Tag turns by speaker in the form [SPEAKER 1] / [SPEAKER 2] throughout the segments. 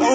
[SPEAKER 1] Thank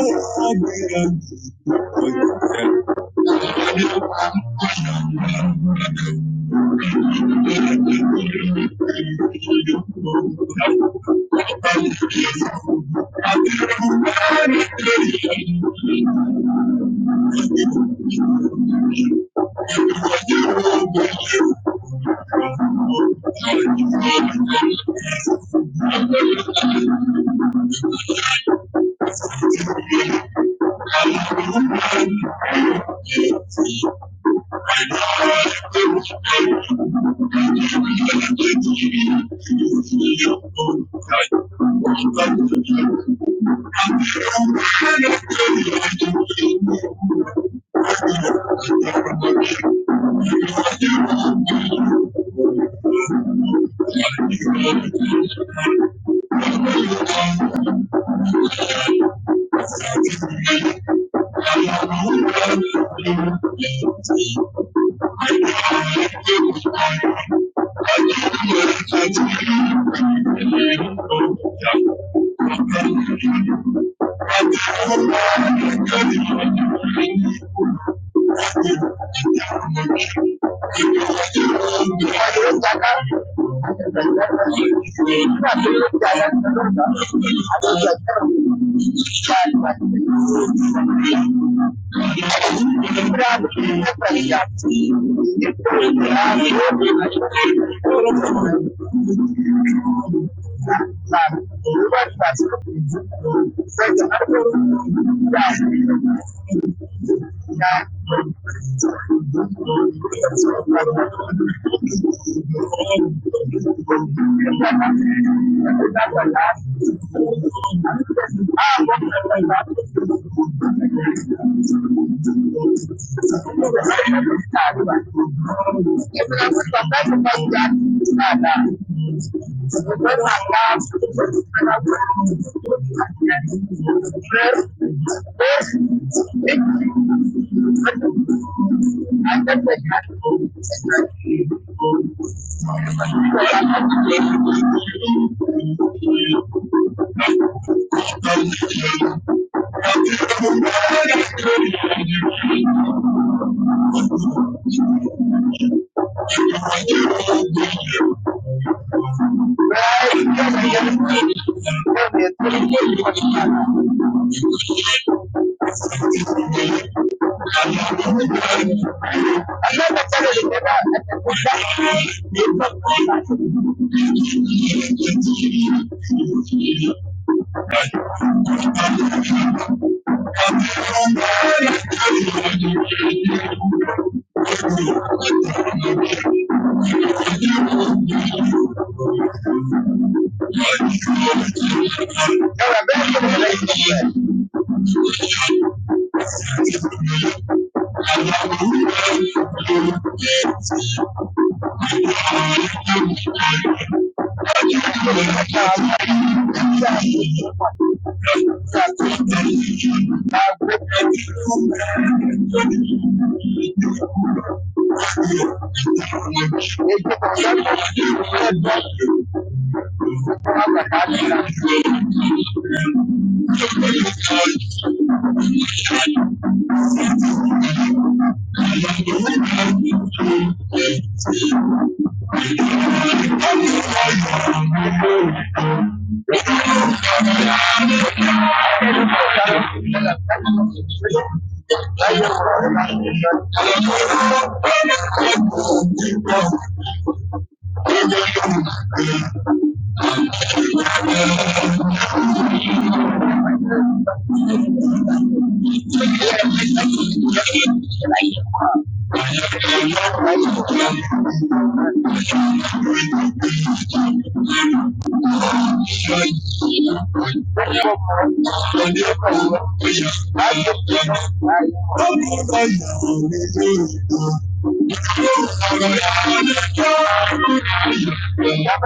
[SPEAKER 1] you. Here, like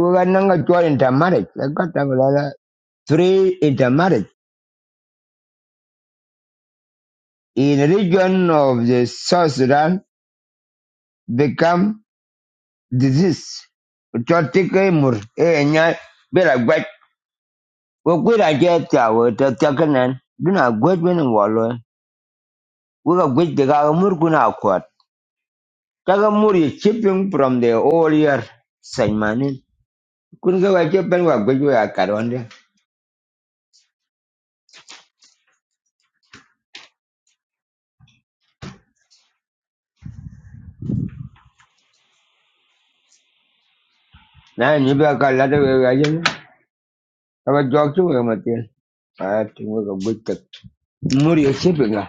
[SPEAKER 1] we were not going to intermarriage. I got a Three intermarriage in the region of the South Sudan become disease. Chotike mur eh nya bela gwet. Wo kwira je ta wo ta takanan. Duna gwet bena We ka gwij de ka mur kun a kwat. Ta mur ye chipping from the all year. Sanymanin. Kun ka wa chipping wa gwij wa kar wanda. Na ni ba ka lada wa wa yin. Ka ba jok tu wa matin. A tin we ka gwij ta. Mur ye chipping la.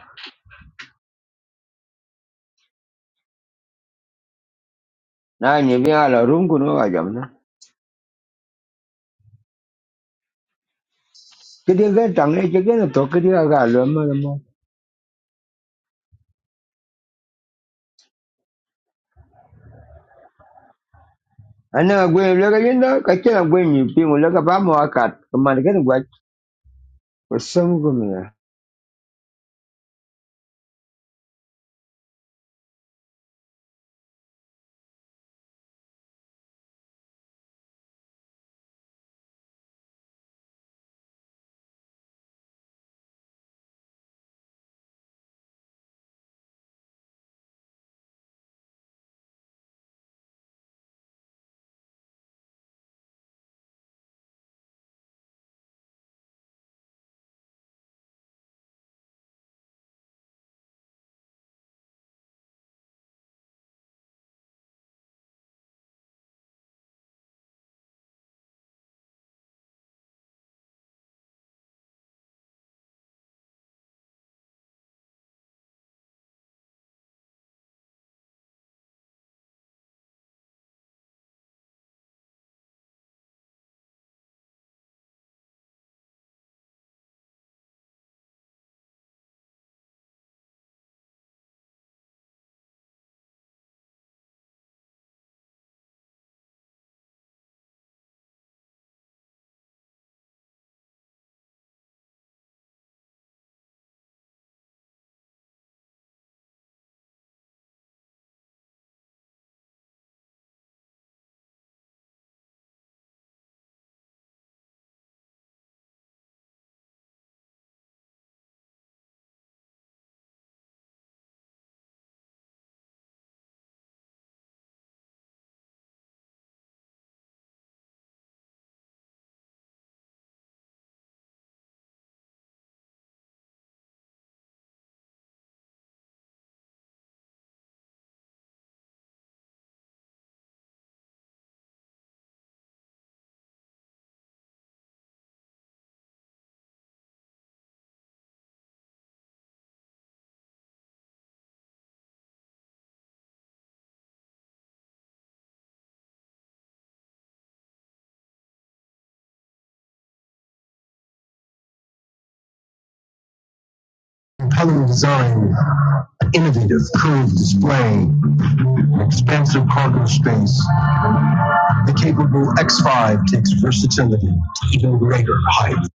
[SPEAKER 1] Na ni ba la rum kun wa jam na. Kidi ka tang ne kidi na to kidi ka ka lo ma ma. Ana ka gwij le ka yin da ka kina gwij ni pin le ka ba mo akat. Ka man ka ni gwaj. Ko sam ko mi compelling design, an innovative curved display, an expansive cargo space. The capable X5 takes versatility to even greater heights.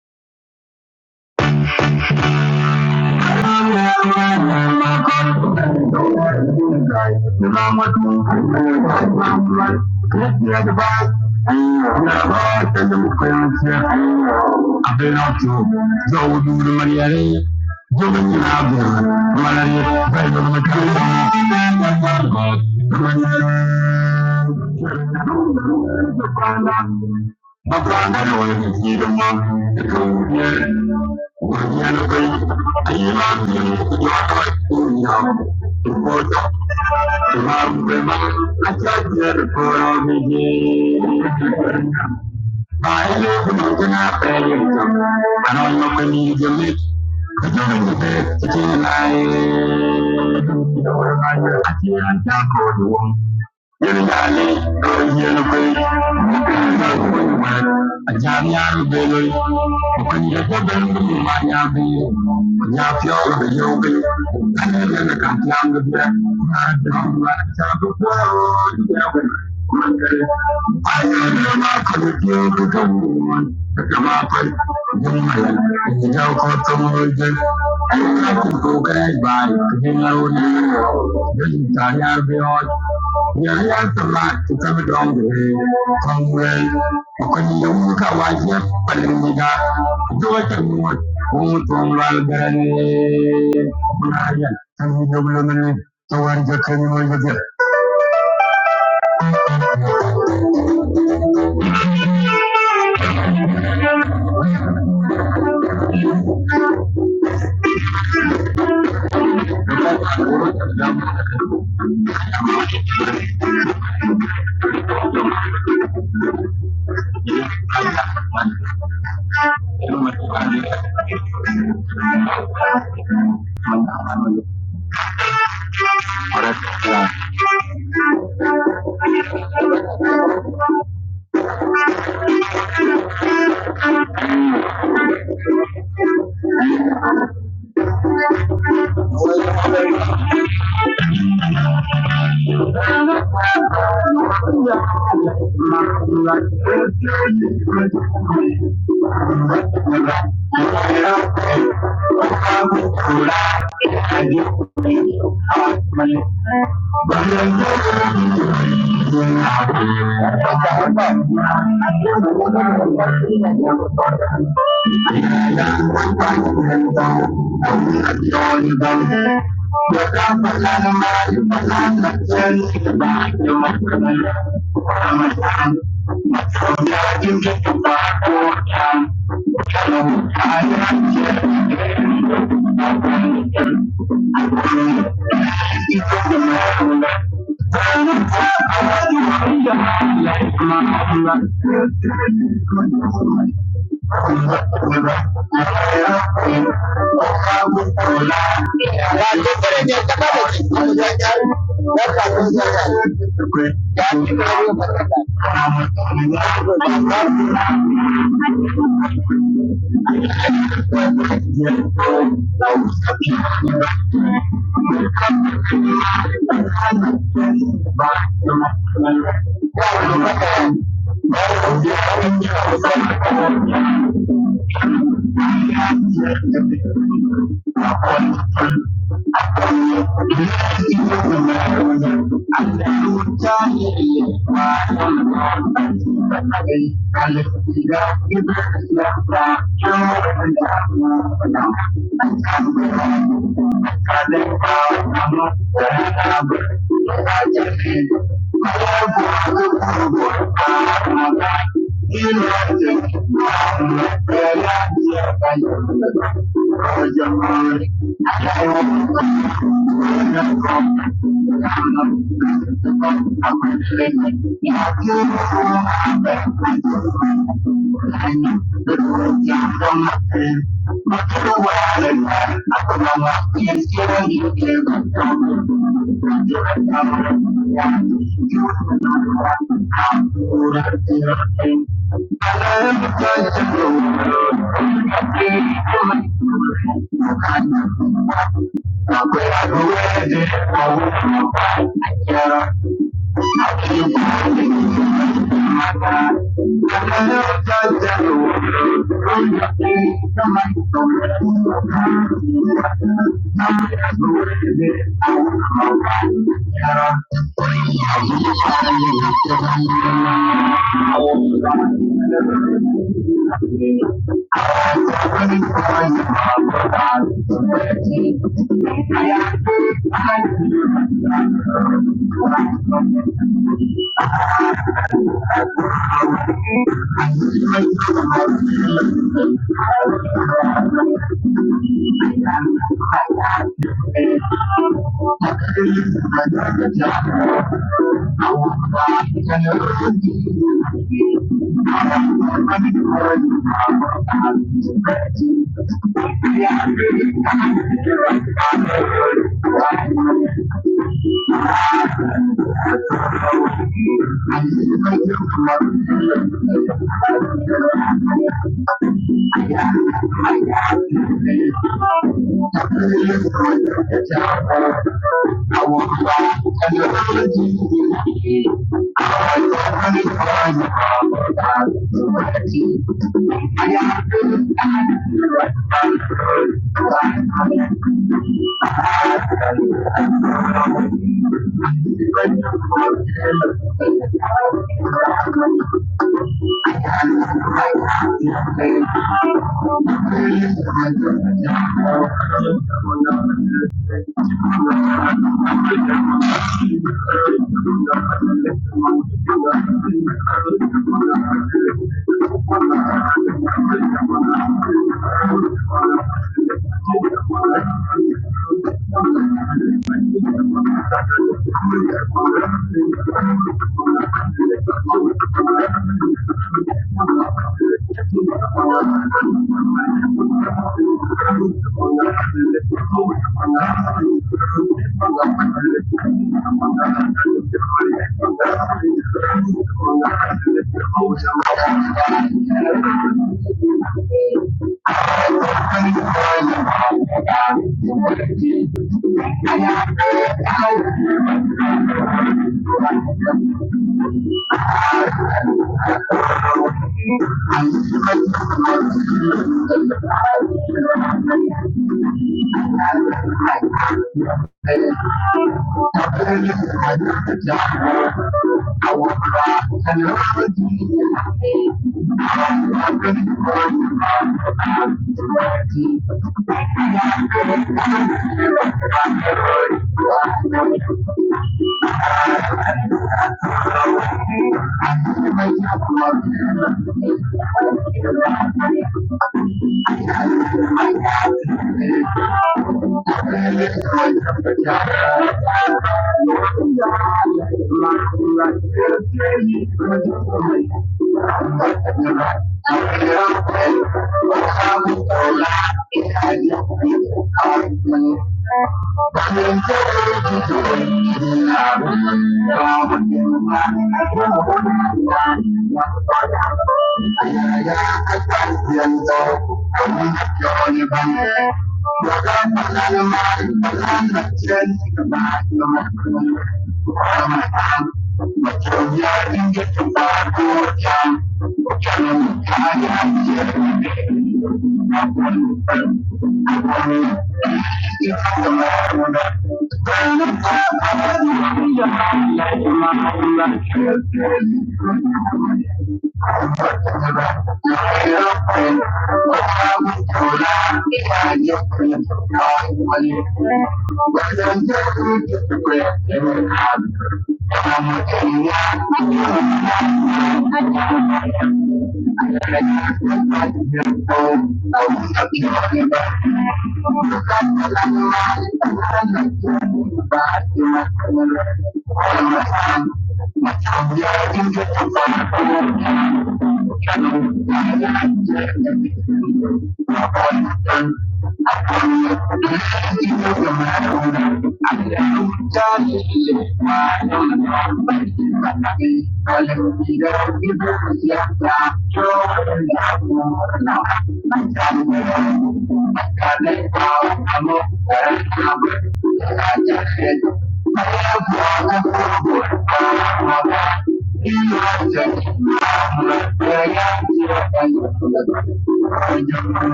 [SPEAKER 1] I Uganda n'owekitiibwa eky'obulya akyakyerukuula obigi naye n'okunoze n'apeeyeza anoomakunyinjemu kijolengede kikinaye atiyantyakoliwo yelinane oyenukwe koyarwa a jami'ar Benue, makarantar Mubaya Benue, ya fi yawa da yau bai, ana yi da kafiya mu biya, na da wani wani shafi kowa da yawon. Thank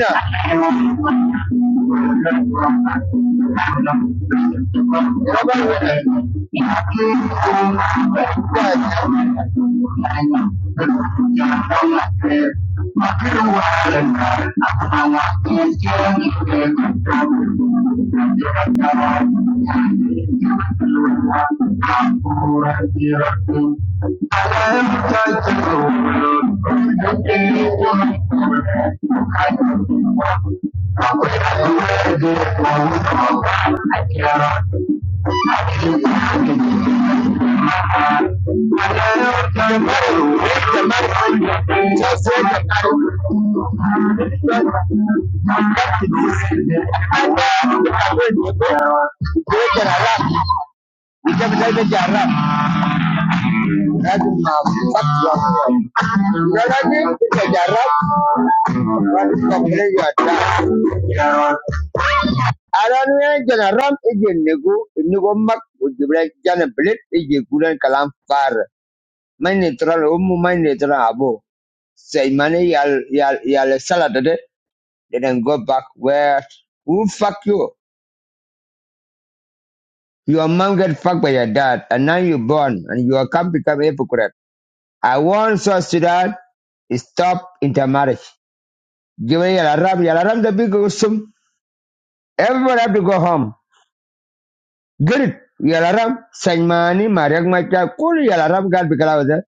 [SPEAKER 1] you. General ije nego nego mak ujibre jana blit ije gulen kalam far man neutral umu man neutral abo say money yal yal yal salad de they then go back where who fuck you your mom get fucked by your dad and now you born and you are come become a hypocrite I want South Sudan to stop intermarriage. Give me Yalaram, Yalaram the big Usum. Everyone have to go home. Get it. Yalaram, Sanmani, Mariak Macha, Kuri Yalaram, God Bikalavada.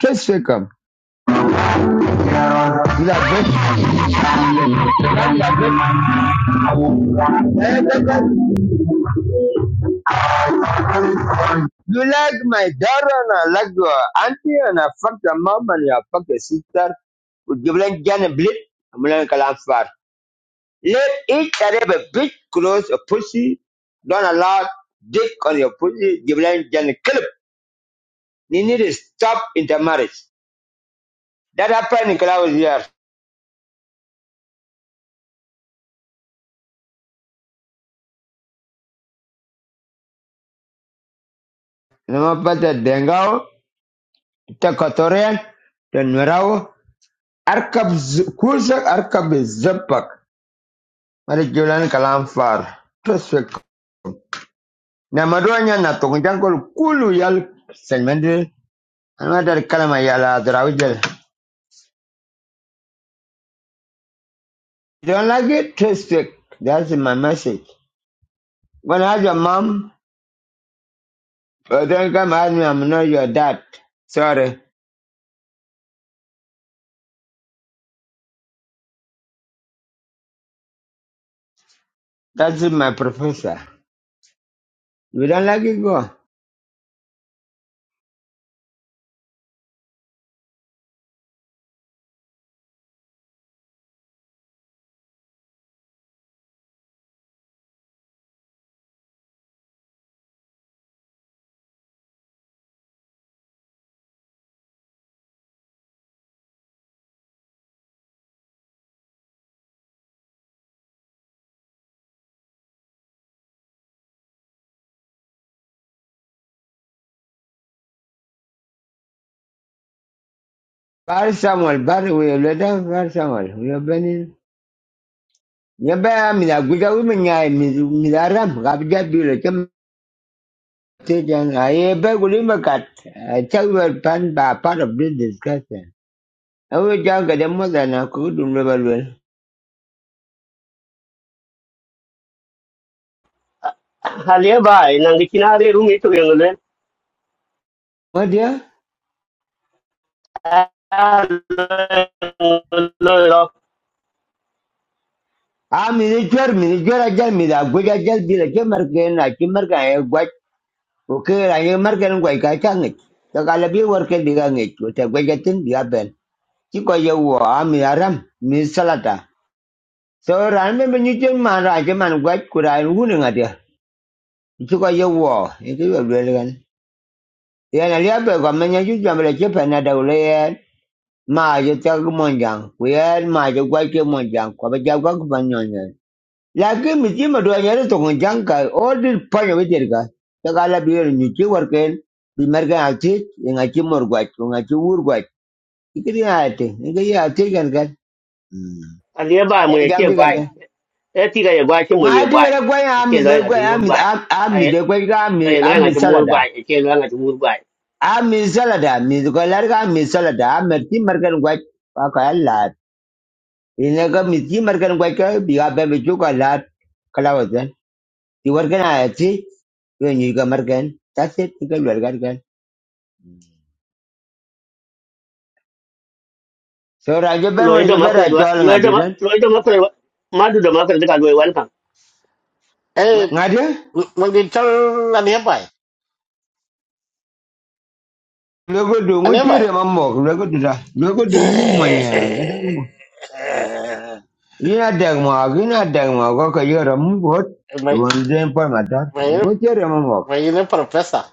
[SPEAKER 1] Kiss Wickham. You like me? You like my daughter and I like your auntie and I fuck your mom and you fuck your sister. With Gibran Jan and Blit, I'm learning Kalam Far. Let each and every bitch close a pussy. Don't allow dick on your pussy. Gibran Jan and Kalib. They need to stop intermarriage. That happened in Kalawaz here. Lama bata Dengao, ta Kotorian, ta Nwerao, arkab z- kursak arkab zapak. Mari julan kalam far. Prospect. Na maduanya na tongjankol kulu yal senmende. Another kalama yala drawjel. You don't like it? Respect. That's my message. When I have your mom, uh, don't come at me, I'm not your dad. Sorry. That's my professor. You don't like it? Go. Bar Samuel, bar we leda, bar Samuel. We are benin. Yaba mina guja we minya mina ram kabja bilo chem tejan. ba guli makat. Chak we pan ba part of this discussion. Awe jang mo da na kudum level well.
[SPEAKER 2] Halia bai, nang di kinari rumi tu yang ngelen.
[SPEAKER 1] What ya?
[SPEAKER 2] Lolo,
[SPEAKER 1] Ah, mina chwer, mina chwer ajal mina guja ajal bilo chem marke na chem marke ay guaj. Okay, ay marke na guaj kacha ngit. Takalabi worke diga ngit. Uta guja tin dia ben. Chiko ye wo ah mina ram mina salata. So ran me me nyuchen man ra che man gwat kura en wuni ngatia. Chu ko ye wo, e ki yo lwe gan. Ya na lia pe ko me nyu jam le che pe na da le ye. Ma je ta ku mon jang. Ku ye ma je gwat ke mon jang. Ko ba ja gwa ku ban nyon ye. La ke mi ti ma do ye re to kon jang ka o di pa yo ter ga. Ta ga la bi ye nyu che war ken. Bi mer ga a ti nga chi mor gwat, ku nga chi wur gwat. Ikri ya te, ngi ya te gan gan.
[SPEAKER 2] halia bai mu
[SPEAKER 1] E jam
[SPEAKER 2] ye
[SPEAKER 1] di gan gan.
[SPEAKER 2] bai. E tiga ye bai che mu ye bai.
[SPEAKER 1] Madigere gwen
[SPEAKER 2] Che lo
[SPEAKER 1] amize
[SPEAKER 2] yang
[SPEAKER 1] gwen
[SPEAKER 2] atumur
[SPEAKER 1] amize
[SPEAKER 2] bai. Ai
[SPEAKER 1] amize am ga amize
[SPEAKER 2] ai lo yang
[SPEAKER 1] amize
[SPEAKER 2] atumur
[SPEAKER 1] salada.
[SPEAKER 2] bai, che lo yang atumur bai.
[SPEAKER 1] Amize salada amize gwen larga amize salada amize ti markan gwen pa kaya lat. Ine ga amize ti markan gwen ka biga bembe chuka lat kalawatan. Ti warkan ayati when you ga markan. That's it. Ti ga larga gan. So raja ben
[SPEAKER 2] Lo ye
[SPEAKER 1] wani
[SPEAKER 2] do ma
[SPEAKER 1] jabe
[SPEAKER 2] kre lo,
[SPEAKER 1] raja wal
[SPEAKER 2] lo
[SPEAKER 1] ngadi
[SPEAKER 2] ido ma
[SPEAKER 1] dan.
[SPEAKER 2] lo ido ma kre ma du do ma kre ka lo ye wan kan.
[SPEAKER 3] Eh,
[SPEAKER 1] Ngadi?
[SPEAKER 3] mag din chal ano yan ba? eh?
[SPEAKER 1] Lego du ngu
[SPEAKER 3] Ano yan ba?
[SPEAKER 1] chiri
[SPEAKER 3] eh?
[SPEAKER 1] mamok lego du da. Lego du yi moya kadang. Ina dagmok, ina dagmok ko ko yoro mukot
[SPEAKER 3] May,
[SPEAKER 1] won den pol matar.
[SPEAKER 3] may,
[SPEAKER 1] Wote remo mok.
[SPEAKER 3] may yun ang professor.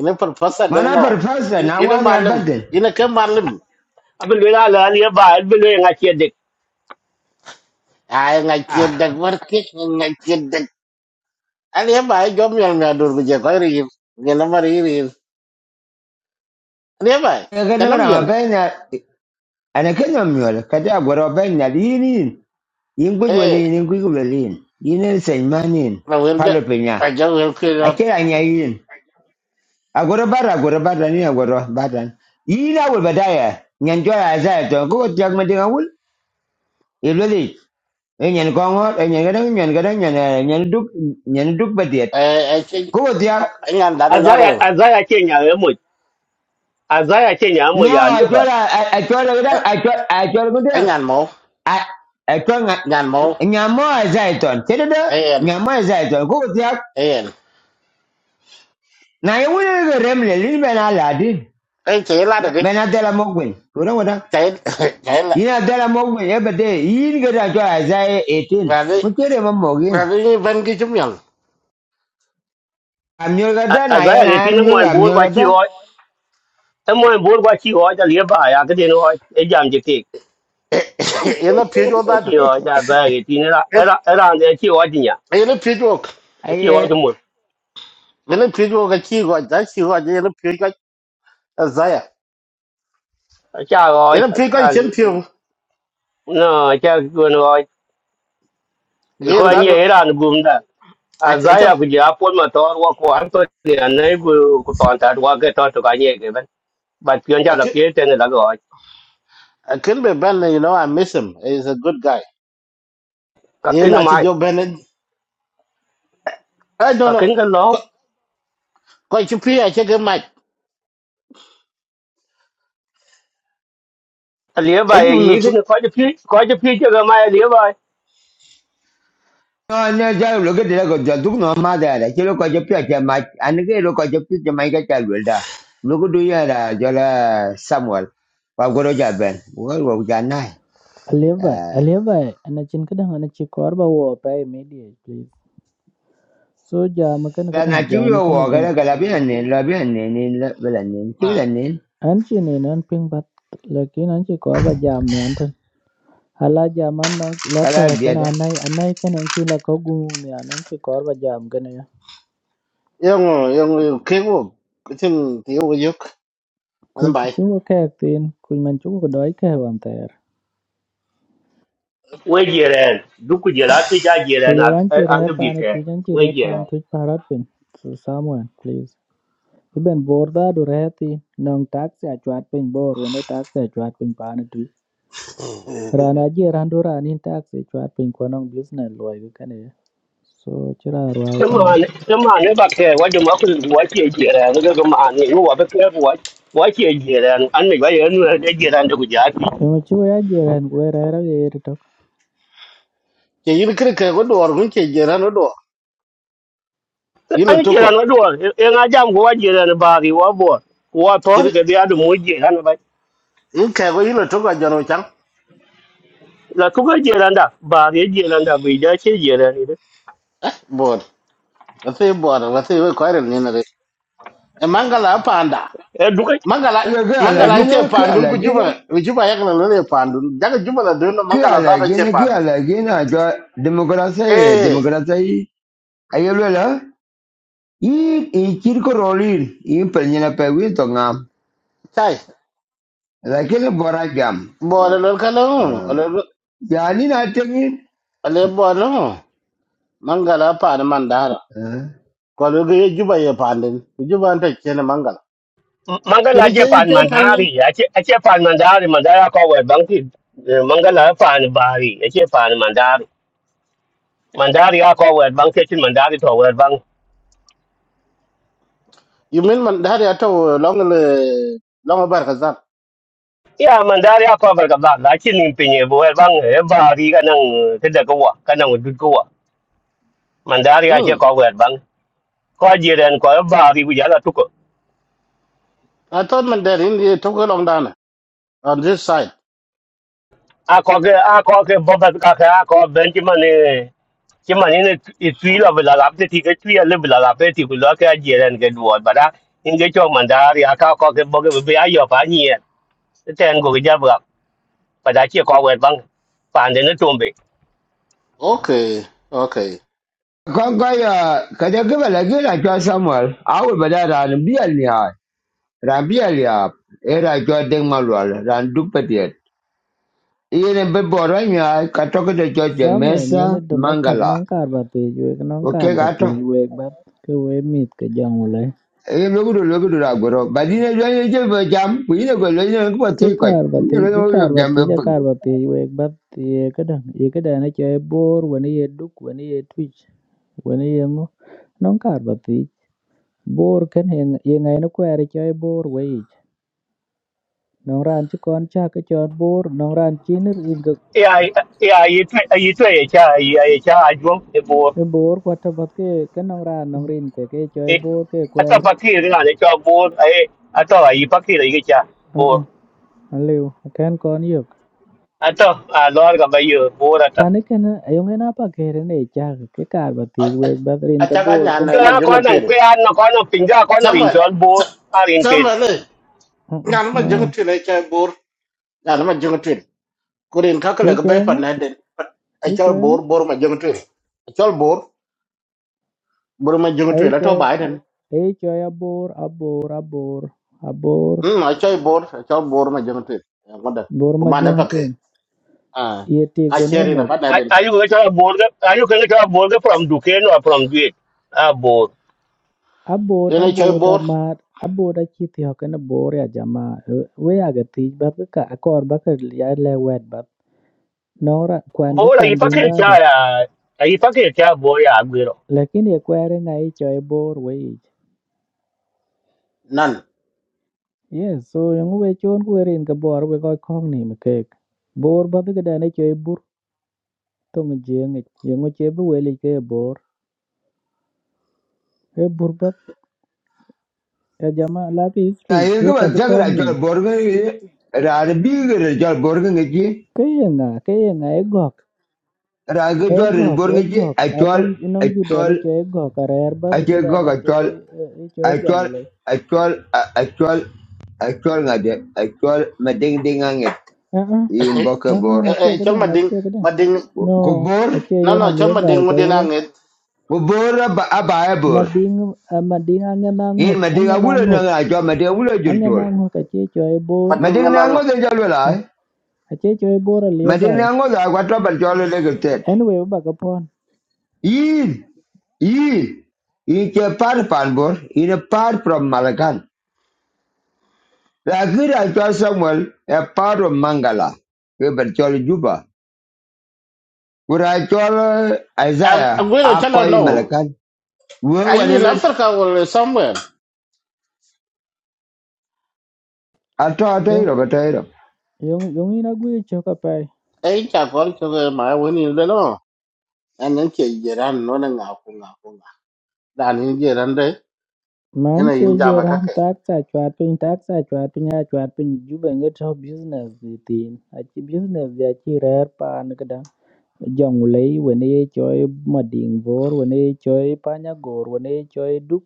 [SPEAKER 3] Yun ang professor
[SPEAKER 1] Mana
[SPEAKER 3] din
[SPEAKER 1] par
[SPEAKER 3] mo.
[SPEAKER 1] fasa
[SPEAKER 3] Yun
[SPEAKER 1] na
[SPEAKER 3] yun ang
[SPEAKER 1] wani
[SPEAKER 3] malam.
[SPEAKER 1] abaden.
[SPEAKER 3] Yun ang kang malam.
[SPEAKER 2] Abin lo la la halia bai, abin lo yang ache dek.
[SPEAKER 3] Ay, nga
[SPEAKER 1] Ah,
[SPEAKER 3] kiyad dag wartik. Nga dag. Ano yan ba? eh? Jom yan nga dur ko dyan. Kaya rin. Yan ang maririn. Ano yan ba? eh?
[SPEAKER 1] ga nan
[SPEAKER 3] Tanam
[SPEAKER 1] rama
[SPEAKER 3] yan.
[SPEAKER 1] bayna ana kenyo miol kada goro bayna linin. Yin guj
[SPEAKER 3] Eh,
[SPEAKER 1] walin, yin guj walin. Yin sen manin.
[SPEAKER 3] mawir dyan.
[SPEAKER 1] Palo penya.
[SPEAKER 3] Ay, dyan wil ko
[SPEAKER 1] Akira nya yin. Agoro bara, agoro bara ni agoro bara. Yin awul badaya. Nyanjo ya za to go tiag madinga wul. Iloli e nyen kongo e nyen gada nyen gada nyen eh, nyen duk nyen duk badiet
[SPEAKER 3] Eh, ay, ay,
[SPEAKER 1] ko dia
[SPEAKER 3] ay, ngan dada nga
[SPEAKER 2] Azaya
[SPEAKER 3] rin.
[SPEAKER 2] azaya che nya ye mu. Azaya che nya mu
[SPEAKER 1] no
[SPEAKER 2] ya halia bai.
[SPEAKER 1] achola achola gada achola achola gada
[SPEAKER 3] Ay, ngan mo.
[SPEAKER 1] achola
[SPEAKER 3] Ngan mo.
[SPEAKER 1] nyamo zaiton kedo
[SPEAKER 3] Ayan,
[SPEAKER 1] nyamo zaiton ko dia
[SPEAKER 3] ayan.
[SPEAKER 1] na yewule ga remle lin bena ladin
[SPEAKER 3] Ê, chạy lát được đi.
[SPEAKER 1] bena dela mogwen ko na wada
[SPEAKER 3] Chạy, chạy lại.
[SPEAKER 1] ina dela mogwen e bade yin gada achola zai 18
[SPEAKER 3] Và đi,
[SPEAKER 1] mukere mamogin
[SPEAKER 3] và đi bên kia chúng mình.
[SPEAKER 1] amyol gada na
[SPEAKER 2] Azaya
[SPEAKER 1] yana
[SPEAKER 2] ge tinang mo
[SPEAKER 1] amyol
[SPEAKER 2] bo
[SPEAKER 1] amyol
[SPEAKER 2] kwa chi
[SPEAKER 1] gada
[SPEAKER 2] Someone board what you are nearby. I could know a jam to take.
[SPEAKER 3] Yên nó phía chỗ ta được.
[SPEAKER 2] She or that bag in around the two ordinia.
[SPEAKER 3] Yên nó phía chỗ.
[SPEAKER 2] She or the moon.
[SPEAKER 3] Yên nó phía chỗ cái chi gọi, giá chi gọi, yên nó phía cái, giá à.
[SPEAKER 2] A
[SPEAKER 3] Yên
[SPEAKER 2] child
[SPEAKER 3] nó phía cái chân phiêu.
[SPEAKER 2] no, I can't go no
[SPEAKER 3] Yên
[SPEAKER 2] because
[SPEAKER 3] đã được.
[SPEAKER 2] near around boom
[SPEAKER 3] I
[SPEAKER 2] As I
[SPEAKER 3] just,
[SPEAKER 2] have the apple motor walk one to the neighbor could walk at all to Kanye given. But you
[SPEAKER 3] I
[SPEAKER 2] can't
[SPEAKER 3] can,
[SPEAKER 2] appear to another guy.
[SPEAKER 3] a can be Ben, you know, I miss him. He's a good guy. Yên
[SPEAKER 2] Kakin of
[SPEAKER 3] là chỉ
[SPEAKER 2] my
[SPEAKER 3] cho Ben. I don't know.
[SPEAKER 2] Kakin the law.
[SPEAKER 3] Coi chú phía, I check him out.
[SPEAKER 2] A nearby
[SPEAKER 3] Ấy
[SPEAKER 2] a
[SPEAKER 3] dùng nó.
[SPEAKER 2] quite a few quite a few of my nearby.
[SPEAKER 1] No, no, ya lo que te digo, yo tú no más de ahora, quiero que yo piense más, a no quiero que yo piense más que ya lo da. Lo que tú ya era, yo la Samuel, para que lo ya ven, bueno, ya nada.
[SPEAKER 4] Aleba, Aleba, anachin kadang anachi korba wo pa Media, please. So jam kan
[SPEAKER 1] La
[SPEAKER 4] kadang jam
[SPEAKER 1] nativa
[SPEAKER 4] kan
[SPEAKER 1] o que
[SPEAKER 4] dam.
[SPEAKER 1] la que la viene, la viene, ni la viene, tú la ni,
[SPEAKER 4] Anchi ne nan ping bat lakin anchi korba jam ne antan. Hala jam an nok
[SPEAKER 1] que la
[SPEAKER 4] loke kan
[SPEAKER 1] viene.
[SPEAKER 4] anai anai kan anki la kogu ne anchi korba jam kan ya.
[SPEAKER 3] Yên, yên, yên, kêu. Cái thằng tiêu cái dục. Anh
[SPEAKER 4] Kuj ti
[SPEAKER 3] bài.
[SPEAKER 4] chung ke tin kuj man chung ko doi ke wan ter.
[SPEAKER 2] we jiren du ku jela ti ja jiren
[SPEAKER 4] Ayo
[SPEAKER 2] a
[SPEAKER 4] anchi
[SPEAKER 2] a
[SPEAKER 4] reh
[SPEAKER 2] le bi
[SPEAKER 4] pa ne
[SPEAKER 2] ke
[SPEAKER 4] tuj anchi
[SPEAKER 2] we
[SPEAKER 4] reh pa an
[SPEAKER 2] jiren
[SPEAKER 4] tuj parat pin. So someone please. Iben borda do rehti nong taxi a chwat pin bor wona taxi a chwat pin pa ne Ran aje ran do ran in tax e chat pin ko non business lo ay kane so chira ro ay
[SPEAKER 2] te
[SPEAKER 4] kane
[SPEAKER 2] ma ne te ma ne ba ke wa de ma ku wa ti jiren ga ga ma ne wa ba ke wa wa ti jiren an ne ba ye nu de jiren de ku ja ti
[SPEAKER 4] yo chu ya je ran go ra ra ge to
[SPEAKER 3] ke yin kiri ke go dor gun ke jera no dor yin lo
[SPEAKER 2] an
[SPEAKER 3] toko
[SPEAKER 2] jiren wa do e nga jam ko wa jiren ba ri wa bo wa tor
[SPEAKER 3] kiri
[SPEAKER 2] ke dia du mo jiren ba
[SPEAKER 3] yin ke go yin lo toko jano chang
[SPEAKER 2] la ku ga jiren da ba ri jiren da bi ja ti jiren ni de
[SPEAKER 3] eh bod ase bod ase we ko ni na re e mangala panda
[SPEAKER 2] e du
[SPEAKER 3] mangala
[SPEAKER 1] Lo que a la
[SPEAKER 3] mangala
[SPEAKER 2] ke
[SPEAKER 3] che
[SPEAKER 1] guina, que a
[SPEAKER 3] pandun
[SPEAKER 1] la
[SPEAKER 3] ku
[SPEAKER 1] guina,
[SPEAKER 3] juba ku juba yak na lo le pandun jaga juba la do no
[SPEAKER 1] que a
[SPEAKER 3] mangala
[SPEAKER 1] la
[SPEAKER 3] da do che
[SPEAKER 1] guina, que a
[SPEAKER 3] pandun
[SPEAKER 1] la guina, yo democracia,
[SPEAKER 3] eh
[SPEAKER 1] democracia, ahí lo la. Y, y quiero rolir, y empeñar a pedir,
[SPEAKER 3] chai
[SPEAKER 1] lakini bora jam
[SPEAKER 3] bod lo ka lo
[SPEAKER 1] Eh,
[SPEAKER 3] ole
[SPEAKER 1] Yani ya ni na tengin
[SPEAKER 3] ole bod lo mangala pan mandara
[SPEAKER 1] Ah.
[SPEAKER 3] ko lo ge juba ye pandun ku juba ta che na mangala
[SPEAKER 2] Mangala
[SPEAKER 3] kiri
[SPEAKER 2] je
[SPEAKER 3] che
[SPEAKER 2] pan
[SPEAKER 3] che pan
[SPEAKER 2] mandari, ache ache pan mandari, mandari ko wet bang ti eh, mangala pan bari, ache pan mandari. Mandari ko wet bang ke chin mandari to wet bang.
[SPEAKER 3] You mean man that I told long uh, long about Kazan?
[SPEAKER 2] Ya mandari ko bar ka ba la chin nim pinye bo wet bang e bari ka nang te da ko wa, ka nang du ko wa. Mandari
[SPEAKER 3] Hmm.
[SPEAKER 2] ache ko wet bang. Ko je ren ko bari bu ya la tu ko.
[SPEAKER 3] I thought man that in the took along down on this side.
[SPEAKER 2] A ko ke a ko ke bo ba ka ka a ko ben ti mane chứ mà nên là ít tuy là vừa là lắm thì cái tuy là vừa là lắm thì cũng là cái gì là cái đuổi bà đã những cái cho mà đã thì các có cái bao cái bây giờ phá nhiệt cái tên của cái gia vực bà đã chưa có quen văng phản đến nó chuẩn bị
[SPEAKER 3] Okay, okay.
[SPEAKER 1] kon ko ya kada gaba lagi na cho samuel awul bada ran biya ni ha ran biya ya era cho deng malwal ran duk petiet yene be bora nya ka to ko cho
[SPEAKER 4] samuel when
[SPEAKER 1] mesa
[SPEAKER 4] the democrat
[SPEAKER 1] mangala
[SPEAKER 4] non kar ba te ju ek non kar
[SPEAKER 1] Okay
[SPEAKER 4] ba
[SPEAKER 1] ga
[SPEAKER 4] te
[SPEAKER 1] to
[SPEAKER 4] ju ek bat ke we mit ke jang le
[SPEAKER 1] logo logu do logu do agoro badine jo ye je be jam ku ne go le ne ko
[SPEAKER 4] ke
[SPEAKER 1] te ko
[SPEAKER 4] kar ba
[SPEAKER 1] ku
[SPEAKER 4] te
[SPEAKER 1] ne
[SPEAKER 4] ke kar
[SPEAKER 1] go
[SPEAKER 4] ba
[SPEAKER 1] jam
[SPEAKER 4] te
[SPEAKER 1] be
[SPEAKER 4] ja
[SPEAKER 1] pung
[SPEAKER 4] kar ba te ju ek bat ye ke dang ye ke dang ne che bor when ye duk when ye twitch when ye ngo non kar ba te bor ken ye ye ngai no kwere che bor we Nongraan ci kon chak chon bor nongraan chinir igak
[SPEAKER 2] ai ai ý tuy ý tuy ấy cha ý ấy cha ai cũng cái bố
[SPEAKER 4] cái bor kwata bat ke ke nongraan nongrin ke ke choy
[SPEAKER 2] ấy
[SPEAKER 4] bor ke
[SPEAKER 2] tao
[SPEAKER 4] kwer
[SPEAKER 2] phát hiện cái này cho bố ấy à tao ấy phát hiện là cái cha
[SPEAKER 4] uh
[SPEAKER 2] bố
[SPEAKER 4] uh aliu ken kon yok
[SPEAKER 2] à tao à lo cái bây giờ bố là tao
[SPEAKER 4] pani ken ayong napa pa kere ne chak ke kar bat ti we bat rin
[SPEAKER 3] I
[SPEAKER 4] ka
[SPEAKER 3] chaga
[SPEAKER 4] bor ken
[SPEAKER 3] nyan
[SPEAKER 2] cái
[SPEAKER 3] ma
[SPEAKER 2] nào có
[SPEAKER 3] junga
[SPEAKER 2] năng
[SPEAKER 3] twil.
[SPEAKER 2] cái ăn nó có năng bình ra có năng bình
[SPEAKER 3] Sama
[SPEAKER 2] chọn bố
[SPEAKER 3] sa-
[SPEAKER 2] à liên kết
[SPEAKER 3] sama le.
[SPEAKER 4] à, uh
[SPEAKER 3] Nyan ma
[SPEAKER 4] no
[SPEAKER 3] junga twil I chai bor. Nyan ma junga twil. Kurin kakale
[SPEAKER 4] cái chơi
[SPEAKER 3] ka bay
[SPEAKER 4] choy ngu
[SPEAKER 3] pan na den. I
[SPEAKER 4] chơi
[SPEAKER 3] chai
[SPEAKER 4] choy ngu
[SPEAKER 3] bor bor ma junga twil. I chai bor bor ma junga
[SPEAKER 4] chơi,
[SPEAKER 3] twil. I told
[SPEAKER 4] choy
[SPEAKER 3] Biden.
[SPEAKER 4] chơi choy abor abor abor abor
[SPEAKER 3] Hmm. I chai bor I chai bor ma junga twil. Ngada
[SPEAKER 4] bor ma
[SPEAKER 3] kumana
[SPEAKER 4] jong
[SPEAKER 3] pa ke.
[SPEAKER 4] twin
[SPEAKER 3] Ah.
[SPEAKER 4] ye ti
[SPEAKER 3] I
[SPEAKER 4] gwen
[SPEAKER 3] share in
[SPEAKER 4] e
[SPEAKER 3] a
[SPEAKER 2] Are
[SPEAKER 3] partner.
[SPEAKER 2] are you going to have border? Are you going to have border from Duquesne or from Gate? Ah, board.
[SPEAKER 4] Abort,
[SPEAKER 3] Ene choy
[SPEAKER 4] abort,
[SPEAKER 3] bor
[SPEAKER 4] amar, abort achithi hokene bor ya jama. eh, We aga thich bat ka akor ba ka ya le wet bat. Nora kwan ke
[SPEAKER 2] Board, are you
[SPEAKER 4] kwan dun
[SPEAKER 2] fucking
[SPEAKER 4] dado.
[SPEAKER 2] chai? Are you fucking chai boy? I'm going to.
[SPEAKER 4] Lakini e kwere nga i cho e bor we ich.
[SPEAKER 3] nan.
[SPEAKER 4] Yes, so yung we chon kwe rin ka bor we koi kong ni me kek. Bor bat ka dane cho e bur tong jeng ich. Yung che bu we li ke e bor. E bur bat ya jama la ki
[SPEAKER 1] na
[SPEAKER 4] history.
[SPEAKER 1] ye
[SPEAKER 4] Duo
[SPEAKER 1] ko ba
[SPEAKER 4] ka cho
[SPEAKER 1] jagra
[SPEAKER 4] kong ni.
[SPEAKER 1] cho borgo ran bi gre cho borgo
[SPEAKER 4] Kaya nga, kaya nga e gok.
[SPEAKER 1] Ragi Jordan
[SPEAKER 4] Egok,
[SPEAKER 1] Burgundy,
[SPEAKER 4] egok,
[SPEAKER 1] I told,
[SPEAKER 4] anong anong
[SPEAKER 1] I
[SPEAKER 4] juda
[SPEAKER 1] told,
[SPEAKER 4] ne cho egok are erba
[SPEAKER 1] I
[SPEAKER 4] to
[SPEAKER 1] told
[SPEAKER 4] kada
[SPEAKER 1] Gog,
[SPEAKER 4] ne
[SPEAKER 1] I
[SPEAKER 4] cho
[SPEAKER 1] told,
[SPEAKER 4] e cho e
[SPEAKER 1] I told,
[SPEAKER 4] jongle.
[SPEAKER 1] I told, I told, I told, I told, my ding ding on it
[SPEAKER 4] Ah ah,
[SPEAKER 1] in
[SPEAKER 4] ah ah,
[SPEAKER 1] Bokabor.
[SPEAKER 3] Eh,
[SPEAKER 4] ache
[SPEAKER 3] eh, Chol
[SPEAKER 4] kada,
[SPEAKER 3] mading
[SPEAKER 4] ache kada.
[SPEAKER 3] mading
[SPEAKER 4] No,
[SPEAKER 1] Gobor,
[SPEAKER 4] ache
[SPEAKER 3] no
[SPEAKER 4] yena
[SPEAKER 3] no chol
[SPEAKER 4] lieba
[SPEAKER 3] mading mo
[SPEAKER 4] cha
[SPEAKER 3] din
[SPEAKER 4] wo.
[SPEAKER 3] angit
[SPEAKER 1] Gobor, Abayabor.
[SPEAKER 4] Mading ah, mading angena
[SPEAKER 1] In
[SPEAKER 4] ngok,
[SPEAKER 1] my ding, I
[SPEAKER 4] angena
[SPEAKER 1] will not
[SPEAKER 4] ngok,
[SPEAKER 1] know, I told my ding, I will
[SPEAKER 4] angena
[SPEAKER 1] not
[SPEAKER 4] ngok ache cho e bor.
[SPEAKER 1] My
[SPEAKER 3] mading
[SPEAKER 1] ding,
[SPEAKER 3] nga
[SPEAKER 1] I
[SPEAKER 3] nang.
[SPEAKER 1] know the
[SPEAKER 4] Ah,
[SPEAKER 1] Jolly.
[SPEAKER 4] ache cho e bor
[SPEAKER 1] My
[SPEAKER 4] lieba.
[SPEAKER 1] ding, I know that I got up a jolly legged set.
[SPEAKER 4] Anyway, ba kapon.
[SPEAKER 1] In, in, in a part of Panbor, in a part from Malagan. The Akira actual Samuel, a part of Mangala, Kebachol Juba. Kurachol Isaiah,
[SPEAKER 3] Agwero chalo
[SPEAKER 1] Akoi
[SPEAKER 3] no.
[SPEAKER 1] Malakan,
[SPEAKER 3] Are you in
[SPEAKER 1] Wewalele,
[SPEAKER 3] Africa or somewhere?
[SPEAKER 1] Ato
[SPEAKER 4] Yung
[SPEAKER 1] Atairo, Batairo.
[SPEAKER 4] yung yung ina gwe cho ka
[SPEAKER 3] Eh cha kor chol ma wini le no. An nan che jiran no na nga ku nga ku nga. Dan yin jiran de ene
[SPEAKER 4] Manje
[SPEAKER 3] yin
[SPEAKER 4] ye
[SPEAKER 3] jama kake.
[SPEAKER 4] rantakta chwapini takta chwapini a chwapini juba ngeta business di tin achi business di achi rer pan kada jonglei wene ye choi mading bor wene ye choi panya gor wene ye choi duk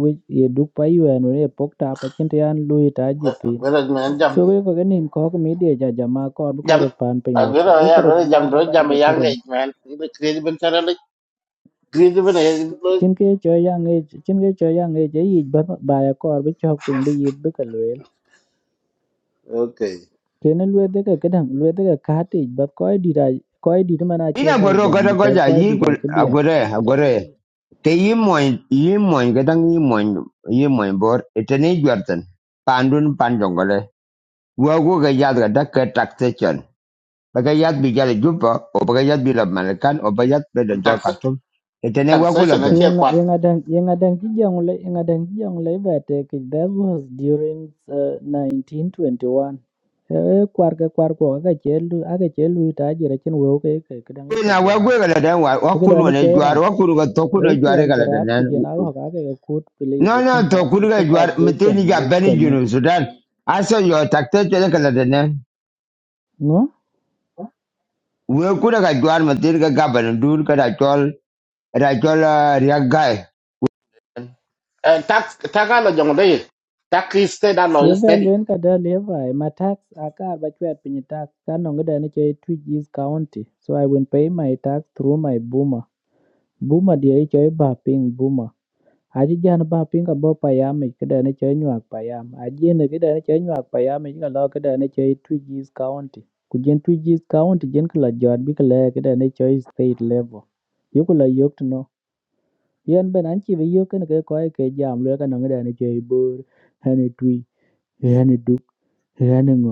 [SPEAKER 4] wi- ye duk pa yuen wene ye pok ta pa chinta yan lui ta ji tin
[SPEAKER 3] Agwero man jam
[SPEAKER 4] so we ko ganim ko ko media ja jama ko bu ko
[SPEAKER 3] jam
[SPEAKER 4] rot pan pin wet ke
[SPEAKER 3] Agwero
[SPEAKER 4] du ko
[SPEAKER 3] ya ro
[SPEAKER 4] rot
[SPEAKER 3] jam
[SPEAKER 4] mana
[SPEAKER 3] ro
[SPEAKER 4] ba
[SPEAKER 3] jam e yang ge
[SPEAKER 4] ren
[SPEAKER 3] man. Ine kredi ben chara le kredi ben e
[SPEAKER 4] chin ke choi yang e chin ke choi yang e je yi ba ba ya ko bu chok pin bi yit bu ka lwel
[SPEAKER 3] Okay.
[SPEAKER 4] Teneluet ekakitang luet ekakate but koidit mane
[SPEAKER 1] Ina
[SPEAKER 4] achebe
[SPEAKER 1] goro
[SPEAKER 4] jam
[SPEAKER 1] kata
[SPEAKER 4] because
[SPEAKER 1] koja yi
[SPEAKER 4] koidit
[SPEAKER 1] gul-
[SPEAKER 4] achebe
[SPEAKER 1] agore agore. Te yi moin yi moin kadang bor itene juartan. Pandun panjongole. Wago ga yad ga dak ke taxation. Baga yad bi jale jupa o baga yad malakan o baga yad
[SPEAKER 3] Tax
[SPEAKER 1] kartum. Itene
[SPEAKER 3] taxation na
[SPEAKER 1] wago
[SPEAKER 3] che
[SPEAKER 4] yengatang yengatang kijang ule yengatang kijang ule ibe atekich that was during uh, 1921 e kwar ke kwar ko aga chelu aga chelu ita jira chen wo ke ke kadang ke
[SPEAKER 1] na
[SPEAKER 4] jwar
[SPEAKER 1] wagwe kala dan wa
[SPEAKER 4] ke da
[SPEAKER 1] wakun
[SPEAKER 4] ne
[SPEAKER 1] wana
[SPEAKER 4] che
[SPEAKER 1] jwar
[SPEAKER 4] rap
[SPEAKER 1] wakun ga tokun ga
[SPEAKER 4] e
[SPEAKER 1] jwar
[SPEAKER 4] chuen ke
[SPEAKER 1] kala dan
[SPEAKER 4] rap ku
[SPEAKER 1] nan
[SPEAKER 4] jena ho ga ke kut please
[SPEAKER 1] no
[SPEAKER 4] the chin
[SPEAKER 1] no
[SPEAKER 4] tax the
[SPEAKER 1] tokun ga
[SPEAKER 4] chin tax
[SPEAKER 1] jwar
[SPEAKER 4] they chon
[SPEAKER 1] mutini ga bani
[SPEAKER 4] connect
[SPEAKER 1] junu sudan aso yo takte chele kala dan nan
[SPEAKER 4] no
[SPEAKER 1] we kuna ga jwar mutini ga gaban dur kada chol ra chol riak gai
[SPEAKER 3] Eh, tak taka lo jong de tak iste da lo iste di
[SPEAKER 4] Kevalweni Kadalie-Vai, my tax are bachuat pinyi tax kanongidan Twitch East County. So I will pay my tax through my boomer. Boomer dia choi ba ping boomer. Aji jan ba ping abo payam kidan choi nyuak payam. Aji ne kidan choi nyuak payam ichi kalo kidan choi Twitch East County. Kujen Twitch East County jen kala jot bi kala kidan choi state level. Yukula yok to know. Yan ben anchi bi yok ne ke koi ke jam lwe kanongidan choi bor. Hani twi, hani duk, hani ngo.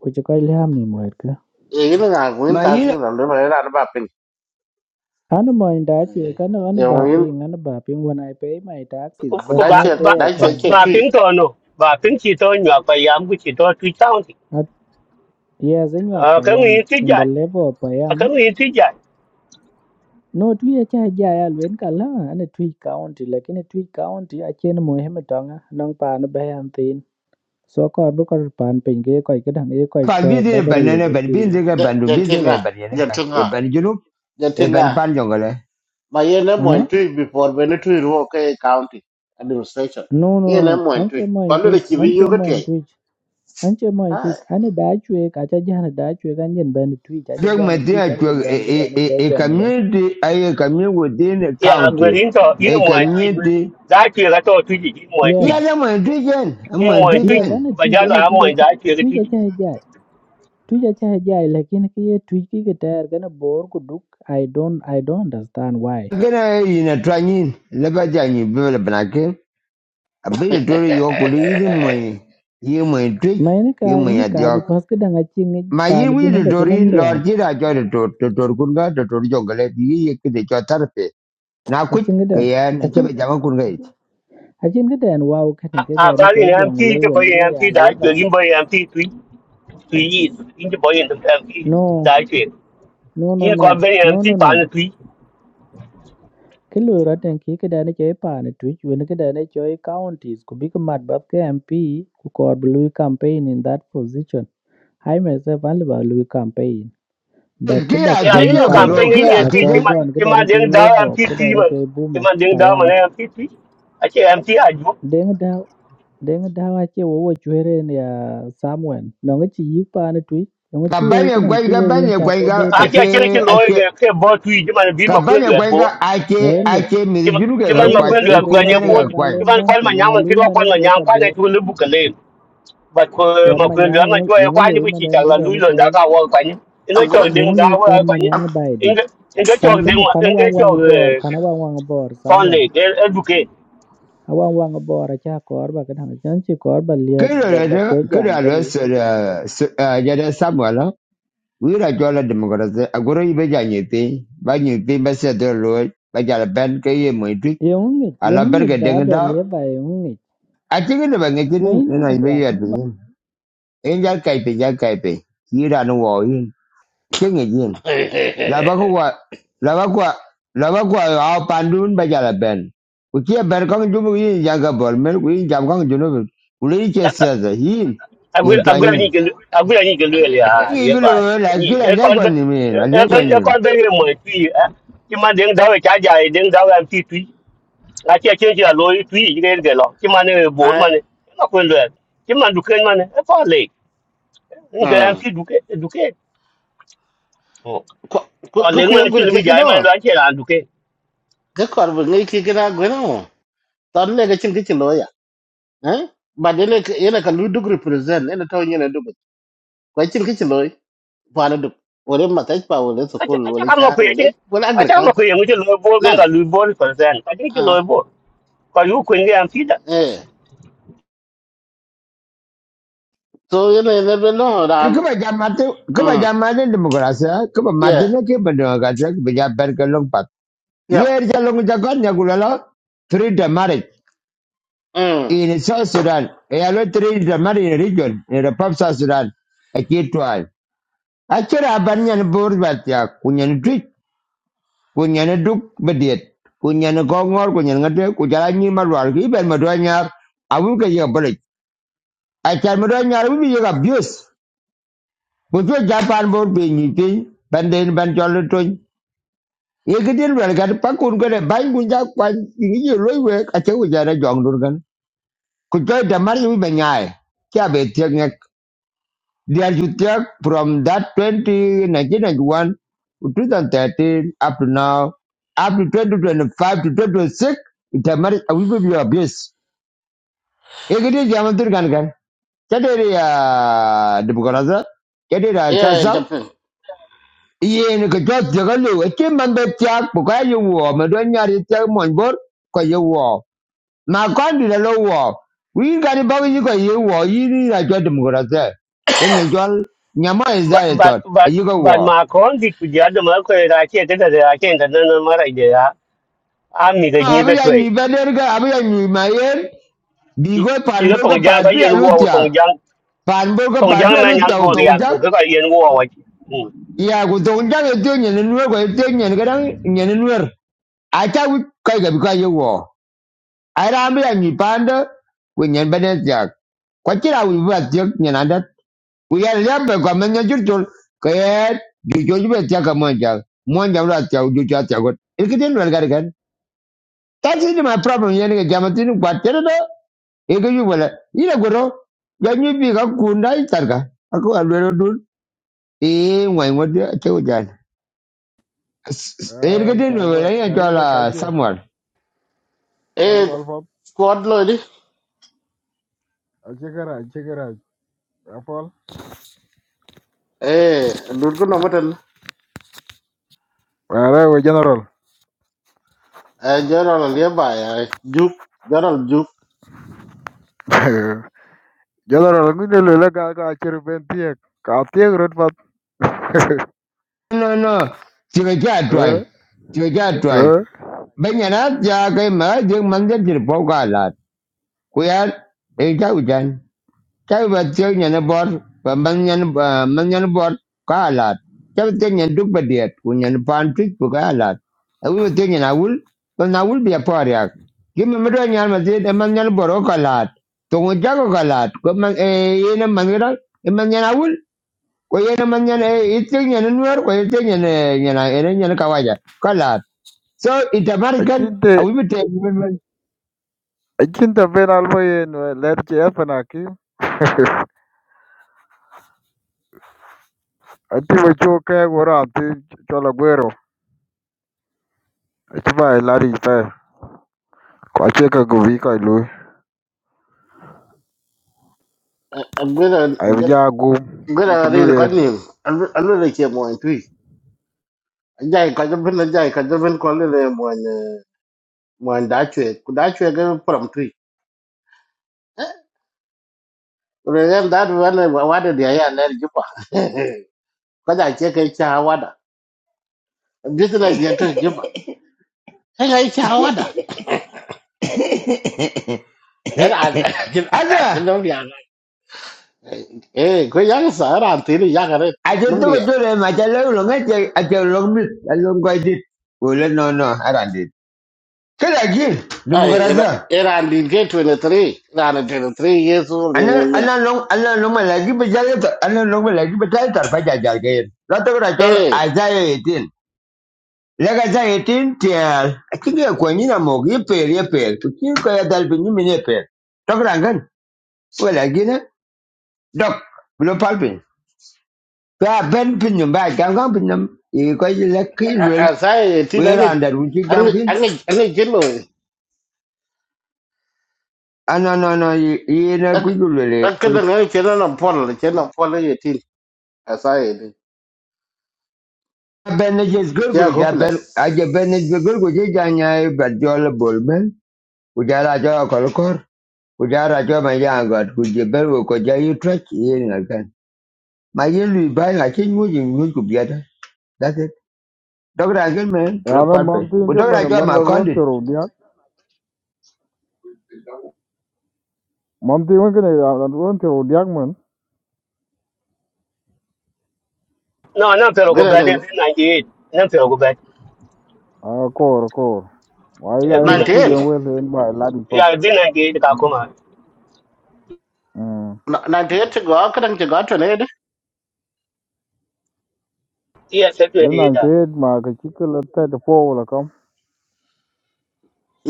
[SPEAKER 4] Which I am Nimweka.
[SPEAKER 3] e ni ga win
[SPEAKER 1] ma
[SPEAKER 3] ka
[SPEAKER 1] yi
[SPEAKER 3] ki lo lo ra ba pin
[SPEAKER 4] And mind that you can run
[SPEAKER 3] ye win
[SPEAKER 4] bapping and bapping when I pay my taxes. There's
[SPEAKER 3] da
[SPEAKER 2] Ba,
[SPEAKER 4] no
[SPEAKER 3] che
[SPEAKER 2] ba,
[SPEAKER 4] day
[SPEAKER 3] da
[SPEAKER 4] I
[SPEAKER 2] ba,
[SPEAKER 3] che
[SPEAKER 4] can.
[SPEAKER 3] che
[SPEAKER 2] ba,
[SPEAKER 3] tui
[SPEAKER 2] ping to no. Ba, ping chito nyo, pa yam ku chito tui chao ti.
[SPEAKER 4] At years in your
[SPEAKER 2] Ah, kang
[SPEAKER 4] payam,
[SPEAKER 2] yin ti
[SPEAKER 4] in the
[SPEAKER 2] jai.
[SPEAKER 4] level of
[SPEAKER 2] Ah,
[SPEAKER 4] payam.
[SPEAKER 2] kang yin ti jai.
[SPEAKER 4] No twi cha jaya lwen kala and a twi county like in a twi county a chen mohemetonga nong pan bayan thin. So called because pan pinke quite good and a quite
[SPEAKER 1] pa
[SPEAKER 4] care
[SPEAKER 1] bidi
[SPEAKER 4] but the
[SPEAKER 1] banane
[SPEAKER 4] religion
[SPEAKER 1] ban bidi
[SPEAKER 4] chili.
[SPEAKER 1] ga
[SPEAKER 3] de
[SPEAKER 1] bandu
[SPEAKER 3] de
[SPEAKER 1] bidi ga
[SPEAKER 3] tinga de
[SPEAKER 1] banane ka e
[SPEAKER 3] tinga
[SPEAKER 1] ban junu
[SPEAKER 3] de
[SPEAKER 1] e ban
[SPEAKER 3] tinga
[SPEAKER 1] pan jongale
[SPEAKER 3] ma ye ne mo
[SPEAKER 4] Huh?
[SPEAKER 3] tui before when tui ro ke county administration
[SPEAKER 4] No, no,
[SPEAKER 3] ye ne
[SPEAKER 4] no.
[SPEAKER 3] mo
[SPEAKER 4] Anche
[SPEAKER 3] tui
[SPEAKER 4] mo
[SPEAKER 3] ko
[SPEAKER 4] in
[SPEAKER 3] lo
[SPEAKER 4] twitch,
[SPEAKER 3] ki bi yu
[SPEAKER 4] anche
[SPEAKER 3] ko
[SPEAKER 4] mo in
[SPEAKER 3] te
[SPEAKER 4] twitch. an che mo
[SPEAKER 3] ha
[SPEAKER 4] tweet an da chwe ka cha jan da chwe kan yen ben tweet cha cha
[SPEAKER 1] jog
[SPEAKER 4] jan
[SPEAKER 1] mutini
[SPEAKER 4] tweet
[SPEAKER 1] a
[SPEAKER 4] an
[SPEAKER 1] jog
[SPEAKER 4] yen
[SPEAKER 1] e
[SPEAKER 4] ben ga
[SPEAKER 1] e
[SPEAKER 4] da ne
[SPEAKER 1] e
[SPEAKER 4] cho
[SPEAKER 1] e
[SPEAKER 4] jong lo
[SPEAKER 1] community ay community within a
[SPEAKER 2] Ya,
[SPEAKER 1] county
[SPEAKER 2] gwe rin to, yin
[SPEAKER 1] a
[SPEAKER 2] mwai tui.
[SPEAKER 1] community
[SPEAKER 2] Zai chie ka to tui ji, yin mwai
[SPEAKER 4] yes
[SPEAKER 1] Yeah,
[SPEAKER 2] tui.
[SPEAKER 1] I'm a mo I'm
[SPEAKER 2] Yin
[SPEAKER 1] a
[SPEAKER 2] mwai tui.
[SPEAKER 4] yes
[SPEAKER 1] Drijan.
[SPEAKER 4] an
[SPEAKER 2] Ba
[SPEAKER 4] tweet an
[SPEAKER 2] jala am
[SPEAKER 4] tweet
[SPEAKER 2] mwai
[SPEAKER 4] cha
[SPEAKER 2] zai chie ka
[SPEAKER 4] tweet cha
[SPEAKER 2] tui.
[SPEAKER 4] cha ja tweet cha cha ja lekin ki ye tweet ki ga tar ga na bor ku duk i don't i don't understand why
[SPEAKER 1] Gana ina twanyin laba janyi bela banake. A bit of Dory York would eat mo when you may drink,
[SPEAKER 4] ma ene
[SPEAKER 1] you
[SPEAKER 4] ka
[SPEAKER 1] may
[SPEAKER 4] ene
[SPEAKER 1] at
[SPEAKER 4] ka
[SPEAKER 1] York.
[SPEAKER 4] because ga da ga ching
[SPEAKER 1] My
[SPEAKER 4] pa
[SPEAKER 1] year
[SPEAKER 4] ne
[SPEAKER 1] we
[SPEAKER 4] jun
[SPEAKER 1] the
[SPEAKER 4] ba cha
[SPEAKER 1] Dory,
[SPEAKER 4] nam le ya.
[SPEAKER 1] Lord Jira joined the Tor, the Torkunga, the Tor Jongle, ye kid the Jotarape. Now
[SPEAKER 4] a
[SPEAKER 1] quit,
[SPEAKER 4] ching ga da
[SPEAKER 1] Kayan,
[SPEAKER 4] a
[SPEAKER 1] ki
[SPEAKER 4] chin
[SPEAKER 1] Chapa Jamakunga.
[SPEAKER 4] a chin ga da an wow ka ne
[SPEAKER 2] Ah, ah,
[SPEAKER 4] ga ne
[SPEAKER 2] ba
[SPEAKER 4] cho
[SPEAKER 2] rin am
[SPEAKER 4] jong lo
[SPEAKER 2] ti,
[SPEAKER 4] we
[SPEAKER 2] ba rin
[SPEAKER 4] no
[SPEAKER 2] am
[SPEAKER 4] ya
[SPEAKER 2] ti,
[SPEAKER 4] le
[SPEAKER 2] zai chie
[SPEAKER 4] bai
[SPEAKER 2] yin ba rin am ti tui. tùy yi in ji boy in
[SPEAKER 4] no
[SPEAKER 2] da ke
[SPEAKER 4] no no
[SPEAKER 2] in
[SPEAKER 4] no
[SPEAKER 2] ko ben
[SPEAKER 4] no
[SPEAKER 2] en ti
[SPEAKER 4] no no
[SPEAKER 2] pa ni tùy
[SPEAKER 4] cái lùi ra ke lu raten ki ke dane choi twitch tu cái ke dane chơi counties ku big mat bab ke mp ku kor blue campaign in that position i myself all ba blue campaign ba ke
[SPEAKER 1] Kia
[SPEAKER 4] ba
[SPEAKER 2] e a
[SPEAKER 4] kwen
[SPEAKER 2] lu
[SPEAKER 1] Tija
[SPEAKER 2] kan
[SPEAKER 4] panda
[SPEAKER 2] pe
[SPEAKER 1] Guru,
[SPEAKER 2] ni ye
[SPEAKER 1] Kia
[SPEAKER 4] ba
[SPEAKER 2] ti
[SPEAKER 4] kon
[SPEAKER 1] Tija.
[SPEAKER 2] ma
[SPEAKER 4] gon ke
[SPEAKER 2] ti ma
[SPEAKER 4] dane chơi
[SPEAKER 2] den da
[SPEAKER 4] level
[SPEAKER 2] en
[SPEAKER 4] up
[SPEAKER 2] ti
[SPEAKER 4] ke
[SPEAKER 2] tùy
[SPEAKER 4] dane
[SPEAKER 2] ma
[SPEAKER 4] choi
[SPEAKER 2] ti
[SPEAKER 4] buma
[SPEAKER 2] ma den da ma
[SPEAKER 4] payam
[SPEAKER 2] ne en ti tùy a che en ti a ju
[SPEAKER 4] deng da deng da ai chơi wo wo chwere ya samuel, nó ngi chỉ yi pan twitch, nó chi we
[SPEAKER 1] Kabanya
[SPEAKER 4] cái dang chi
[SPEAKER 1] Gwanga,
[SPEAKER 4] we wen
[SPEAKER 1] Banya
[SPEAKER 4] cha cái de
[SPEAKER 1] Gwanga,
[SPEAKER 4] thì,
[SPEAKER 2] a che a che
[SPEAKER 1] Ake,
[SPEAKER 2] lo
[SPEAKER 1] Ake.
[SPEAKER 2] ge ke bo tùy ji ma bi ma ku
[SPEAKER 1] Kabanya
[SPEAKER 2] ndu bo
[SPEAKER 1] Gwanga, Ake,
[SPEAKER 4] elwe
[SPEAKER 1] Ake,
[SPEAKER 2] ti ma ti ma
[SPEAKER 1] Mizuruga
[SPEAKER 2] ma
[SPEAKER 4] elwe
[SPEAKER 2] ku
[SPEAKER 1] Kwak,
[SPEAKER 4] the
[SPEAKER 2] ndu ko
[SPEAKER 4] greater
[SPEAKER 2] ne
[SPEAKER 4] bor
[SPEAKER 2] bo
[SPEAKER 1] Ekirmena
[SPEAKER 2] ti
[SPEAKER 4] ngalen
[SPEAKER 2] ma ko
[SPEAKER 4] ben ti
[SPEAKER 2] ma
[SPEAKER 4] ni
[SPEAKER 2] nyam ki
[SPEAKER 4] ngalui
[SPEAKER 2] ro ko
[SPEAKER 4] mane
[SPEAKER 2] ma nyam
[SPEAKER 4] greater
[SPEAKER 2] kwa ne
[SPEAKER 4] bor
[SPEAKER 2] tu lu bu ka le ba ko
[SPEAKER 4] Kwan
[SPEAKER 2] ma
[SPEAKER 4] ma
[SPEAKER 2] ku ndu
[SPEAKER 4] nyaŋ
[SPEAKER 2] ma cho e
[SPEAKER 4] yöŋ
[SPEAKER 2] kwa ni
[SPEAKER 4] oloi
[SPEAKER 2] ku
[SPEAKER 4] ma
[SPEAKER 2] chi
[SPEAKER 4] den
[SPEAKER 2] ta la lu
[SPEAKER 4] këdën
[SPEAKER 2] lo
[SPEAKER 4] ëcë
[SPEAKER 2] da ka wo kwa ni ina cho
[SPEAKER 3] agora
[SPEAKER 2] den
[SPEAKER 4] yöŋ
[SPEAKER 2] da
[SPEAKER 4] oloi
[SPEAKER 2] wo
[SPEAKER 4] kwan
[SPEAKER 2] kwa
[SPEAKER 4] ma
[SPEAKER 2] ni
[SPEAKER 4] nyaŋ ba edit
[SPEAKER 2] inga inga cho
[SPEAKER 4] pan
[SPEAKER 2] den
[SPEAKER 4] ken
[SPEAKER 2] ma
[SPEAKER 4] pan
[SPEAKER 2] inga
[SPEAKER 4] awang wang abor
[SPEAKER 2] cho
[SPEAKER 4] pan awang wang abor
[SPEAKER 2] Fonde,
[SPEAKER 4] Samuel
[SPEAKER 2] they'll educate.
[SPEAKER 4] awang wang abor acë akor ba këdëng cën cë kor ba lyep
[SPEAKER 1] Kira
[SPEAKER 4] ba ba kwö jam
[SPEAKER 1] kira lo
[SPEAKER 4] këni
[SPEAKER 1] sera jada Samuel wira jola demokrasi agora ibe janyete ba nyete ba se do lo ba jala ben ke ye moiti
[SPEAKER 4] yöŋ ngec
[SPEAKER 1] ala
[SPEAKER 4] yöŋ ngec
[SPEAKER 1] berga
[SPEAKER 4] dha
[SPEAKER 1] deng
[SPEAKER 4] adwa
[SPEAKER 1] da
[SPEAKER 4] lyep ba yöŋ ngec
[SPEAKER 1] a tinga ne bangi tin
[SPEAKER 4] ma in
[SPEAKER 1] na ibe ya bin en jal kai pe jal kai pe kira no wo yin kinga yin la ba
[SPEAKER 3] eh
[SPEAKER 1] ko a pandun ba jala ben ku kia jumu yin jaga bol mer ku yin jam kong juno ku
[SPEAKER 2] I'm
[SPEAKER 1] yin yin
[SPEAKER 2] going to need to I'm going to need to do it nearby.
[SPEAKER 1] Ingilo la kila
[SPEAKER 2] You
[SPEAKER 1] lagwa ni mi na lagwa ni.
[SPEAKER 2] can't very much. You might then do a jaja, then do a PP. I can't change your lawyer to you. You can't get lost. You might have board
[SPEAKER 3] ah
[SPEAKER 2] money. I'm not going to that. You might do can money. A far lake. You can't feed educate. Oh,
[SPEAKER 3] ko ko
[SPEAKER 2] well,
[SPEAKER 3] ko ku
[SPEAKER 2] then
[SPEAKER 3] yo
[SPEAKER 2] when I
[SPEAKER 3] gur
[SPEAKER 2] kill the
[SPEAKER 3] ki ki
[SPEAKER 2] guy, my
[SPEAKER 3] no
[SPEAKER 2] lunch and educate.
[SPEAKER 3] ke kor bu ngi ki ki na gwe ton le ga chin ki chi lo ya eh ba de le ye le ka lu duk represent ne to ni ne duk ko chin ki chi lo pa na duk ore ma tai pa ore so
[SPEAKER 2] I
[SPEAKER 3] kol
[SPEAKER 2] can't come
[SPEAKER 3] char
[SPEAKER 2] up with
[SPEAKER 3] ore
[SPEAKER 2] it.
[SPEAKER 3] ore
[SPEAKER 2] I can't come up
[SPEAKER 3] agriculture
[SPEAKER 2] with it. I'm going to lose board
[SPEAKER 3] nan
[SPEAKER 2] and lose board for I think you
[SPEAKER 3] ah
[SPEAKER 2] lose board. Because you couldn't get
[SPEAKER 3] eh so ye ne ne be no
[SPEAKER 1] Kuba jamate kuba
[SPEAKER 3] mm
[SPEAKER 1] jamate demokrasia kuba
[SPEAKER 3] yeah
[SPEAKER 1] matine ke bendemokrasia kuba jabar ke long pat.
[SPEAKER 3] yeah
[SPEAKER 1] Yer jalong jagon ya gulalo three the marriage
[SPEAKER 3] mm
[SPEAKER 1] in South Sudan. e Ya lo three the marriage in region in the pop South Sudan. Aki twal. Akira abanya ni bor ya kunya ni twit kunya duk bediet kunya ni gongor kunya ni ngade kujala ni marwal ki ben madwanya awul ke ya balik. Acar madwanya awul ke abuse ku chwe japan bor being nyithi banden ban chol tony ye ke din wel gar pa kun gare ban kun ja kwa ni ye loy we a che ku jara jong dur gan ku chwe da mar yu be nyae kya be tiek ngek dial ju from that 20 nineteen ninety one to 2013 up to now up to 2025 to 2026 da mar a wi be abuse ye ke din jam dur gan gan chadere ya dibukaraza chadere
[SPEAKER 3] yeah
[SPEAKER 1] cha
[SPEAKER 3] jumping
[SPEAKER 1] yen ke jot je ga lu ke man be tiak bu ka yu wo me do nyari te mon bor ko yu wo ma kon di lo wo wi ga ni ba yu ko yu wo yi ni ra jot dum go ra te ke nyen jol nyama e za
[SPEAKER 2] but
[SPEAKER 1] e
[SPEAKER 2] but
[SPEAKER 1] tot a
[SPEAKER 2] but
[SPEAKER 1] yu go wo
[SPEAKER 2] but ma kon dit ku ja da ma ko ra ke ke da ra ke ga nan nan ma ra ide ya a mi ga ni
[SPEAKER 1] a
[SPEAKER 2] da
[SPEAKER 1] bi ya
[SPEAKER 2] toy
[SPEAKER 1] ni be der ga a bi ya ni ma yen bi
[SPEAKER 2] ki
[SPEAKER 1] go pan
[SPEAKER 2] ki da
[SPEAKER 1] bo ga
[SPEAKER 2] tong
[SPEAKER 1] pa
[SPEAKER 2] jang ga
[SPEAKER 1] bi
[SPEAKER 2] yen
[SPEAKER 1] lu
[SPEAKER 2] wo
[SPEAKER 1] tiak
[SPEAKER 2] tong jang
[SPEAKER 1] pan bo ga
[SPEAKER 2] tong
[SPEAKER 1] pa bi
[SPEAKER 2] jang na
[SPEAKER 1] lu ta
[SPEAKER 2] nyan go
[SPEAKER 1] to
[SPEAKER 2] real
[SPEAKER 1] jak
[SPEAKER 2] ko ga yen wo wa Mm.
[SPEAKER 1] ya ku to jak e te nyen ni wo ko e te nyen ga dang nyen ni wer a ta wi ka ga bi ka yu wo Arambi a nyipanda we nyen bene jak. Kwachira we ba tiok nyen andat. We are lembe kwa menya jurtul kayet jujo jube tiaka monja. Monja ura tiak jujo tiak got. Ilkitin wel gari gan. That's it my problem yen ke jamatin kwa tere you Ege yu wala. Ina goro. Ya nyipi ka kunda itarka. Aku alwero dul. Eh ngwa ngwa dia tiak jan.
[SPEAKER 5] Uh,
[SPEAKER 1] Ilkitin wel
[SPEAKER 5] Chagua,
[SPEAKER 1] ya
[SPEAKER 5] Chagia de
[SPEAKER 1] jala
[SPEAKER 5] Kaikia,
[SPEAKER 1] Samuel.
[SPEAKER 3] eh
[SPEAKER 5] Chakwal Fop,
[SPEAKER 3] squad lo di
[SPEAKER 5] Achigara, Chigara, Afol.
[SPEAKER 3] eh dur ko no
[SPEAKER 5] Ara, we general.
[SPEAKER 3] eh general le ya juk general juk
[SPEAKER 5] General, ngi ne le ga ga chir ben tie, ka tie rot pat.
[SPEAKER 1] No no. Tiga
[SPEAKER 5] Eh,
[SPEAKER 1] jatwai. Tiga jatwai.
[SPEAKER 5] eh,
[SPEAKER 1] Banyarat jagai ma jeung mandir jerpau kalat. Kuyat ita hujan. Cai banyan nyana bor baman nyana man nyana bor kalat. Cai batil nyana duk badiat kunyan pantik bu kalat. Awi batil nyana awul ban awul biya pariak. Kimi mero nyana masjid eman nyana bor kalat. Tungu jago kalat. Ko man eh yena mangira eman nyana awul. Ko yena man nyana eh itu nyana nuar ko itu nyana nyana ene nyana kawaja. So it American, I
[SPEAKER 5] achinte,
[SPEAKER 1] will be taking women.
[SPEAKER 5] achinte ben albo yen let che afana ki. Ati we chu ke gora ati chola guero. Achiba lari pa. Ko cheka go vi ka lu.
[SPEAKER 3] agwera
[SPEAKER 5] Ai
[SPEAKER 3] agwera
[SPEAKER 5] ya gum,
[SPEAKER 3] agwera
[SPEAKER 5] kintu lu
[SPEAKER 3] re ka
[SPEAKER 5] yen.
[SPEAKER 3] ni alwe alwe ke mo en Jai ka jabin la jai ka jabin ko le mo ne mo da chwe ku da chwe ga pram tri. Re yan da du wa ne wa de ya ya ne ji pa. Ka da che ke cha wa da. Bi de la je to ji pa. Ka ga cha wa da. Era ji
[SPEAKER 1] Other,
[SPEAKER 3] no ya. Eh ko ya sa era ti ri ya ga re
[SPEAKER 1] I just
[SPEAKER 3] no
[SPEAKER 1] took
[SPEAKER 3] ri.
[SPEAKER 1] a tour and I tell you, long as I tell you, long bit, I long I did. Well, no, no, I don't did. Can I give the
[SPEAKER 3] Ai era
[SPEAKER 1] Mugaraza?
[SPEAKER 3] era din ke 23. Era 23 years old
[SPEAKER 1] And
[SPEAKER 3] in
[SPEAKER 1] then,
[SPEAKER 3] one.
[SPEAKER 1] and long, and long my lady, but I let, and long my lady, but I tar, but I jar again. Not over at all,
[SPEAKER 3] Eh
[SPEAKER 1] Isaiah 18. Like Isaiah 18, tell, I think you're going in a mug, you pay, you pay, to kill Kaya Dalpin, you mean a pay. Talk Rangan, well, I get it. Doc, below palpin. Ba ben pinyum ba gam gam pinyum. I ko yi le ki
[SPEAKER 3] a sai ti da
[SPEAKER 1] We
[SPEAKER 3] ne.
[SPEAKER 1] ran that we ji
[SPEAKER 3] Ang
[SPEAKER 1] gam kin.
[SPEAKER 3] ang ang jelo.
[SPEAKER 1] Ah no no no na ku
[SPEAKER 3] kada
[SPEAKER 1] ju lwel. Ba
[SPEAKER 3] ngai kena na pol le kena pol ye tin asa ye ni
[SPEAKER 1] ben ne je zgur gu
[SPEAKER 3] kia
[SPEAKER 1] ja
[SPEAKER 3] hopeless
[SPEAKER 1] ben a je ben ne zgur gu je ja nya e ba jol bol men. Ku ja ra jo kol kor. Ku ja ra jo ma ya god ku je ben wo ko ja yi trek yi na gan. Ma yi lu ba na kin mu ji mu ku bia da. That's it. Dogra gen men
[SPEAKER 5] Ya na
[SPEAKER 1] prepare. pe
[SPEAKER 5] mam tin
[SPEAKER 1] Ku
[SPEAKER 5] ke
[SPEAKER 1] dogra
[SPEAKER 5] mane
[SPEAKER 1] jo
[SPEAKER 5] man
[SPEAKER 1] ma
[SPEAKER 5] la ron
[SPEAKER 1] kondit.
[SPEAKER 5] tero Mam ti wen kene ya lan wen ti odiak men.
[SPEAKER 2] no na pero go
[SPEAKER 3] gina da
[SPEAKER 2] bad in 98 na pero go bad
[SPEAKER 5] Ah kor kor. Wa ya
[SPEAKER 2] in
[SPEAKER 5] en ku
[SPEAKER 2] 98
[SPEAKER 5] yen
[SPEAKER 3] 98
[SPEAKER 5] wel en ba e la di pap.
[SPEAKER 2] ya in 98 ka kuma
[SPEAKER 5] Mm.
[SPEAKER 3] Na- 98 to go kada to go to ne de
[SPEAKER 2] yes
[SPEAKER 5] Ten
[SPEAKER 2] 28
[SPEAKER 5] nan
[SPEAKER 2] da
[SPEAKER 5] te ma ka chi ke la te de po la kam.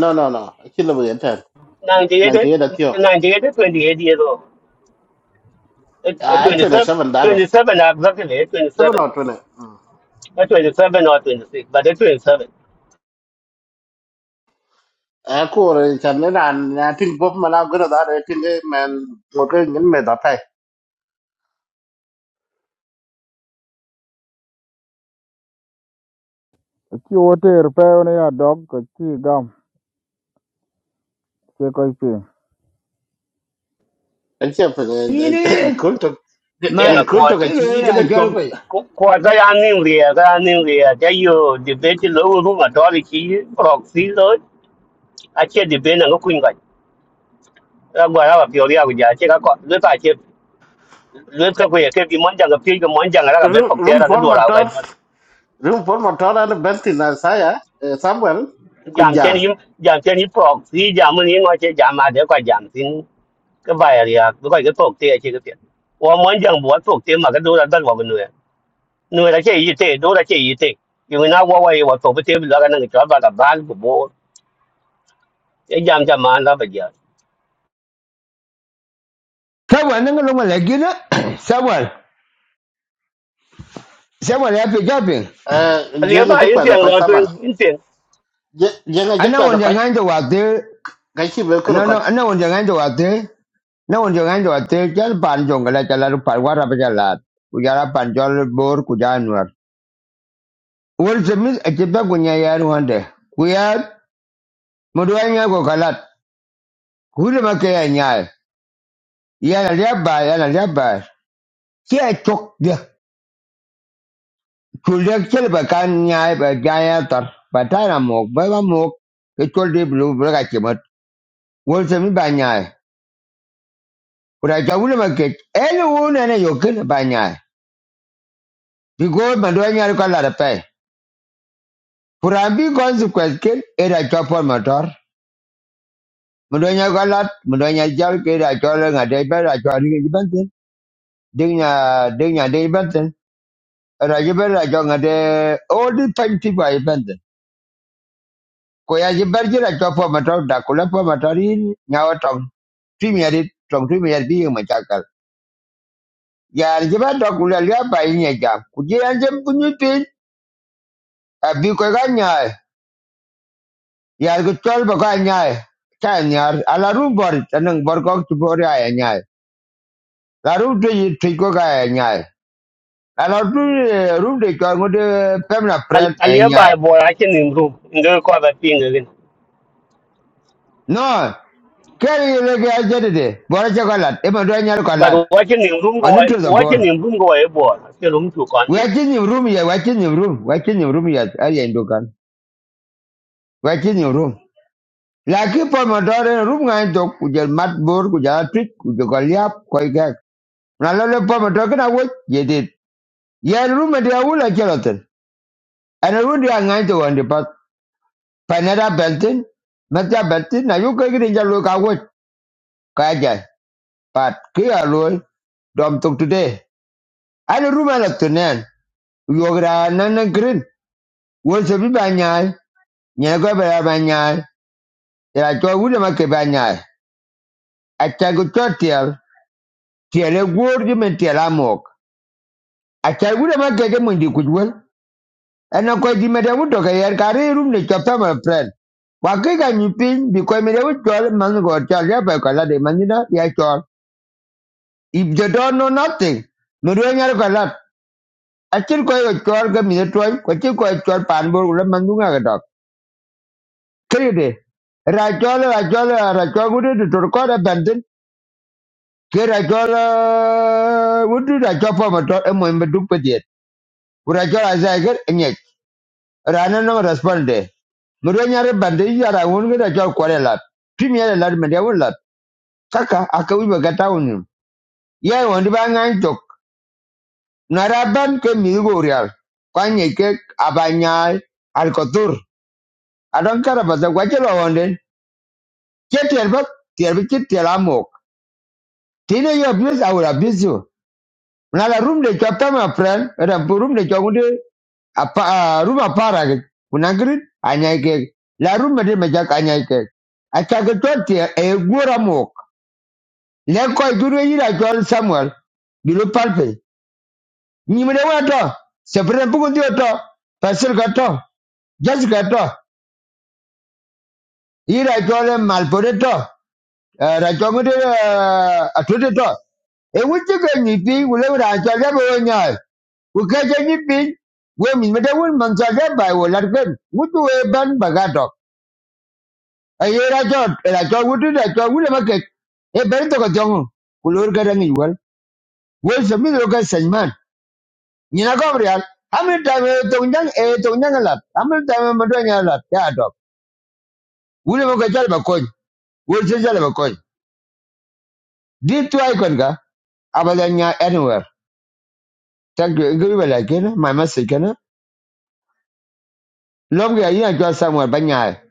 [SPEAKER 3] no no no kila bu yenta
[SPEAKER 2] 98
[SPEAKER 3] 98 da tio
[SPEAKER 2] 98 28 years old Eh, eh,
[SPEAKER 3] a to ne
[SPEAKER 2] 27
[SPEAKER 3] 7 da do
[SPEAKER 2] 27 exactly eh,
[SPEAKER 3] 7
[SPEAKER 2] 27
[SPEAKER 3] or 20
[SPEAKER 2] Not 27 or 26 but eh, 27
[SPEAKER 3] a ko re chan ne na na tin pop mana gina da re tin de man mo ke ngin me da pai
[SPEAKER 5] Ki o te er pe ne ya dog ka chi gam. Ke ko pi.
[SPEAKER 3] an che pe
[SPEAKER 1] Ini
[SPEAKER 3] kun to
[SPEAKER 1] my
[SPEAKER 3] ngin
[SPEAKER 2] yeah
[SPEAKER 3] kun to ga
[SPEAKER 2] god
[SPEAKER 1] kilo
[SPEAKER 3] chi gina chop
[SPEAKER 1] ya
[SPEAKER 2] ko ko da ya nin ri da nin ri da yo de be ti lo ru ma do ri ki pro si lo a che de be na ko kun ga ra gwa ra ba pyo a ja che ka ko le ta che le ka ko ye ke mon ja ga pi ga mon ja ga ra be pok te
[SPEAKER 3] rum
[SPEAKER 2] ra ga do la ga
[SPEAKER 3] formator
[SPEAKER 2] do
[SPEAKER 3] Riêng Paul Motora là bên tin là sai á, Samuel cứ
[SPEAKER 2] jam chen
[SPEAKER 3] giang.
[SPEAKER 2] yim jam chen yi pro si jam ni ngo che jam ma de ko jam sin ka ba ya ri a ko ga pok te che ga pi wa mon ja bo pok te ma ga do ra da wa nu ya nu ra che yi te do ra che yi te yo na wa wa ye wa pok te la ga na ga ba ga ba ko bo ไอ้ยามจะมาแล้วไปเดียว
[SPEAKER 1] Samuel nanga longa legina Samuel Samuel ya pigapin
[SPEAKER 3] Ờ giang cái
[SPEAKER 2] aliaba
[SPEAKER 3] chức
[SPEAKER 2] in
[SPEAKER 3] quẹt rồi
[SPEAKER 2] tiang
[SPEAKER 3] coi
[SPEAKER 2] lo
[SPEAKER 3] sao bạn.
[SPEAKER 2] twen in tiang
[SPEAKER 3] Giang cái chức
[SPEAKER 1] ana
[SPEAKER 3] quẹt rồi
[SPEAKER 1] wonja
[SPEAKER 3] coi
[SPEAKER 1] nganja wate
[SPEAKER 3] cái chi về cứ
[SPEAKER 1] no
[SPEAKER 3] rồi
[SPEAKER 1] no ana wonja nganja wate na wonja nganja wate chal pan jongala chala par wara pajala kujara panjol bor kujanwar wol zemis ejeba kunya yar wande kuyat moduanya ko kalat kule make ya ya na leba ya na leba kia chok dia kulek chel ba kan nyaay ba gaya tar patara mok ba ba mok ke chol de blue blu wolse mi ba nyaai ku da jwa wule maket ene wo na ne yo ken ba nyaai because ma do nyaari ko la da pe consequence ken e da jwa pon motor ma do nyaari ko la ma do nyaari jal ke da jwa le nga de ba ding nya ding nya de ban ten ra ji ba da jwa all the time ti ba ban ten ko ya ji motor da ko la pon motor yin nya wa tong twi mi adi tong twi mi adi bi ma chakal ya ji ba da ku la ya ba ja abi ko ga nyaay yaar ko chol ba ga nyaay ta nyaar ala ru bor tanang bor ko tu bor ya ya nyaay la ru de yi ti ko ga ya nyaay ru de ko ngode pemna friend e nyaay
[SPEAKER 2] aliaba bo a chen nim room in go ko thing again
[SPEAKER 1] no kere yi le ga jede de bor ja ko lat e ma do nyaar ko
[SPEAKER 2] but
[SPEAKER 1] lat
[SPEAKER 2] watching nim room go
[SPEAKER 1] onu to the
[SPEAKER 2] watching
[SPEAKER 1] bor
[SPEAKER 2] nim room go e bo che room tu
[SPEAKER 1] wa chin room ya wa your room wa your room ya ari ndo kan wa chin room laki pa ma do room ngai dok ku je mat bor ku ja tik ku je ko liap ko ga na lele pome token awoj yedit yen rume dia wula cheloten ana ru dia ngai to wandi pat panera beltin mata beltin na yu ke gidin jalu ka woj ka ja pat ki alo dom tok today ana rume la tunen yogra nan nan green wol se bi banyai nya go ba banyai ya to wule ma ke banyai acha go totiel tiele gorgi men tiela mok acha wule ma ke ke mundi kujwel ɛnɔ kɔc dhi mede ŋu dɔkɛyɛr ka ri rum ni cɔpta mɔ prɛn kwa ke ka nyu piny bi kɔc mede ŋu cɔl maŋgɔ cɔl ya pai kɔlade manyina ya cɔl if the don't know nothing mede ŋu nyar kɔlat acin kɔc ko cɔl ke mide tuɔny kɔci kɔc cɔl paan bor ku la maŋ dhuŋa kedɔk keride ra cɔl ra cɔl ra cɔl ŋudu tutur kɔt abɛntin ke ra cɔl ŋudu ra to pɔmɔ tɔ emɔny beduk pediet ku ra cɔl azaiker enyɛc rana no responde murenya re bande yara won da kware lat premier lat me de won kaka aka wi ga ta won ye won ba ngan jok nara ke mi go kwanye ke abanyai al kotur adon kara ba za kwaje lo won den ke ter ba ter bi amok tine yo abuse i will abuse you Nala room de chapter, my friend. Era room de chongude apa ah, room apara ke. Kunangrit anyake La room de mejak anyaike. Acha ke toti e gura mok. Le ko duru yira jol Samuel. Bilu palpe. Ni mede wato. Sepre bugu dioto. Pasir gato. Jessica to. Yira jol malpore Eh, ra cho ngode a tuti to. E wuti ga ni bi wule ra cha ga bo nya. Ku ka cha ni bi we mi me da wul man cha ga ba wo la ben. Wutu e ban ba ga to. E ye ra cho ra cho wuti ra cho wule ma ke. E ben to ko jong. Ku lor ga ni wal. We se mi lo ga sen man. Ni na ko real. Amir ta me to nyang e to nyang la. Amir ta me ma do nya la ya to. Wule ma ga cha ba ko. Wul se cha ba ko. Di tu ai kon ga. Abadanya anywhere. ta gửi gửi về lại cái đó mai mà xịt cái đó lúc gửi ý là cho xong rồi bên nhà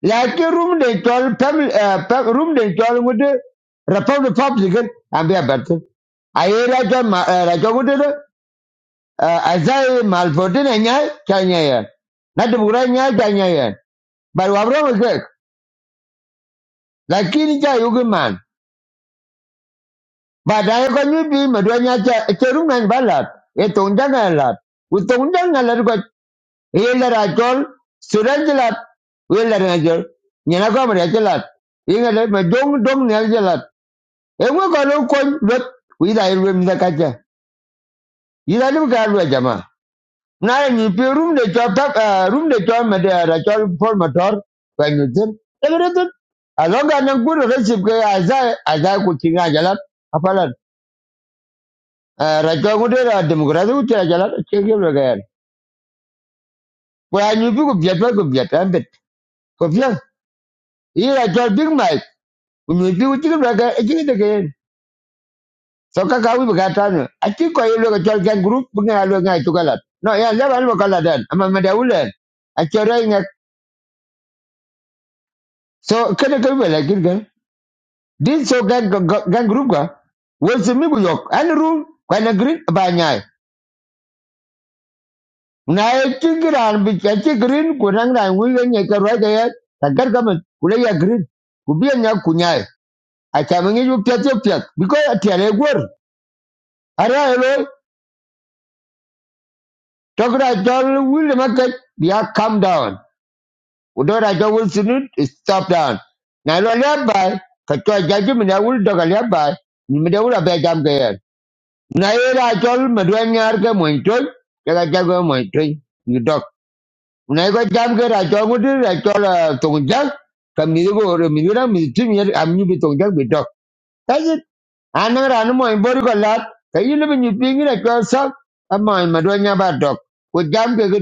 [SPEAKER 1] là cái room để cho family à room để cho nó đi Report pop gì cái anh biết bật thế à ấy là cho mà à, là cho cái đó à à zai malfotin này nhá cha nhá ya nó tụi bữa nhá cha nhá ya bà bảo rồi mà cái là kia đi cha yêu cái màn bà đã có như đi mà đôi nhá cha chơi room này bà lật cái tụng chắc là lật cái tụng chắc là lật Yelder Achol, Sudan Jalat, Yelder Achol, Yanakom Rajalat, Yingale, Madong Dong Neljalat, Ewa Kalo Kwan, but with I room the Kaja. Yilalu Garwa Jama. Now you pay room the job, uh, room the job, Madame Rachel for Mator, when you tell everything. Along and a good recipe as I, as I could sing Ajalat, Apalan, Rachel would have democratic Ajalat, check your again. Well, I knew you could get back, could get a bit. Big Mike. Kunyoipi kuchikin baka echini tekeyen. Soka kawi bakatano. Achi kwa yelo kachal kian group bunga alwe ngai tukalat. No ya leba alwa kaladan. Ama madawulen. Achora inga. So kene kawi lakir gan. Din so gan gan group ka. Wesi migu yok. Ani room. Kwa na green banyai. Na echi giran bich achi green kunang na ngulwe nye karwa kaya. Takar kaman. Kule ya green. Kubiya nya kunyai. Achamangi yu piat yu piat. Biko ya tiare gwar. Ara elo. Talk that John will the market, we are calm down. Although that John will soon stop down. Now, no nearby, Katua judgment, I will talk a nearby, Nimadura Begam Gayer. Naira John Madwanyarga Mointon, Jagajago Mointon, you dog. Una ego jam ke ra ah, tong jang. Ka mi go yer am bi tong jang That's it. Ana ra no mo imbor ko lat. Ka yin bi nyu ping ra chol sa. Ama ma do nya ba tok. Ko jam ke ke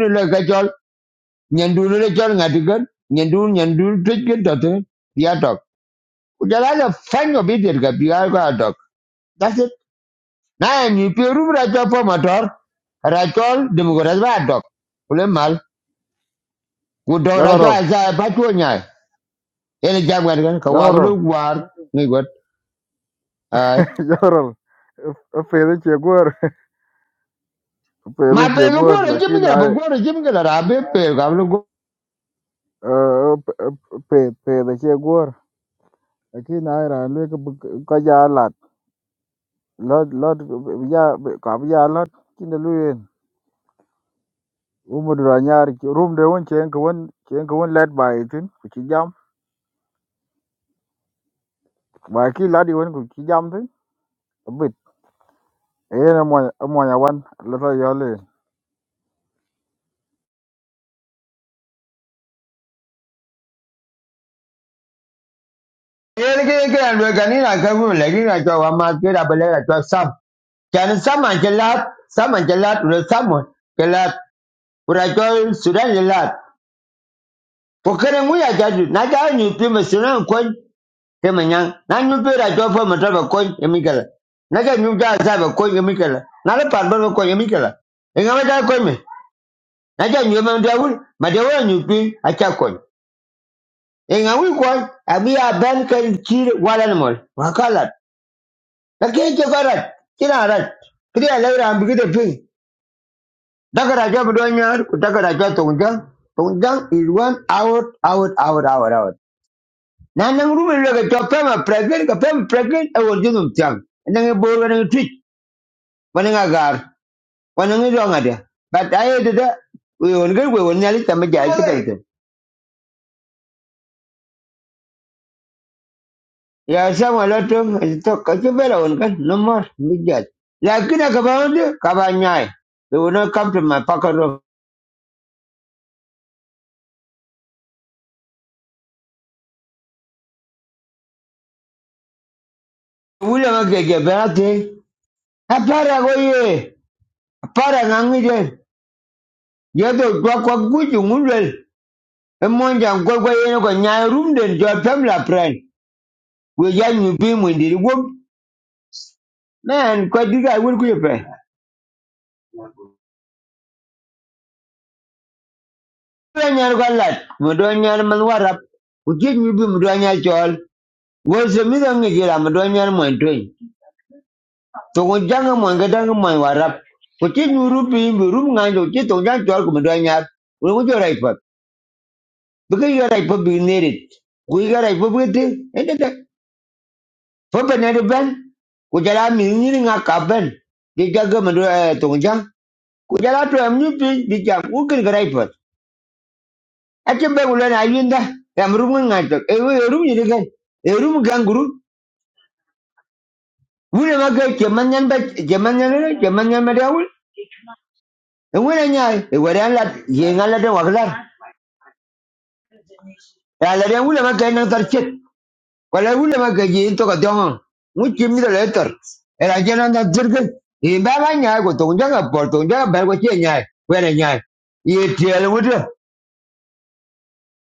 [SPEAKER 1] ni le ka nyandu ni le chol Nyandu nyandu twit ke to te. Ko jala le fang obi ka bi ga ka That's it. Na nyu pe po motor. Rachol Democrat ba dok. Kule mal. ku dora cho
[SPEAKER 5] General,
[SPEAKER 1] ai sai pa chu nyai ene jam ka wa lu
[SPEAKER 5] general,
[SPEAKER 1] war ni got ai
[SPEAKER 5] general. Pe de che gor. Pe
[SPEAKER 1] ma
[SPEAKER 5] de
[SPEAKER 1] pe
[SPEAKER 5] che
[SPEAKER 1] lu go
[SPEAKER 5] gor
[SPEAKER 1] re
[SPEAKER 5] la
[SPEAKER 1] jim
[SPEAKER 5] ki
[SPEAKER 1] ga ba
[SPEAKER 5] na e,
[SPEAKER 1] go re jim ga ra be pe ga lu go
[SPEAKER 5] e, pe pe de che gor. La ki na e ra le ka ka ya lat. Lot lot ya ka ya lat. Ki de lu yen umudura nyar ki- room de won chen ko won chen ko won led by tin ku ci jam ba ki ladi won ku ci jam tin bit e na mo mo nya wan la ta yo
[SPEAKER 1] ene ke ke an we ni na ka bu le ni na cho wa ma ke ra be le ra cho sam chan sam an che sam an che lat re sam mo ke lat sudan le lat mu ya ja ju na ja ni pi me sudan ko ke me nyang na nyu pe ra cho fo ma ta ba ko mi ga na ja nyu ja sa ba ko mi ga na le pan ba ko mi ga la e ma ja ko mi. Naja nyo man dawul, ma dawul nyo acha kon. E nga wi kon, abi a ben kan chir wala no mol. Ma kalat. Ta ke che karat, kina rat. Kri ala ra de pin. Daga ra jab do nyar, ku daga ra jab tong jang. Tong jang is one out out out out out. Na nang ru me ga pema pregnant ka pema pregnant e wor jinum tiang. Nang e bor ga nang twit. Wan nga gar. Wan do nga dia. But I did We won ga we won nyali tamaja kita. ya sama lotum to kachi kan nomor more big judge lakin akabound kabanyai they will not come to my pocket room william agege berate apara goye apara ngangije yedo kwa kwa guju ngulwel emonja ngwe gwe yeno ko nyai room den jo pemla friend we ya nyu bi mu ndiri gum man ko diga wul ku yepe nyar ko lat mo do nyar man warap ku je nyu bi nyar chol wo se mi do ngi jira mo do nyar mo Tong jang man ga dang man warap. Ko ti nuru bi bi rum ngan do ti tong jang chol ko mdo nyar. Wo mo jo rai pa. Bi ga yo rai pa bi ne rit. Ku ga rai pa bi ti. E de de. Fo pa ne de ben. Ku jala mi ni nga ka ben. Di ga ga mdo tong jang. Ku jala to am ni bi bi jam ku kin ga rai pa. A ti be ku le na yin da. Am rum ngan to. E wo rum ni de ga. E rum gang guru. Wu le ma ga ke man nyan ba ke man nyan ke man nyan ma da E wo na E wo la ye nga de wa Ya la de wule ma kay nang to ka dong. mi de le Era je nang tar chet nya ko tong ja ga por tong ja ba ko che nya. Ko nya. Ye tiel wute.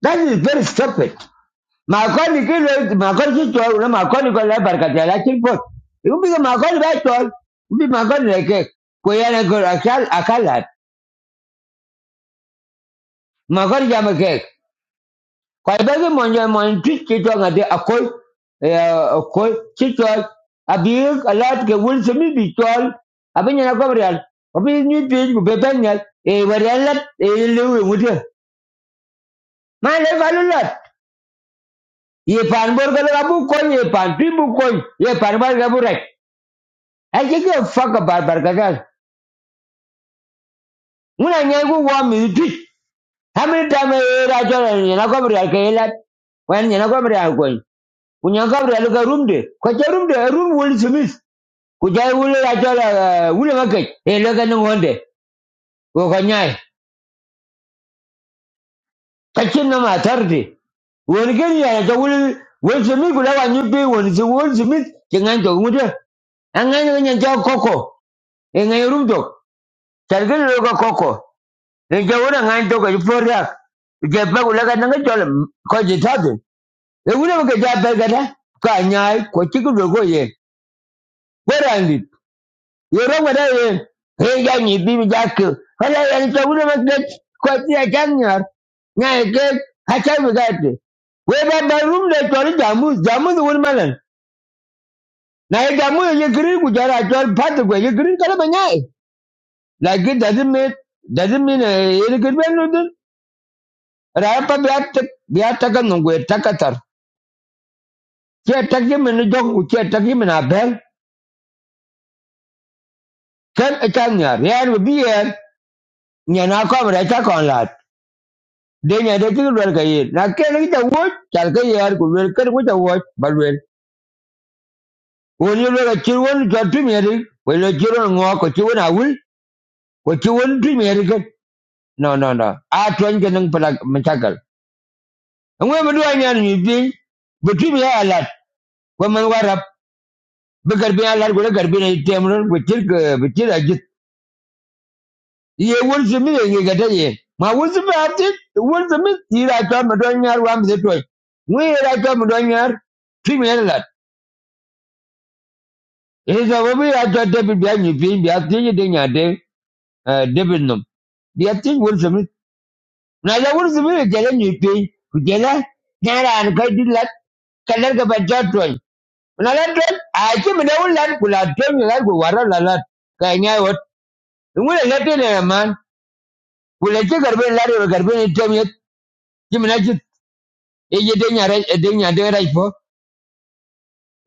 [SPEAKER 1] That is very stupid. Ma ko ni ke le ma ko to na ma ko ni ko la bar ka ja la chin pot. Ibu bi ko ni ba to. Bi ma ko ni le ke. Ko ya na ko akal akalat. Ma ko ni ja kwa ibagi monjo mon twit ki to ngade akoi akol ki to abir alat ke wul semi bi tol abinya na gobrial obi ni bi ku bebenya e warelat e lewe mudia ma le valulat ye panbor bor abu ko ye pan bu ko ye pan bar rek ai ke ke fuck bar bar muna nyai wa mi twit hamil ta me ra jo na gobrial ke elat wan nyana gobrial ko kunya ka room de ko room de eh, room wul semi kujai wule la chola wule make e lo kan ngonde kachin na matarde won gen ya to wule won sumi kula wa nyupi won si won sumi kengan to ngude angan ga nyan ja koko e ngai rum to lo ko koko le je wona ngan to ko iporia je pa kula kan ngai chola ko je tade e wule make ja pa gada ka nyai ko chiku Yoro wada yen. Reja ni bibi jake. Hala yen chaguna maket. Kwa tia chanyar. Nga eke. Hacha migate. Weba barum de chori jamu. Jamu the one malan. Na ye jamu ye green kujara chori pati kwe. Ye green kala banyai. Like it doesn't mean doesn't mean eh ye green ben nudin. Rapa biata biata kan nungwe takatar. Chia takye mene joku chia takye mene abel. Ken e chanyar. Yan wabi yen. Nyana kwa mrecha kon lat. denya de ki lwel ka yen na ken ki ta wo chal ka yar ku lwel ker ku ta wo ba lwel won yo lwel ka chir won jo tu mi ri wo le chir won ngo ko awul ko chi won no no no I twenty and Matacal. And when do I mean you think? But you are a twen ke nang pala machakal ngwe mu dwa nyan mi bi bu tu mi ya alat ko man warap bu gar bi ke bu chir a jit ye won su mi ye ye ma won su ba ti won su mi ti ra ta ma dwa nyar wa mi se to ngwe ra ta ma dwa nyar tu Isa wabi ya to David biya nyipi biya tinyi de nya de eh, David nom. Biya tinyi wuri sumi. Na ya wuri sumi ya jala nyipi. Kujala nyara anu kai di lat kalar ka bacha tuan. Na lat tuan a chi mi da wuri lat kula tuan ya lat ku wara la lat. Ka nya wat. Ngula lat ni na man. Kula chi garbe lat ya garbe ni tuan ya. Chi mi na chi. Eje de nya rai de nya de rai po.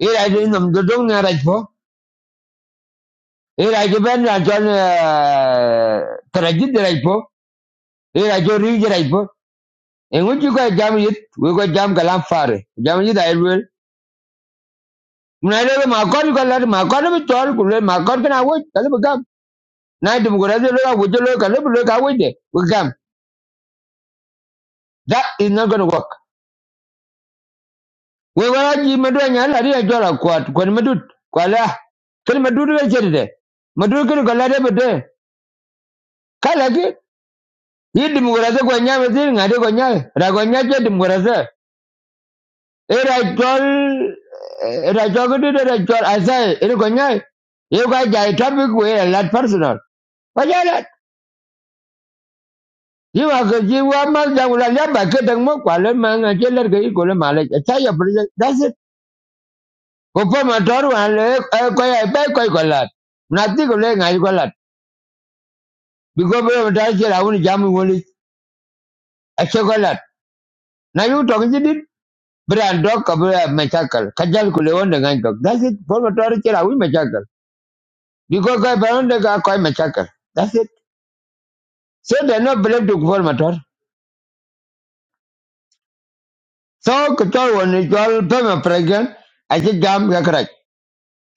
[SPEAKER 1] Ira de nom do dong nya rai po. Ira chi ben na tuan eh, Here I go Ira jo riu jira ipo. E ngu ko jam it. we ko jam kalam fare. Jam it ay wel. Muna le ma kor ko la ma kor bi a ku le ma can kana wo kale bi gam. Na dum go rajo lo wo jo lo kale bi lo ka wo de. We gam. That is not going to work. We wa ji medu nya la ri jo la kwat ko medu ko la. Kel medu le jere de. Medu ke ko la de be de. Kala ke. Yi dum go rajo ko nya be zin ngade ko nya. Ra ko nya je dum go as there. Irajol, irajogidi irajol asai, iri konyai. Iu kai jai topic we a lot personal. Pajalat. Iu aku jiwa mas jang ulah liamba kedeng mo kuala manga jeler ke ikule malek. Saya berjaya. That's it. Kupa motor wan le kaya ipai koi kolat. Nanti kule ngai kolat. Biko bere mata jela uni jamu ngoli. Ache kolat. Na iu tong jidit. Berandok kabula mechakal. Kajal kule wonde ngai tok. That's it. Kupa motor jela uni mechakal. because I koi baronde ga koi massacre. That's it. So they are not believe to Kufuor Matar. So Kuchol when you all permanent pregnant. I think jam ga correct.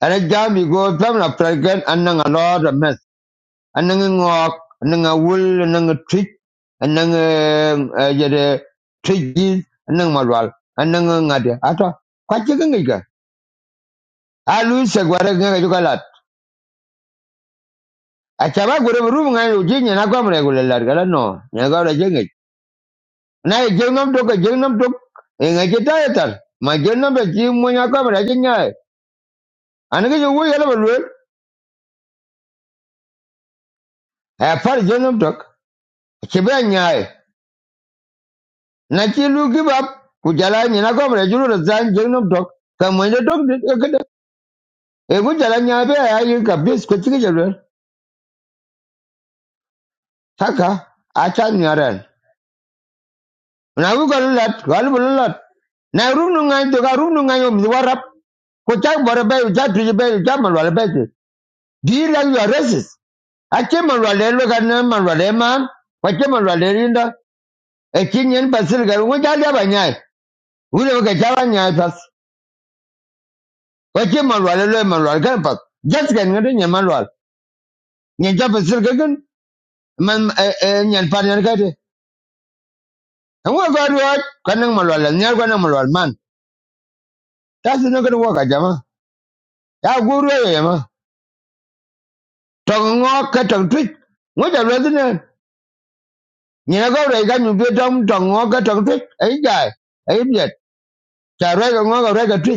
[SPEAKER 1] And I jam you go permanent president and nang a lot of mess. And nang a walk, and nang a wool, and nang a treat, and nang a yet treaties, and nang madwal, and nang a ngadi. Ato, kwa chika ngika. A Luis Seguara ngaka yuka lat. Achaba gure buru mga yujinyi na kwa mre gule lat gala no. Nga gala na jeng nam tok jeng tok e nga ci ta ma jeng nam be ci mo nya ko ba ci nyaay an ga wu yela ba lwel e far jeng nam tok ci be nyaay na ci lu gi bab ku jala ni na ko ba julu da zan jeng nam tok ka mo nya tok de de e ku jala nyaa be ya yi ka bis ko ci ga lwel taka a ta nyaran na wu ga lat ga lu lat na ru nu ngai to ga ru nu ngai mi warap ko cha bor be cha tu be cha mal wal be di la you are Ache marwale lo kana marwale man. Wache marwale rinda. Ekin yen pasil garu. Ngo jali aba nyai. Ule waka jaba nyai pas. Wache marwale lo marwale kana pas. Jas kan ngade nyen marwale. Nyen jaba pasil gagun. Man nyen pan nyen kate. Ngo garu wat. Kana marwale. Nyen kana marwale man. Tasi no kana waka jama. Ya guru ya yama. Tong ngo ka tong twit. Ngo jalo zine. Nyen garu ya kanyu tong tong ka tong twit. Ay jai. Ay biet. Cha rega ngo ka rega twit.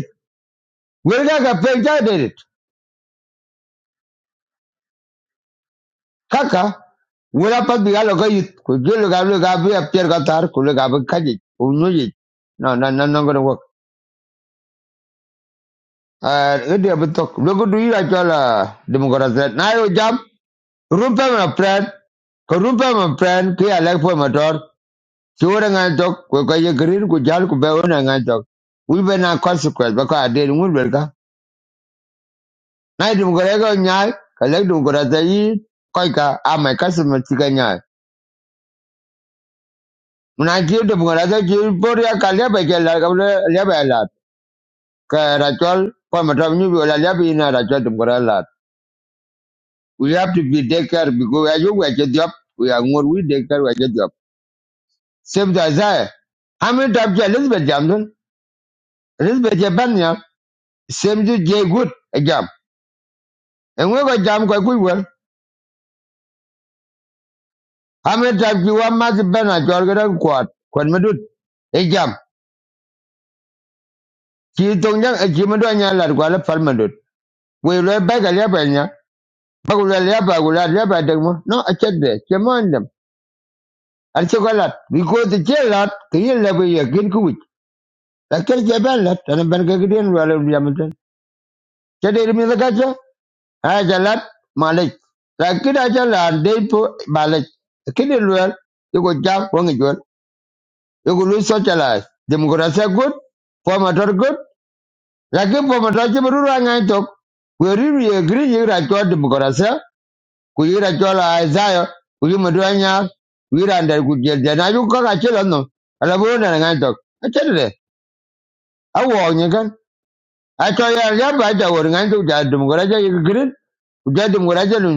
[SPEAKER 1] Wilda pekja did it. Kaka, wila pat biga lo koyit. Kujulu gablu gabu ya pier gatar, kulu gabu kaji, unuji. No, no, no, no, gonna work. Uh, idi abu tok. Logo do you actual, uh, democracy. Na yo jam, rumpe ma pran, ko rumpe ma pran, ki alek po ma tor. Si wura ngan tok, ko koye green, ku jal, ku be wuna ngan tok. Wi be na consequence, bako adil, go belka. Na democracy ko nyai, kalek democracy yi, koyka, amai kasu ma chika nyai. Menanti tu pengarasa Singapura yang kalia baca lah kamu lihat lah. Ke racol, pun macam ni bila lihat ina racol tu pengarasa. We have to be taker because as you watch job, we are more we taker watch job. Same as I. How many times you Elizabeth Jamden? Elizabeth Jabanya, same to Jay Good, jam. And we got jam quite good well. How many times you want Master Ben at your good quad? Quad Madut, a jam. She told them a Jimadanya, like Guala Palmadut. We were back a Labanya. Bagula leba, Bagula, leba dagma. No, I said that. I took a lot. We go to jail lot. Can you leba ya gin kuwit? La kere jaban lot. And I'm going to get in while I'm yamatan. Said it me the gacha. I Malik. La kid I tell her, they Malik. The kid in well. You go jump one as well. lose such a Democracy good. Former good. La kid former dodge, but I talk. We really agree here. I told democracy. Kuyira chola jola Isaiah ku yi mudu anya ku yira ndar ku na yu ka chelo no ala bu ngan tok a chele a wo nyi a to ya ya ba ja wor ngan tok ja dum gora ja ja dum gora ja lun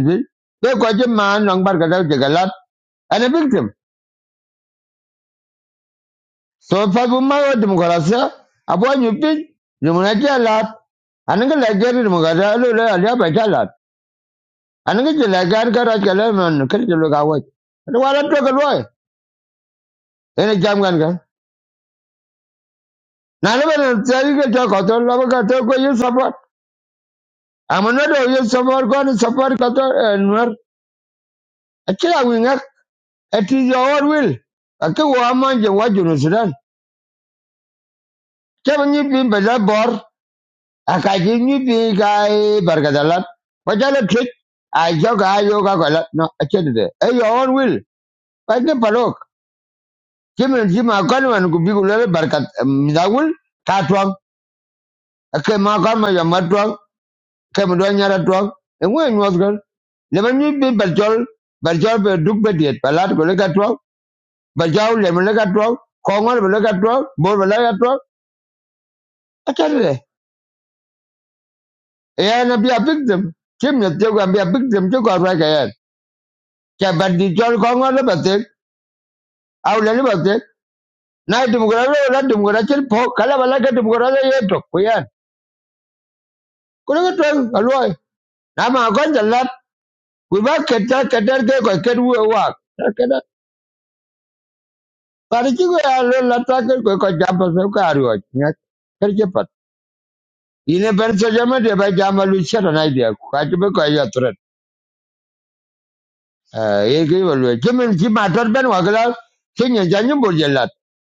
[SPEAKER 1] de ko je ma nang bar ka da je ana victim so fa bu ma wo dum gora sa a bo nyu pin dum na ja lat ana ga la je dum gora lo la ya ba ja lat ana ga je la man kar je lo ga wo wala to ka lo ene jam gan Na le bana tsari ke tsa ka tla ba ka tla ko ye safar. Amana do ye safar ko ni safar ka tla enwer. Akira winga ati your will. Ake wa manje wa junu sudan. Ke ni bi be da bor. Aka ji ni bi ga barka da lat. Ko jala trick. A jo ga yo ga ko lat. No akira de. E your will. Ba ke palok. Kimin ji ma kan wan ku bi ku le barka midagul ka twang. Ake ma kan ma ya matwang. kem do nyara drug e ngwe nyos gal le ban ni bi barjol barjol be duk be diet balat go le ga drug barjaw le me le ga drug ko ngol be le ga drug bor be le ga drug atare e ya na bi a victim kim ne te go bi a victim te go ra ga ya ke bandi jol ko ngol be te aw le le be te na e dum go le la dum go ra chil po kala bala ga dum go ra ye to ko ya ko le ga drug aloy na ma go jalat ku ba ke ta ke ko ke wa ketar Parichigo ya lo la taka ko ko jamba so ka ro nya kerje pat ine ber so jama de ba jama lu chara na dia ka ti be ko ya tret e ge wo lo ji ma ben wa gala sinye janyum bo jelat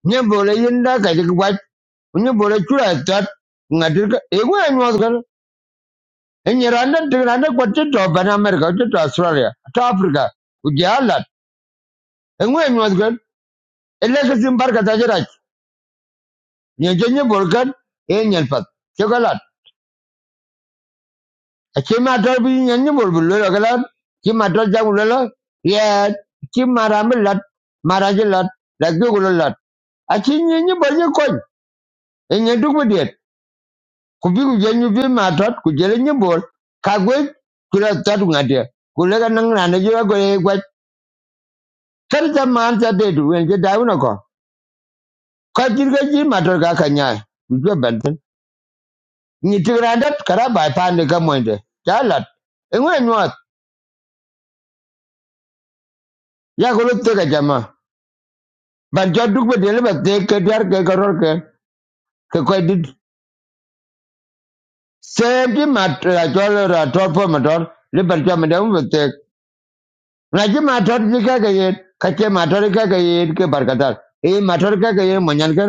[SPEAKER 1] nye bo le yinda ka ji wa nye bo le chura tat ngati e go en wa gala enye randa ti randa ko ti to ban america ti to australia to africa u jalat enwe en wa gala ele ke simbar ka ta jira nye jenye bo kan e nyen pat ke Chimato bi nyanyi mul bulolo kalam. Chimato ja gulolo. Yeah. Chimara mi lat. Mara ji lat. Lagi gulo lat. Achi nyanyi bol nyi kony. Enye duk bidiet. Kubi kujenyu bi matot. Kujele nyi bol. Kagwe. Kula tatu ngadia. Kule ka nang nane jira goye gwaj. Kari ta maan ta dedu. Wen je dawu na ko. Kwa jirga ji matot ka kanyai. Kujwe benten. Nyi tigrandat kara bai pande ka Chalat. Engwe nyuat. Ya But jo duk be dele ba te ke diar ke karor ke ke ko dit same ti mat a jo le ra tor po ma tor le bar na ji ma tor ji ka ke ye ka ke ye e ma tor ka ke ye mo nyan ka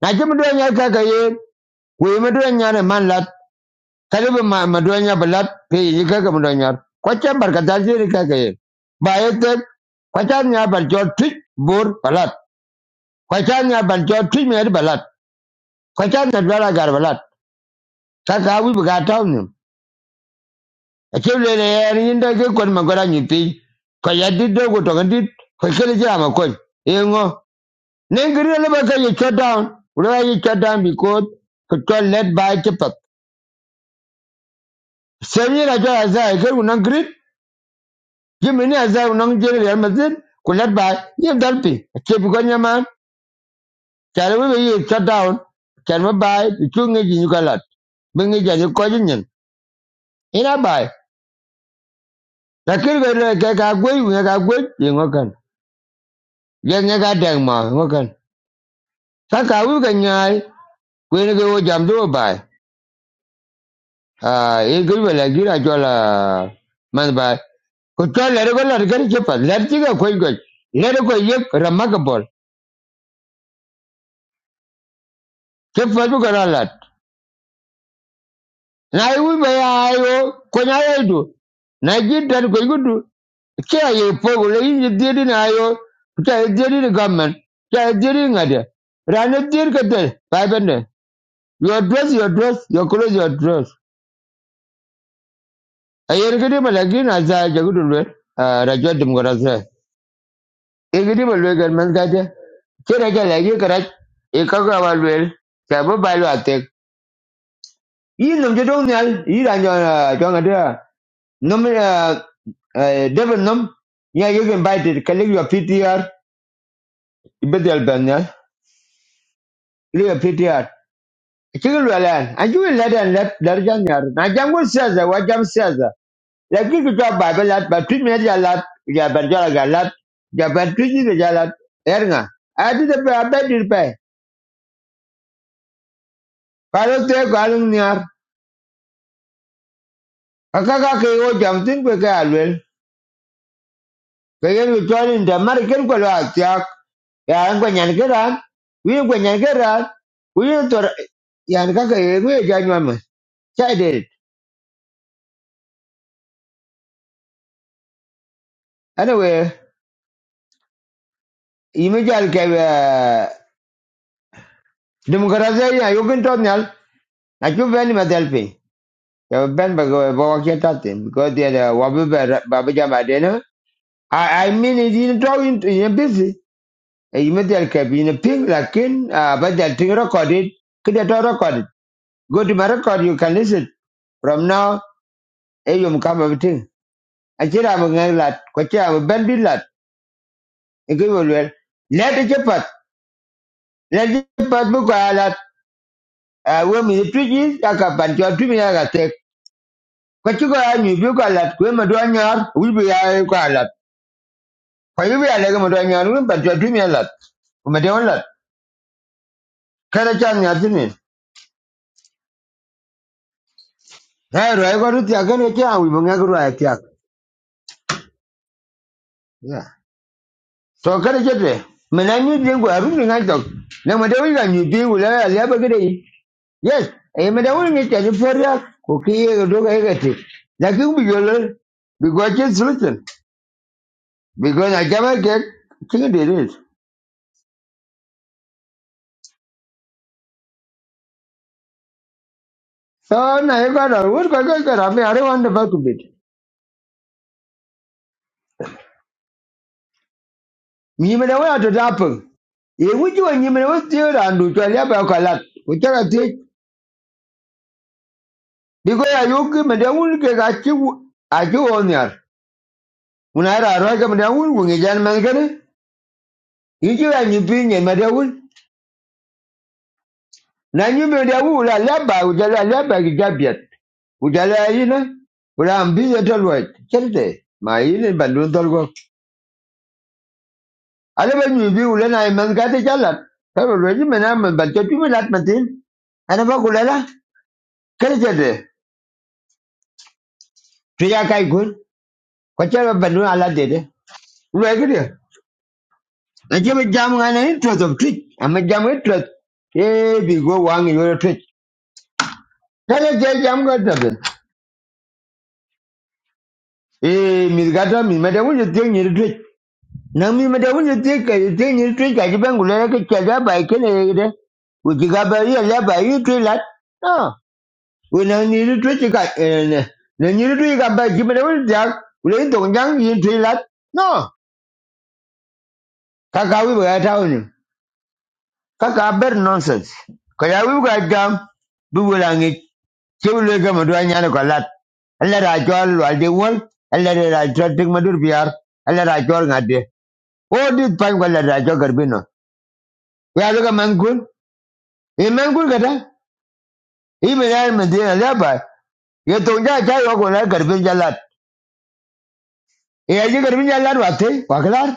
[SPEAKER 1] na ji mu do nya ka ke ye ku mu do nya ba lat pe ke mu do nya ko che bar ka tar ji ri bur balat ko cha nya balat ko cha dwala gar balat Sasa wi bi ga tau nyim. A che le le er yin da ke kon ma gora nyi pi. do go to ga dit ko ke le jira ma ko. E le ba ka ye shut down. Ura ba shut down because ko to let by ke pat. Se mi ra ja za ke un ngri. Ji mi ne za un ngri le ma zin ko let by ye dal pi. A che bi go nyama. shut down. Cha ma bai bi chu ngi ja ko ji Ina by. Lakini kwa ile ka ka gwe ka gwe ye Jan ya ga dang ma ngokan. Ka ka wu ka nyai kwen ke wo jam do bai. Ah e gul bala gira jola man bai. Ko to le ko la ga che pa le ti ga kwen ko. Le ko ye ramagabol. Che pa du ga la. la Na wu ba ya ayo ko nya ye du. Na ji dan ko gudu. Che ye po go le yi di di na ayo. Che ye di di ni gamen. Che ye di di ngade. Rana dir ka de. Bai bende. Your dress, your dress, your clothes, your dress. ayer gidi ma lakin aza jagudu lwe rajwa dimgoraza e gidi ma lwe gan gaja kira lagi karaj e kaga wa lwe ta bo ba lwa tek yi dong nyal yi da nyo jo ngada num devil nom. ya you can buy it kalig your ptr ibedel banyal. nyal kalig your ptr kigil walan anju ladan lat darjan yar na jangul siaza wa siaza la ki ki to ba ba lat ba tu me ja ni ja ba ja ga lat ja ba tu ji ja lat er nga a ti de ba ba dir pe ka lo te ka ke o jam tin ko ka lu ke ye lu to ni da mar ken ko ya an ko nyan ke ran wi ko nyan ke ran wi to yan ka ke ye ja anyway i me ja ke demokrasi ya yo kin to nyal na chu ni ma del Yo ben ba go bo ke tatin because de da wabu bu ba ba jama de no. I I mean it in draw in in busy. E you met el ke a ping lakin ah, ba da ting recorded. Kida to record. it? Go to my record you can listen. From now e you come everything. I A jira mo ngai lat ko cha mo ben bin lat. E go well. le. Let the jepat. Let the jepat bu ko lat. Ah wo mi tu ji ya ka ban jo tu mi ya ga tek. Ko chi ko a mi bu ko lat We ma do nyar. We be ya ko lat. kwa hivyo ya lege mtu anya nuru ba tu mi lat kumete on lat kada chan nya tini hai ro ai ko ru tia kan ke awi bunga ko ru ai tia ya to kada chete mena ni de ko aru ni ngai tok na mate wi ga ni de wala ya ya ba gede yi. yes e mete wi ni tia ni feria ko ki ye ga do ga ye ga ti ya ki bi yo le bi go che sulutin bi go na jama ke ki de de so na ye ga ro ko to ga ra me are wan nyimene we ato tapiŋ ye wuji wa nyimene we tiyo randu chwa liaba yo kalat kuchaka tiyej diko ya yuki mende wun ke kachi wu. achi wonyar unayra arwaka mende wun wungi jan mankane yiji wa nyimpi nye mende wun na nyimpi mende wun ula laba ujala laba kijabiat ujala yina ula ambiye tolwet chente ma yini bandun tolgo alaba nyimpi ula na imankate chalat karo lweji mena mbalte tumi lat matin anaba kulala kere chente Tuya kai gun. Kwacha ba bandu ala dede. Ulwe gidi. Na jebe jamu ngana interest of twitch. Ama jamu interest. Eh bigo go wangi yore twitch. Kaya jai jam ga tabe. Eh mi gata mi mada wunye tiyo nyiri twitch. Na mi mada wunye tiyo kaya tiyo nyiri twitch. Kaji bengu lera ke chaga ba ikene gidi. Uji gaba iya leba iya twitch lat. No. Wena nyiri twitch ka. Na nyiri twitch ka ba jimada wunye tiyo. Ule into njang yin twitch lat. No. Kakawi ba gata wunye. kaka ber nonsense kaya wi ga jam bi wala ngi chewle ga ma do nyane ko lat alla ra jol wal alla ra tik ma biar alla ra jol ngade o di pan ko alla ra garbino ya lo ga mangul e mangul ga da e me ya me ba ye to ja ja yo ko la garbin jalat e ya ji garbin jalat wa te wa klar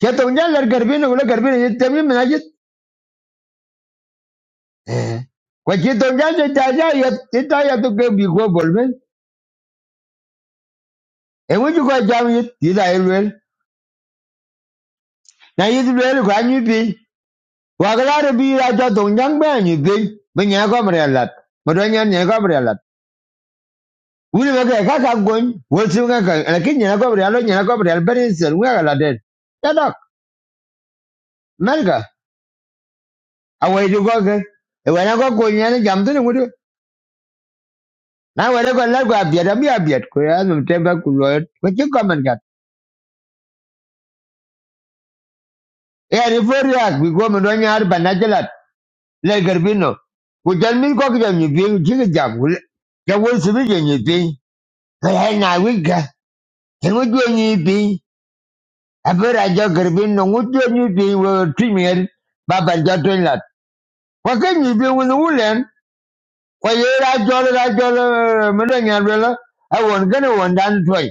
[SPEAKER 1] ke ja garbino ko garbino ye te mi me na jit ko ji to ja ja ja ya ti ta bolmen And e ŋutu go jam it. yit yit a i luel na yit luel ku anyu piny wakelare bi yit aco thuŋ jaŋ be anyu piny bi nye komri alat modo nyen nye a alat wuni be ke kaka gony wol siŋ kaka lakin nyena komri alo nyena komri al ben isel ŋwek aladen yadok melka awaitu koke e wena ko kuny yani jam tini ŋutu na wede ko lat ku abiet abi abiet ku yazum tembe ku loyot ko ci komen kat yani for yak bi ko modo nyar ba najilat le garbino ku jan min ko ga ni bi ji ga jam ku ga wo su bi ni bi ga ha na wi ga ke wo do ni bi a bi ra jo garbino wo do ni bi wo premier ba ban ja to la ko ke ni bi wo ni wulen ko ye ra jo ra jo mo do ni ar la a won ga ne won dan toy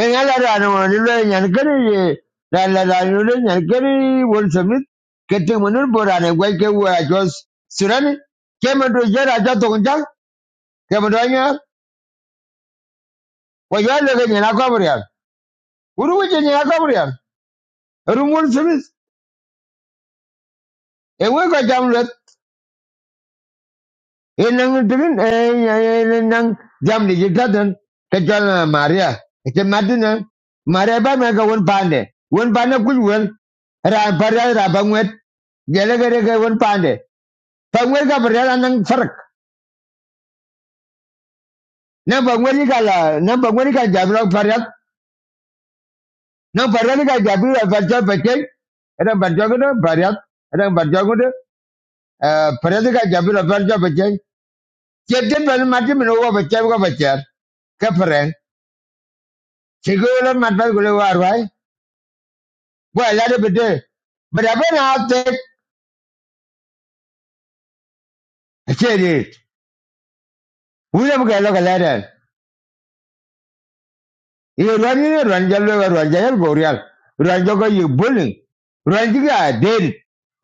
[SPEAKER 1] en ala ra no ni le nyan ga ni ye la la la ni le nyan ga ni won su mi ke te mo ni bo ra ne gwa ke wo a jo surani ke mo do je ra jo to ke mo danya wa ya le ke na ko bria uru wi je na ko bria ru mul simis e we ko jam le e nang din e e nang jam ni gadan ke jana maria ke madina maria ba me ga won pande won bana ku won ra bara ra bangwet jele gere ke won pande bangwet ga bria nang farak na bangwet ni ga la na bangwet ni ga jam lo farak na farak ni ga jam lo farak farak era barjogo de bariat era barjogo Eh, Peredi ka jabi lo berjo beche. Chete bel mati mino wo ko wo beche. Keperen. Chigo matbal gule warwai. Bo elade bete. But I've been out there. Chedi. Uyam ke lo ye ran ye ran jalo ran jayal boreal ran jogo ye bulling ran jiga den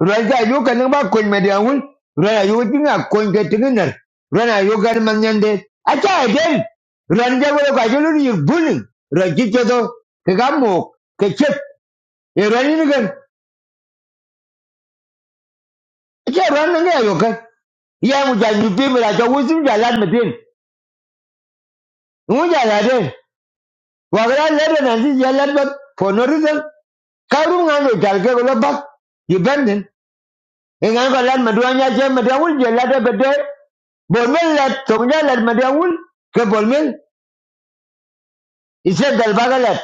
[SPEAKER 1] ran ga yo kan ba ko me dia wul ran yo tinga ko ke tingar ran yo gar man nyande acha den ran jago ga jalo ye bulling ran jiga do ke gamo ke chep ye ran ni gan acha ran nga yo kan ya mu ja ni pe me la jo wusim ja lan me den mu ja la den Wakala lebe na sisi ya lebe for no reason. Karu ngano You kulo bak. Yibenden. Ingan ko lad madwa nya che madwa wul je lad bede. Bolmel lad tongja lad madwa wul. Ke bolmel. Ise galbaga lad.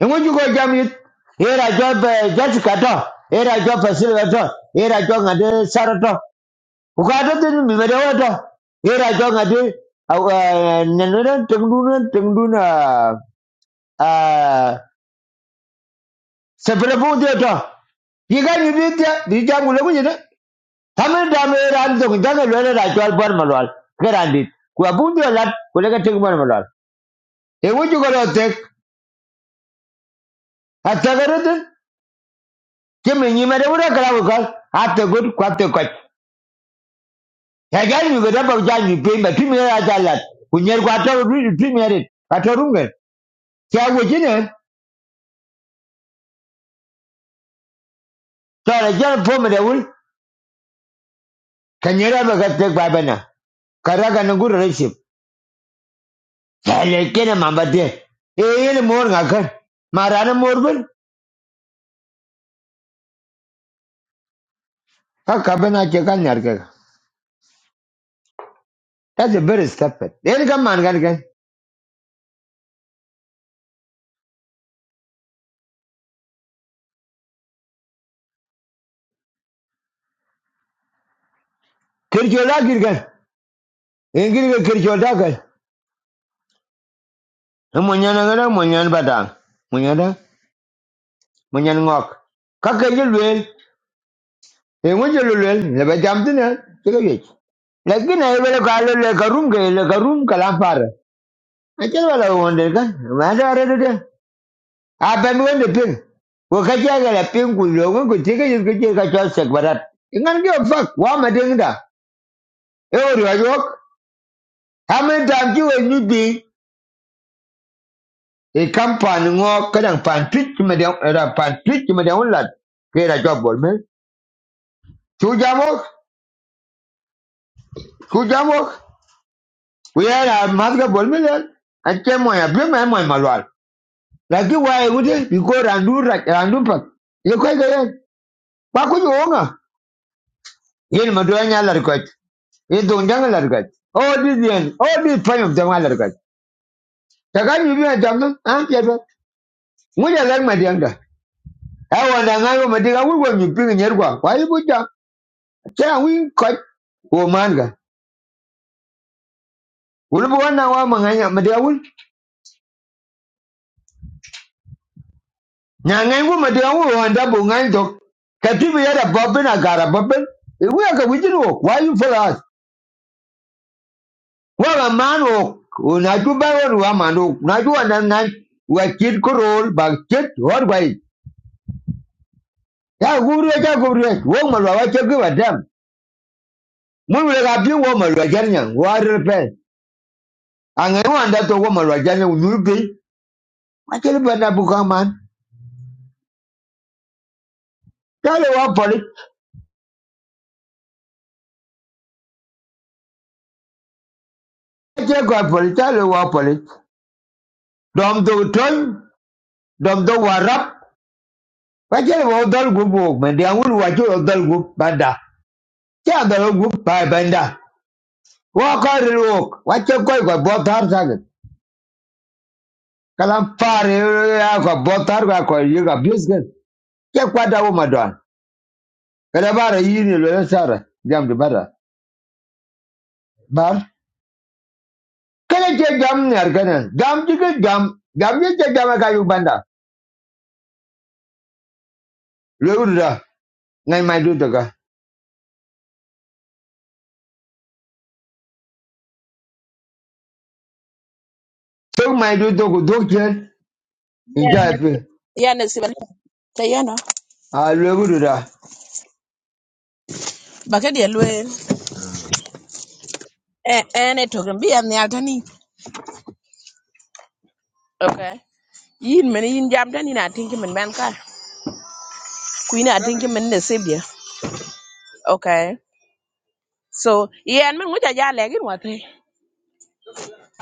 [SPEAKER 1] You juko jam yit. Era job Jessica to. Era job Silva to. Era job ngade Sara to. Ukato tini mimedewa to. Era job ngade. Nenere tengduna tengduna. sepelebu de to yiga ni bi de bi jam gulo ni de tamen da me ran to ga ga le ra jwal bar malwal garan dit ku abu de lat ku le ga tek bar malwal e wo ju galo tek hatta garu de ke me ni mere wura kala ko hatta gud ku hatta ko ya ga ni ga da ba ja ni pe ba timi ra ja lat ku nyer ku ato ru timi re ato runga ya wo ji ne to ra ja Elekene mambate. Eyele mor ngakar. Marana morbin. Ka kabena chekan yarke. That's a very stupid. Then come man gan gan. Kirchola girgan. Engir ke kirchola gan. Monyana gan monyan badang. Monyana monyan ngok. Ka kajel wel. Engun jel wel. Leba jamtin ha. Chega yech. Lakin ay wala ka le karum ke le karum kalam par. Achal wala wonder gan. Wala arede. aben wen de ping wo ka ja la ping kulo, lo ngun ku ti ga yit ku sek barat ngan ge fak wa ma ding da e wo ri yok ha me dam ji we ni bi e kam pan ngo ka dang pan twit ma de ra pan twit ma de lat ke ra bol me chu ja mo chu ja mo we ra ma ga bol me lan an che mo ya bi ma mo ma lwal la ki wa e wude bi ko ran du pak ye ko ga ye ba ku jo nga yin ma do Ye dong dang la rugat. All this yen, all this prime of them la rugat. Takan you be a ah, ya ba. Mu ya lang ma diang da. I want to ngai ma diga wi wa mi ping nyer kwa. Wa yi bu ja. Cha wi ko wo man ga. Wul bu wan na wa ma ngai ya ma diga wul. Nya ngai wu ma diga wu wa nda bu ngai dok. Ka ti bi ya da bobin a gara bobin. E wi ka wi jin wo. Why you follow us? Wa ga man wo. O na ju ba wo wa man wo. Na ju wa na ya gubri ya gubri wo malwa wa ke gwa dam mun wala ga bin wo malwa jarnya wa repe an ga wa nda to wo malwa jarnya nu bi ma ke ba na bu man ta wa poli ke ga poli ta wa poli dom do ton dom do warap ba ke le wo dol gu bu me de an wul wa ke wo dol gu banda ke an dol gu ba banda wa ka re wa ke ko ga bo tar kalam pare ya ga bo tar ga ko yi ga ke kwa da wo madon kada bara yini lwela sara jam di bara bar kada ke jam ne arkana jam di ke jam jam ye ke jam ka yu banda lewuda ngai mai du daga tok mai du to ko dok chen in ja pe
[SPEAKER 6] Yan e siban tayana
[SPEAKER 1] a lewuda
[SPEAKER 6] Bakit ya luel? en e token bi an yal tani Okay. yin men yin jam tani na tinki men ban ka kuin na tinki men ne sebia okay so yan men nguja ja legin wate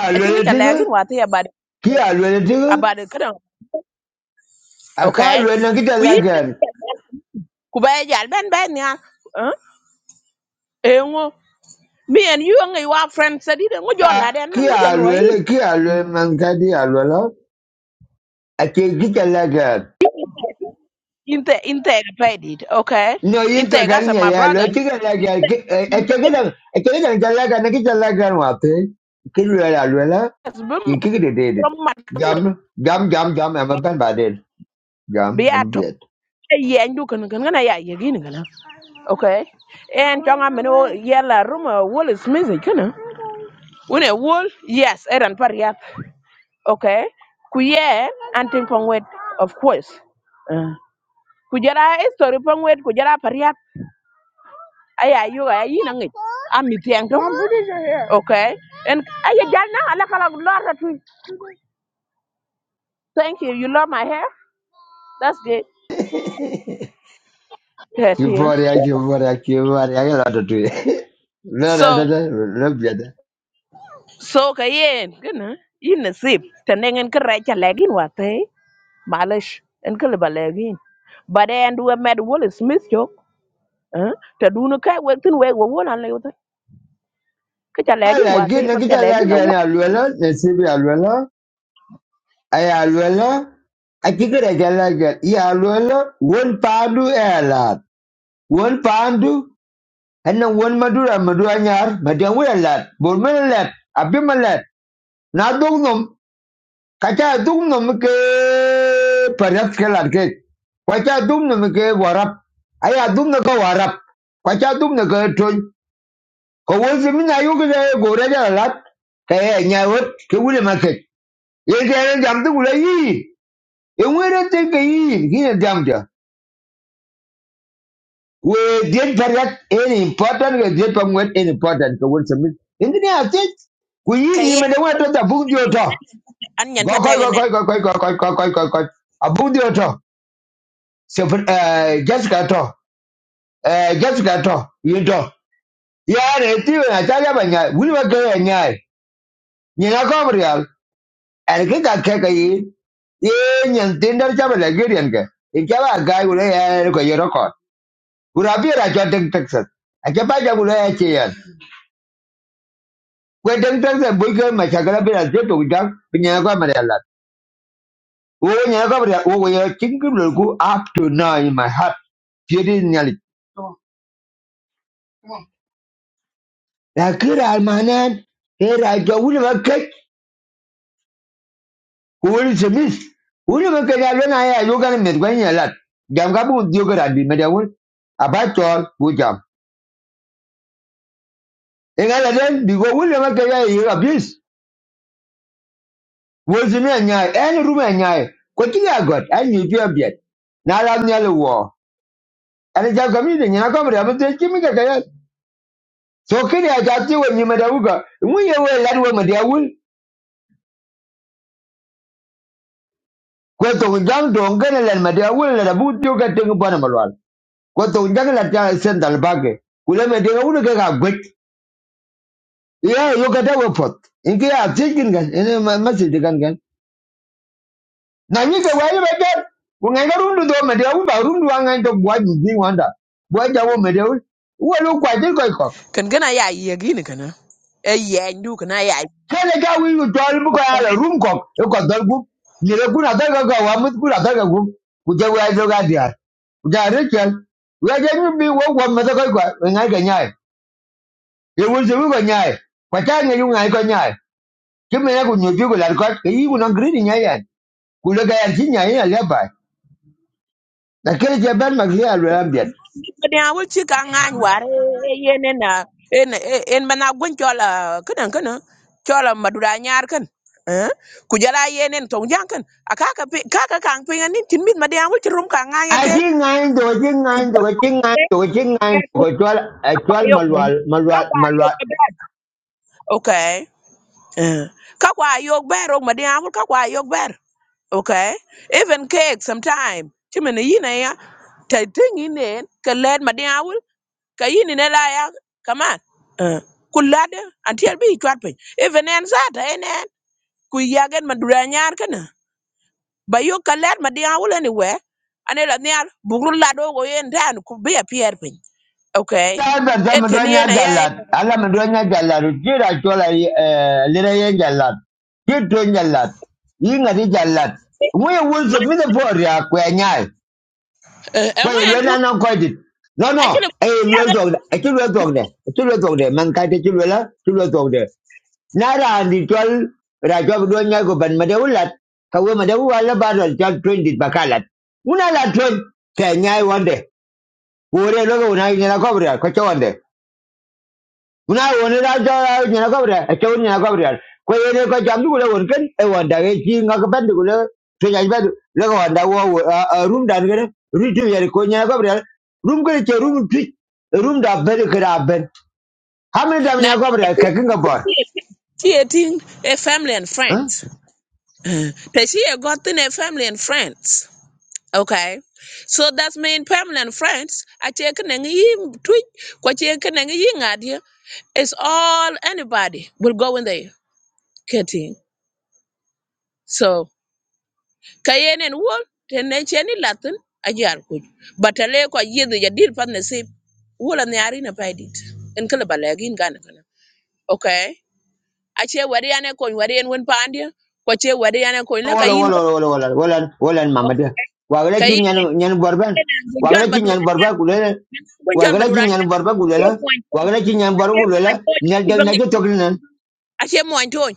[SPEAKER 1] a
[SPEAKER 6] a chin
[SPEAKER 1] lwela
[SPEAKER 6] nguja
[SPEAKER 1] tiga
[SPEAKER 6] legin wate about
[SPEAKER 1] ki a lwela tiga
[SPEAKER 6] about kada
[SPEAKER 1] a ka
[SPEAKER 6] okay
[SPEAKER 1] lwela kita la
[SPEAKER 6] kuin
[SPEAKER 1] gan
[SPEAKER 6] ku ba jal ben ben ya eh eh, ngo me and you ngi wa friend sadi de ngujo la den
[SPEAKER 1] ki
[SPEAKER 6] men
[SPEAKER 1] a
[SPEAKER 6] nguja loyi
[SPEAKER 1] lwela ki a lwela man ka di a lwela a ke kita la
[SPEAKER 6] inte inte paid it, okay
[SPEAKER 1] No, you to
[SPEAKER 6] inte
[SPEAKER 1] can
[SPEAKER 6] gasa
[SPEAKER 1] ya
[SPEAKER 6] my
[SPEAKER 1] ya lo
[SPEAKER 6] brother
[SPEAKER 1] chica la que es que es que dan es que dan ya la gana que ya la gana mate. Que lo era lo era
[SPEAKER 6] as bim
[SPEAKER 1] y que que de I
[SPEAKER 6] from my
[SPEAKER 1] Gam gam gam gam am ban ba de. Gam am
[SPEAKER 6] beato
[SPEAKER 1] bit.
[SPEAKER 6] ye ndu kan kan na ya ye gin kan okay en chonga men o yella room wol is music kan une wol yes eran par ya okay kuye ye anting pong wet of course uh. kujara jara story pong wet ku jara par ya aya yo ga yi na ngi ami tiang to okay and aya jalna ala kala lor thank you you love my hair That's good. Good,
[SPEAKER 1] Si
[SPEAKER 6] yeah.
[SPEAKER 1] por ya si por ya si por ya que la to tu. No no
[SPEAKER 6] So,
[SPEAKER 1] no no no I de.
[SPEAKER 6] so kayen, gana, yin nasib, tanengen ka recha lagin wate, malish, en ka liba lagin. But then do a mad Will Smith joke, eh? Ta dunu kai wek tin wek wa le wate, ka cha lagin
[SPEAKER 1] Ala que
[SPEAKER 6] wate,
[SPEAKER 1] no
[SPEAKER 6] pa
[SPEAKER 1] que
[SPEAKER 6] cha
[SPEAKER 1] ya la
[SPEAKER 6] lagin la wo.
[SPEAKER 1] gana lo era ne se bi lo era ay lo era a que que ya la gana ya lo era one pound era la. One pound do. Ena won madura madura nyar madeng wira lat bor mena lat abima lat na dong nom kacha dong nom ke parat ke lat ke kwacha dong nom ke warap aya dong na ka warap kwacha dong na ka ton ko won se mina yo ke gore ja lat ke nya wot ke wule ma ke ye ke jam tu wule yi e wira te ke yi hina jam ja we did very any important we did from when any important to win some engineer think we ni me
[SPEAKER 6] Kayen,
[SPEAKER 1] the way to the book the auto
[SPEAKER 6] an yan pa
[SPEAKER 1] go go
[SPEAKER 6] tege
[SPEAKER 1] go
[SPEAKER 6] ne.
[SPEAKER 1] go go go go go go go go a book the auto so uh Jessica to uh Jessica to you to yeah the thing I tell you banya we were going nyai ni na ko real and ke ka ke ke yi ye nyen tin dar cha bala gerian ke in ke ba ga gule ya ko yero ko ura bi ra cha tek tek sat a ke ba ja gule ya kwe deng deng se bul ke ma shakala be la zeto gujang pinya kwa mare la wo nya kwa mare wo ya chingu lu up to now in my heart jeri nyali la kira manan he ra ja wul ba ke wul semis wul ba ke ya lena ya yo kan me kwa nya la jam ka bu dio kra bi me da e den bi go wul ya yo abis wo zimi nya en ru me nya ko god an ni bi abet na la nya ana ja gamide nyina kamre abte kimi ga kaya so kini aja ti we nyima da uga mu ye we lad we madia wul jang do lan madia la bu ga te ngba na malwal ko to jang la ta sendal bage kula me de ulu ga ga gwet ya yo ga da pot inki ya ti kin ga ene masjid kan kan na ni ga wali ba ga ko ga rundu do madia ba rundu wa to gwa ji wanda gwa ja wo madia wul wo lu kwa ti
[SPEAKER 6] Kan gana ya yegi kana. E yen du kana ya
[SPEAKER 1] kene ga wi wi dol bu ko ala rum ko e ko dol gu ni re gu na dol ga ga wa mu gu na dol ga gu ku je wa jo ga dia ku ja re chen wa je ni bi wo wo ma da ko ko nga ga nyai e wo je wi ko nyai ko ta ne yu ngai ko nyai ki me ne ku nyu bi ku la ko ke yi ku na gri ni nyai yan ku le ga yan ti nyai ya le ba na kene je ban ma gri alu am bi
[SPEAKER 6] kene a wul ci ka yen en na en en mana gun chola kene kene chola madura nyar kan eh ku jala yen en tong jang kan aka ka ka ka pe ngani tin mit made a wul ci ka
[SPEAKER 1] a
[SPEAKER 6] ŋanya ke
[SPEAKER 1] ji ngai do ji
[SPEAKER 6] ku
[SPEAKER 1] ngai do
[SPEAKER 6] jala
[SPEAKER 1] ji ngai do ji ngai do ko twal
[SPEAKER 6] ka pa
[SPEAKER 1] twal
[SPEAKER 6] yo
[SPEAKER 1] malwal malwal
[SPEAKER 6] ber okay eh ka kwa ber o made a wul ka ber okay even cake sometime ci mene yina ya ta tingi ne ka led made kayini ne la ya kaman eh, kul antier bi chwat piny even en zata en en ku yagen ma dura nyar kana ba yo kalet ma dia ane la niar bugru la do go yen dan ku be a pier pin okay
[SPEAKER 1] Labda ta
[SPEAKER 6] en
[SPEAKER 1] mi
[SPEAKER 6] teni
[SPEAKER 1] don nyɛ
[SPEAKER 6] yen aya en
[SPEAKER 1] jalad. Ala mi don nyɛ jalad. Ti da chola lire ye jalad. Ti to jalad. Yi ngadi jalad. Ŋu ye wul
[SPEAKER 6] ma
[SPEAKER 1] se mi se po ria kwe nyai.
[SPEAKER 6] enwe en
[SPEAKER 1] Kwe ye
[SPEAKER 6] wen
[SPEAKER 1] lwe
[SPEAKER 6] pu
[SPEAKER 1] na na kwe dit. No no.
[SPEAKER 6] actually
[SPEAKER 1] E ye
[SPEAKER 6] ya
[SPEAKER 1] lwe zog de. E ti lwe zog de. E ti lwe zog de. Man ka te ti lwe la. Ti lwe zog de. Na ra andi chol. Ra chol mi don nyai ko ban ma de ulat. Ka we ma de dit bakalat. Una la twen. Ke nyai wande. Wore logo una nyina kobra ko chonde. una woni ra jo ni na gabriel e cho ni na gabriel ko ye ne ko jam du le won ken e won da ge ji nga ko ben du le to ya ben le ko won da wo room dan ge ru tu ye ko ni na gabriel room ge che room tu room da ben ge da ben ha me da ni
[SPEAKER 6] na
[SPEAKER 1] na gabriel
[SPEAKER 6] ti
[SPEAKER 1] ka ken ga bor
[SPEAKER 6] ti ti a family and
[SPEAKER 1] Huh?
[SPEAKER 6] friends te si e got in a family and friends Okay. So that's mean permanent friends. I take an him tweet, kwa take an idea. It's all anybody will go in there. Getting. So Kayen and Wool, then any Latin, a yar good. But a lake or year the deal partner say, Wool and the arena paid it. And Kalabalag in Ghana. Okay. I share Wadiana coin, Wadian one pandia, what share Wadiana coin, like a
[SPEAKER 1] wala
[SPEAKER 6] in
[SPEAKER 1] wala wala wala wala wala mama dia wa ge ji
[SPEAKER 6] Kayen
[SPEAKER 1] nyan nyan bor ben
[SPEAKER 6] and
[SPEAKER 1] wa ge
[SPEAKER 6] John
[SPEAKER 1] ji nyan
[SPEAKER 6] Maduran,
[SPEAKER 1] bor ba ku le
[SPEAKER 6] when
[SPEAKER 1] wa
[SPEAKER 6] John
[SPEAKER 1] ge ji
[SPEAKER 6] Maduran, I
[SPEAKER 1] nyan bor ba ku le la
[SPEAKER 6] take one
[SPEAKER 1] wa ge ji nyan bor ku le la ni da na je to
[SPEAKER 6] ache moñ toñ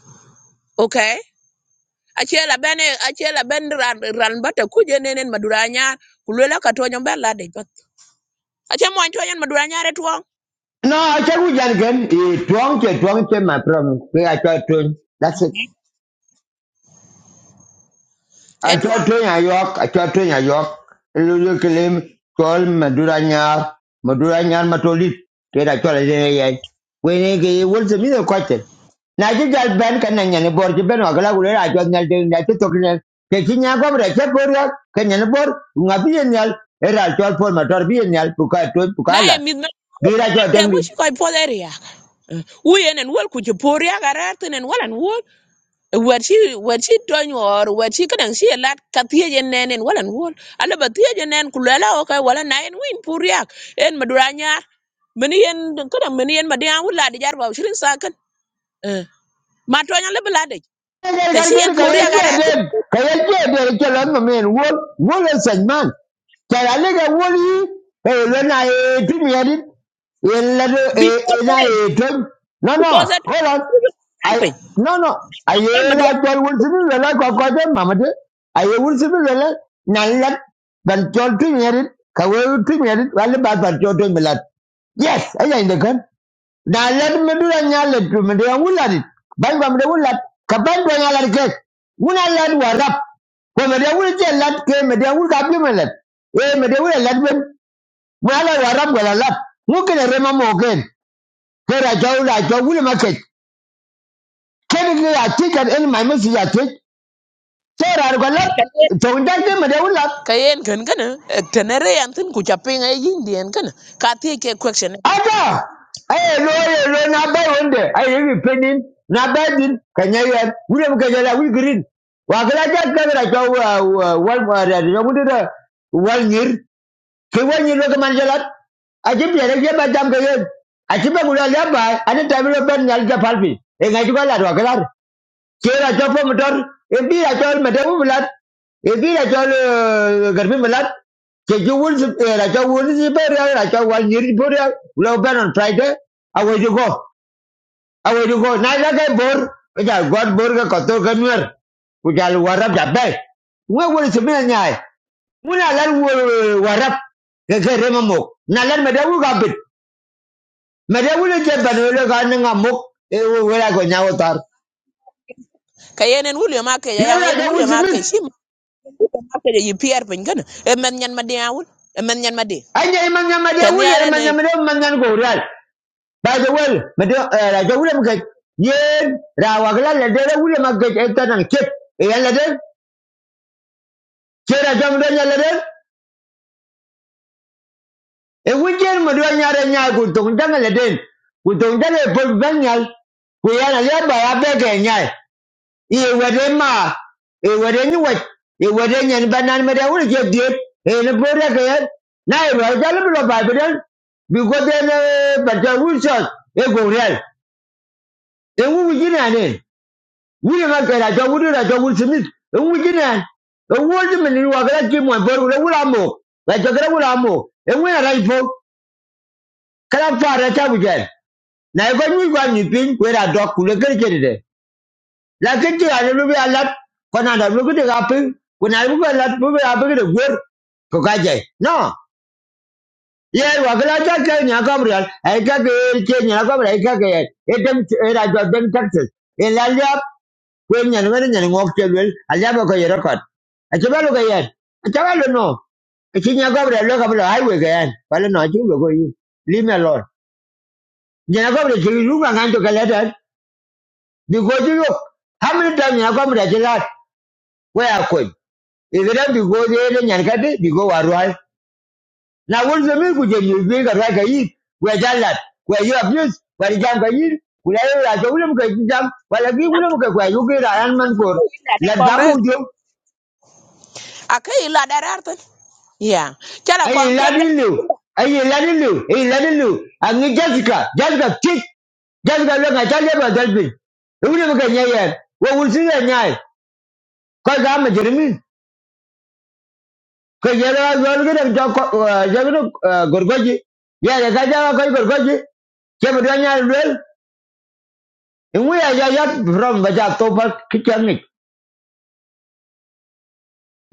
[SPEAKER 6] okay ache la bene, ache la ben ran ran bata kuje nenen madura nyar kulela ka toñ de ache moñ toñ maduranya madura nyar
[SPEAKER 1] No, I check with Jan again. He drunk, he drunk, he my problem. We I try to, that's it. I try to in York, I try to in York. Lulu Kilim, call Madura Nyar, Madura Nyar Matolit. Get I try to in Yan. When he was a middle question. Now you just ban can and board, you ban or Galagula, I just not doing that talking. Taking Yago, I check for you, can yan board, Nabi and Yal, Era, I told for Mator B and Yal, Puka,
[SPEAKER 6] na e
[SPEAKER 1] Pukalat.
[SPEAKER 6] midna,
[SPEAKER 1] Be like
[SPEAKER 6] na
[SPEAKER 1] your
[SPEAKER 6] de mu
[SPEAKER 1] tongue.
[SPEAKER 6] ko po deria u yenen wol kuje poria garar tenen walan wol wer shi wer shi toñ or wer shi kadan shi lat ka nenen walan wol ala ba tiye kulela okay wala na en win poria en maduranya nyar meni en kadan meni en madian wala de jar ba shirin sakan ma tonya le blade
[SPEAKER 1] Kaya kaya
[SPEAKER 6] te shi en
[SPEAKER 1] kaya kaya
[SPEAKER 6] pori agara to
[SPEAKER 1] kaya kaya kaya no men wol wol es el man kaya le que wol y pero lo na e pimiari el la e e
[SPEAKER 6] because
[SPEAKER 1] na e
[SPEAKER 6] en-
[SPEAKER 1] tom no no
[SPEAKER 6] because at
[SPEAKER 1] hold on I
[SPEAKER 6] pe
[SPEAKER 1] no no I
[SPEAKER 6] tan ma do
[SPEAKER 1] era cual wol sin la la cua cua de mamá de I wol sin la la na la ban chol pimiari kaya wol pimiari vale ba ban chol de milat yes ella in the gun na let me do a nyale to me de wulla dit ban gam de wulla ka ban do nyala de kek wuna let wa rap ko me de wulla je let ke me de wulla bi me let e me de let ben mo ala wa rap gala lat mu ke de rema mo ke ke ra jaw la jaw wulla ma ke ke ni ya ticket in my message ya ticket so ra ko lat to ndak de me de wulla
[SPEAKER 6] ka yen kan kana tenere yan tin ku chapin e yindi en kana ka ti ke question
[SPEAKER 1] Ata! Aye, lo, aye, lo, na bai wende. Aye, you not by one day. I even pending. Na bai din. Kanya yan. Wule mu kanya la, green. Wa kala ja kagara cha wa wa wal ma da da mu da wal ngir. Ke wal ngir lo ka man Aje bi re je ba jam ka yen. Aje ba mu la ba, ani time bi lo ben nyal ja palfi. E ngai ju ba la do kala kera cho fo motor e bi ra cho mete bu lat e bi ra cho garbi lat ke ju wul si eh, ra cho wul si be ra ra cho wal nyir bu ra lo ban on friday away you go away you go na la ke bor e ja god bor ga ko to ga nyer ku ja lu warab ja be we si be nyaai muna lar warab ga ga rema mo na lar mede wu ga bit mede wu le je ban ga ni mo e wo wo go nyawo tar
[SPEAKER 6] ka yen en wulio ma ke
[SPEAKER 1] le
[SPEAKER 6] ya
[SPEAKER 1] ra
[SPEAKER 6] en
[SPEAKER 1] ga wul
[SPEAKER 6] wulio ma ke
[SPEAKER 1] si
[SPEAKER 6] shi ma ma ke yi pier pin kana e men nyan ma dia wul e men nyan ma di
[SPEAKER 1] Aja manyan made
[SPEAKER 6] ten
[SPEAKER 1] wule
[SPEAKER 6] yare ne
[SPEAKER 1] manyan made manyan go real. By the way, made la de wule mga ye ra wagla la de wule mga ke ta nan ke. E ya la de ke ra jam do ya la de. E wujen mo do nya re nya go to ndan la de. Ku to e bo banyal ku ya na ya nya. Ewere ma, ewere ni wet, ewere nyen banan mede wuri je diep, ene bore ke yen, na ero jalo bilo ba biden, biko den bata wuri shot, e go real, e wu wuri jina ne, wuri ma ke rajo wuri rajo wuri simit, e wuri jina, e wuri jimi ni wakala ki mwen bor wuri wuri amo, rajo kere wuri mo. e wuri na rajo, kala fa rajo wuri jen, na e eko nyi kwa nyipin, kwe rajo kule kere kere de. Lakini tu ada lebih alat, kau nak ada lebih kita apa? Kau nak lebih alat, lebih apa kita gur? Kau kaji. No. Ye wakala ta ke nya Gabriel, ai ka ke ke nya Gabriel, ai ka ke e dem e ra jo dem Texas. E la ya kwen nya ngene nya ngok che wel, a ya ba ko ye record. A che ba lo ke ye. A che ba lo no. E che nya Gabriel lo ka lo ai we ke ye. Ba lo no ju lo ko yi. Leave me alone. Nya Gabriel che lu ka ngan to ka le ta. Bi ko ju yo. How many times nya Gabriel che la? Where are you? If it go there? they didn't get because we are Now what does it mean? Could you be a right guy? Where that where you abuse, where you jump in, where you like a William jump, while a big William where you get Iron Man for. Let that
[SPEAKER 6] kongres
[SPEAKER 1] move you.
[SPEAKER 6] a la darar tin ya kala
[SPEAKER 1] I
[SPEAKER 6] kong
[SPEAKER 1] let
[SPEAKER 6] tem
[SPEAKER 1] in you. I let in you. I let in you. And you Jessica, Jessica, kick. Jessica, look, I tell you about that thing. William can hear. What would you say? Because I'm a Jeremy. ko yɛrɛ ba zɔn gina jɔ kɔ jɔ gina gorgoji yɛrɛ ka jaba kɔc gorgoji kɛmɛ dɔ nyɛ lwel ŋu ya ya ya from ba ja to ba kitchen ni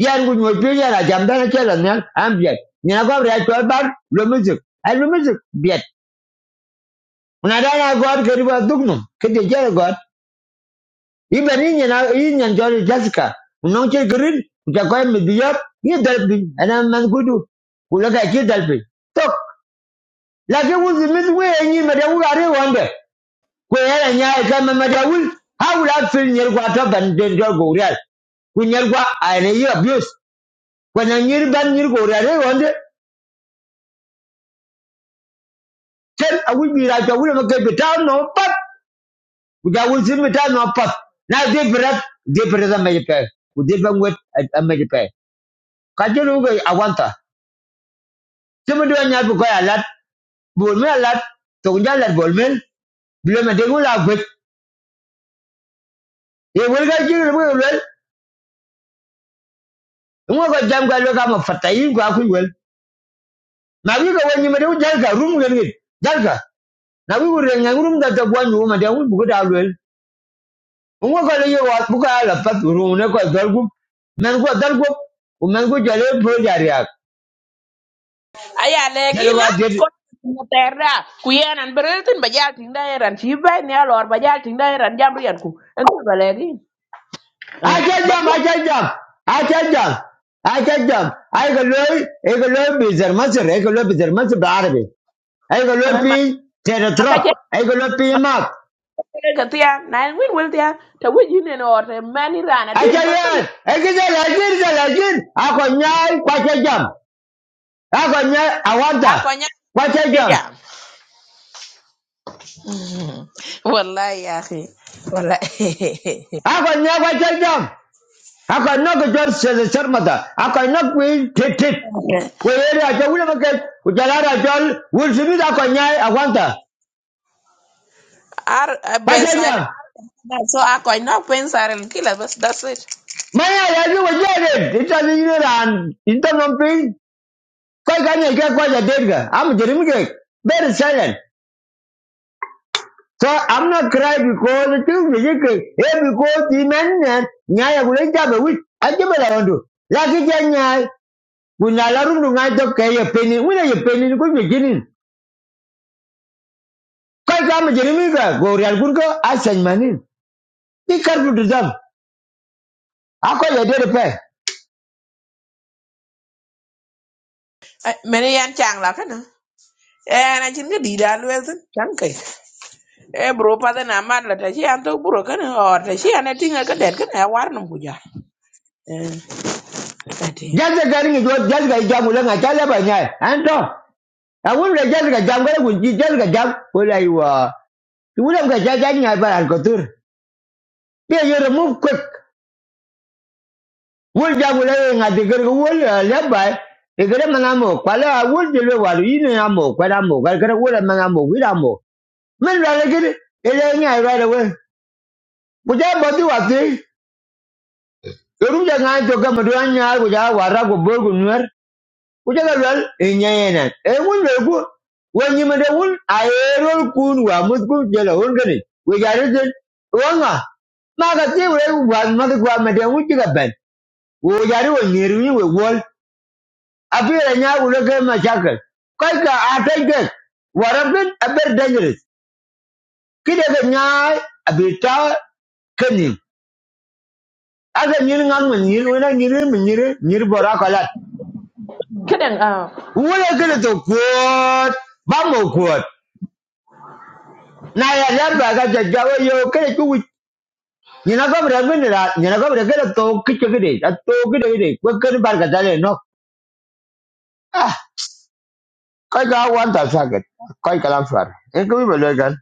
[SPEAKER 1] yɛn gu nyɔ pi yɛrɛ jam dana kɛ la nyɛ an biɛ nyɛ ko bɛ tɔ ba lo music a lo music biɛ na da na god ke riba dugnum ke de jɛrɛ god i bɛ ni nyɛ na i nyɛ jɔ jessica ŋu kɛ green ja kɔc mi biɛ ni dalbi ana man gudu kula ka ki dalbi tok lakini wuzi mithi wenyi madawul ari wande kweyere nyai kama madawul hawula fil nyer kwa to ban den do gorial ku nyer kwa ane yi abuse kwa na nyer ban nyer gorial ari wande tel awul bi ra to wul makai bita no pat ku ja wul sin bita no pat na de brat de brat ma je pe ku de ban wet ma je pe ka je lu ga awanta timu do nyar bu ko ya lat bol me lat to nya lat bol mel bila ma dengu la gwet e wul ga jiru bu ngo ko jam ga lo ga ma fata yi ga ku wel na wi ga wani ma de jal ga rum ga ni jal ga na wi ru nga rum da ta gwa ni ma de wi bu ga wel ngo ko le yo wa bu ga la pat ru ne ko dal gu men ko dal gu ku men ko jale pro jari ak
[SPEAKER 6] aya legi
[SPEAKER 1] jale wa
[SPEAKER 6] na
[SPEAKER 1] de
[SPEAKER 6] ko terra ku yenan bereltin ba jal tin dairan ci bay ne lor ba jal tin dairan jam rian ku en ko ba legi
[SPEAKER 1] a cha jam
[SPEAKER 6] bati
[SPEAKER 1] a cha jam a cha jam a cha jam ay ga lo ay ga lo bi zer ma zer ay ga lo bi zer ma zer ba arabi ay ga lo pi
[SPEAKER 6] ma
[SPEAKER 1] tere
[SPEAKER 6] ka
[SPEAKER 1] trop
[SPEAKER 6] je
[SPEAKER 1] ay ga lo pi
[SPEAKER 6] ma
[SPEAKER 1] mat
[SPEAKER 6] ka tia na en win wel tia ta wuji ne no te mani rana dil pa pa
[SPEAKER 1] Acharyar, ekide lajin de lajin, akonyai kwache jam, akonyai
[SPEAKER 6] ha
[SPEAKER 1] awanta,
[SPEAKER 6] ko nya
[SPEAKER 1] kwache
[SPEAKER 6] ke
[SPEAKER 1] jam,
[SPEAKER 6] jam wallahi ya akhi wallahi
[SPEAKER 1] akonyai kwache jam, akonok jor sese sermata, akonok win titit, weyeri ajo wule maket, ujalara ajol, wulsimid akonyai awanta,
[SPEAKER 6] ar be
[SPEAKER 1] kwache jam,
[SPEAKER 6] silent so a ko na pensar el kila bas that's it
[SPEAKER 1] maya yaji wajerin, itali yiran, intanompi, koi kanye ke kwache dirga, am jirimge, very silent. So I'm not crying because it is ridiculous. Hey, because the man and nyaya kuleta to. Like Ajebe la rondo. Laki janya kunyala rundu ngato ke ye peni. Wina ye peni ku beginning. Kai Go jerimi ka gori alkunko asan manin. Be careful to them. Ako ye dere pe.
[SPEAKER 6] meni yan chang la kana eh na chin ga di dal wel tin e bro pa de na mar la ta shi an to bro kan ho ta shi an tin ga den kan ya war num guja eh ati
[SPEAKER 1] just gari ngi jwa jaza ga jamu la ngata la I nyaya. Anto. Awun la jaza ga jamu ga kunji jaza ga jamu. Ola iwa. Iwuna ga jaza nyaya by alkotur. Be you remove quick. wul jagula e ngadi gerga wul lebay e gere manamo kwala wul jilwe walu yini amo kwala amo gal gere wul manamo wira amo men rale gere ele nya right away buja bodi wati eru ja ngai to gam do nya buja wara go borgo nuer buja galwal e nya yena e wul le go mede wul aero kun wa musku jela wul gani we gare den wanga maga ti we wa madu kwa mede wul jiga ben wo jari wo nyeru ni we wol apira nya ulo ke mashakal kai ka atai ke warabin aber dangerous kide ke nya abita kenin aga nyin ngam min nyin wena nyiri min nyiri nyiri bora kalat
[SPEAKER 6] Kidding. Uh,
[SPEAKER 1] wala kede to kuot ba mo kuot na ya lamba ga jajawa yo kede ku nyina ko bra min ra nyina ko bra kede to kiche kede a to kede kede ko kede bar ga dale no ah kai ga wan ta sagat kai kalam far en ko bi lo gan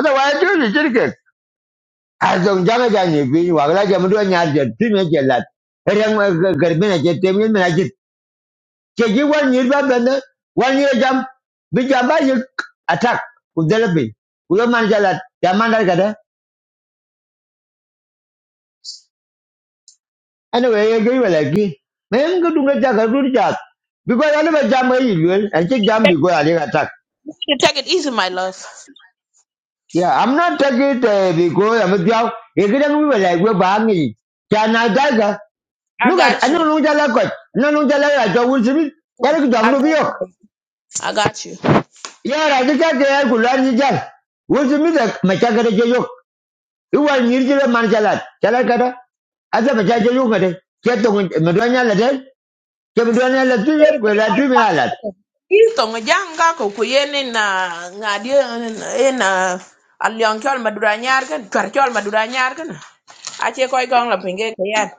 [SPEAKER 1] ada wa ju azong jaga jani bi wagla jam do nyar je tine je lat reng garbi na je temin na je ke ji wan yir ba ben wan yir jam bi jam ba yik attack ku delabi ku lo man jalat jam man dal kada anyway ye gi wala gi men ga dunga jaga dur jat bi ko ala ba jam yi lwel an je jam bi
[SPEAKER 6] take,
[SPEAKER 1] go ala attack
[SPEAKER 6] take it easy, my love.
[SPEAKER 1] Yeah, I'm not taking it uh, because I'm a job. If it ain't like we're banging, can I gaga?
[SPEAKER 6] i
[SPEAKER 1] Look at, I
[SPEAKER 6] got you
[SPEAKER 1] don't know what I got. I don't know what I like. I don't want to be. Yeah, look at
[SPEAKER 6] i
[SPEAKER 1] the
[SPEAKER 6] got
[SPEAKER 1] video.
[SPEAKER 6] you I got you.
[SPEAKER 1] Yeah, I just can't get a good lot of jail. What's the matter? My chakra joke. You are near to the man jalat. Jalat kata. Asa my chakra joke. Get the wind. Madonna latte. Get Madonna latte. Well, I do me a lot.
[SPEAKER 6] Is Tong e jang ga ko ku yene na na di e, e na alion chol madura nyar kan chwar chol madura nyar kan ache ko gong la pinge kayan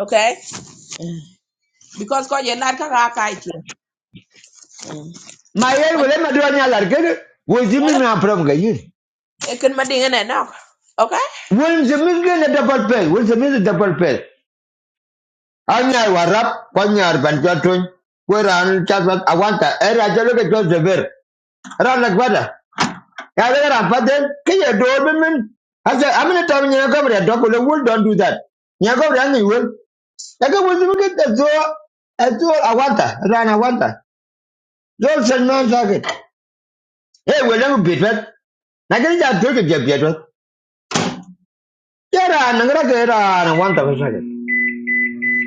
[SPEAKER 6] okay because ko ye lat ka ka kai ti
[SPEAKER 1] My hair will let Madonna latte. What's the matter from you?
[SPEAKER 6] ekin ma dinga ne nok ok
[SPEAKER 1] What's the matter? Double pay. What's the matter? Double pay. Anyar warap kwanyar ban jotun kweran chatwat awanta era jaloke josever rana gwada ya le ran paten kiye do bimin asa amina tam nya gomre do ko le wul don't do that nya gomre anyi wul daga wul mi ke da zo azo awanta rana awanta zo sen non saget e welem bitwet Lakini ja doke je bieto. Jera nangara ke ra na wanta ko sale.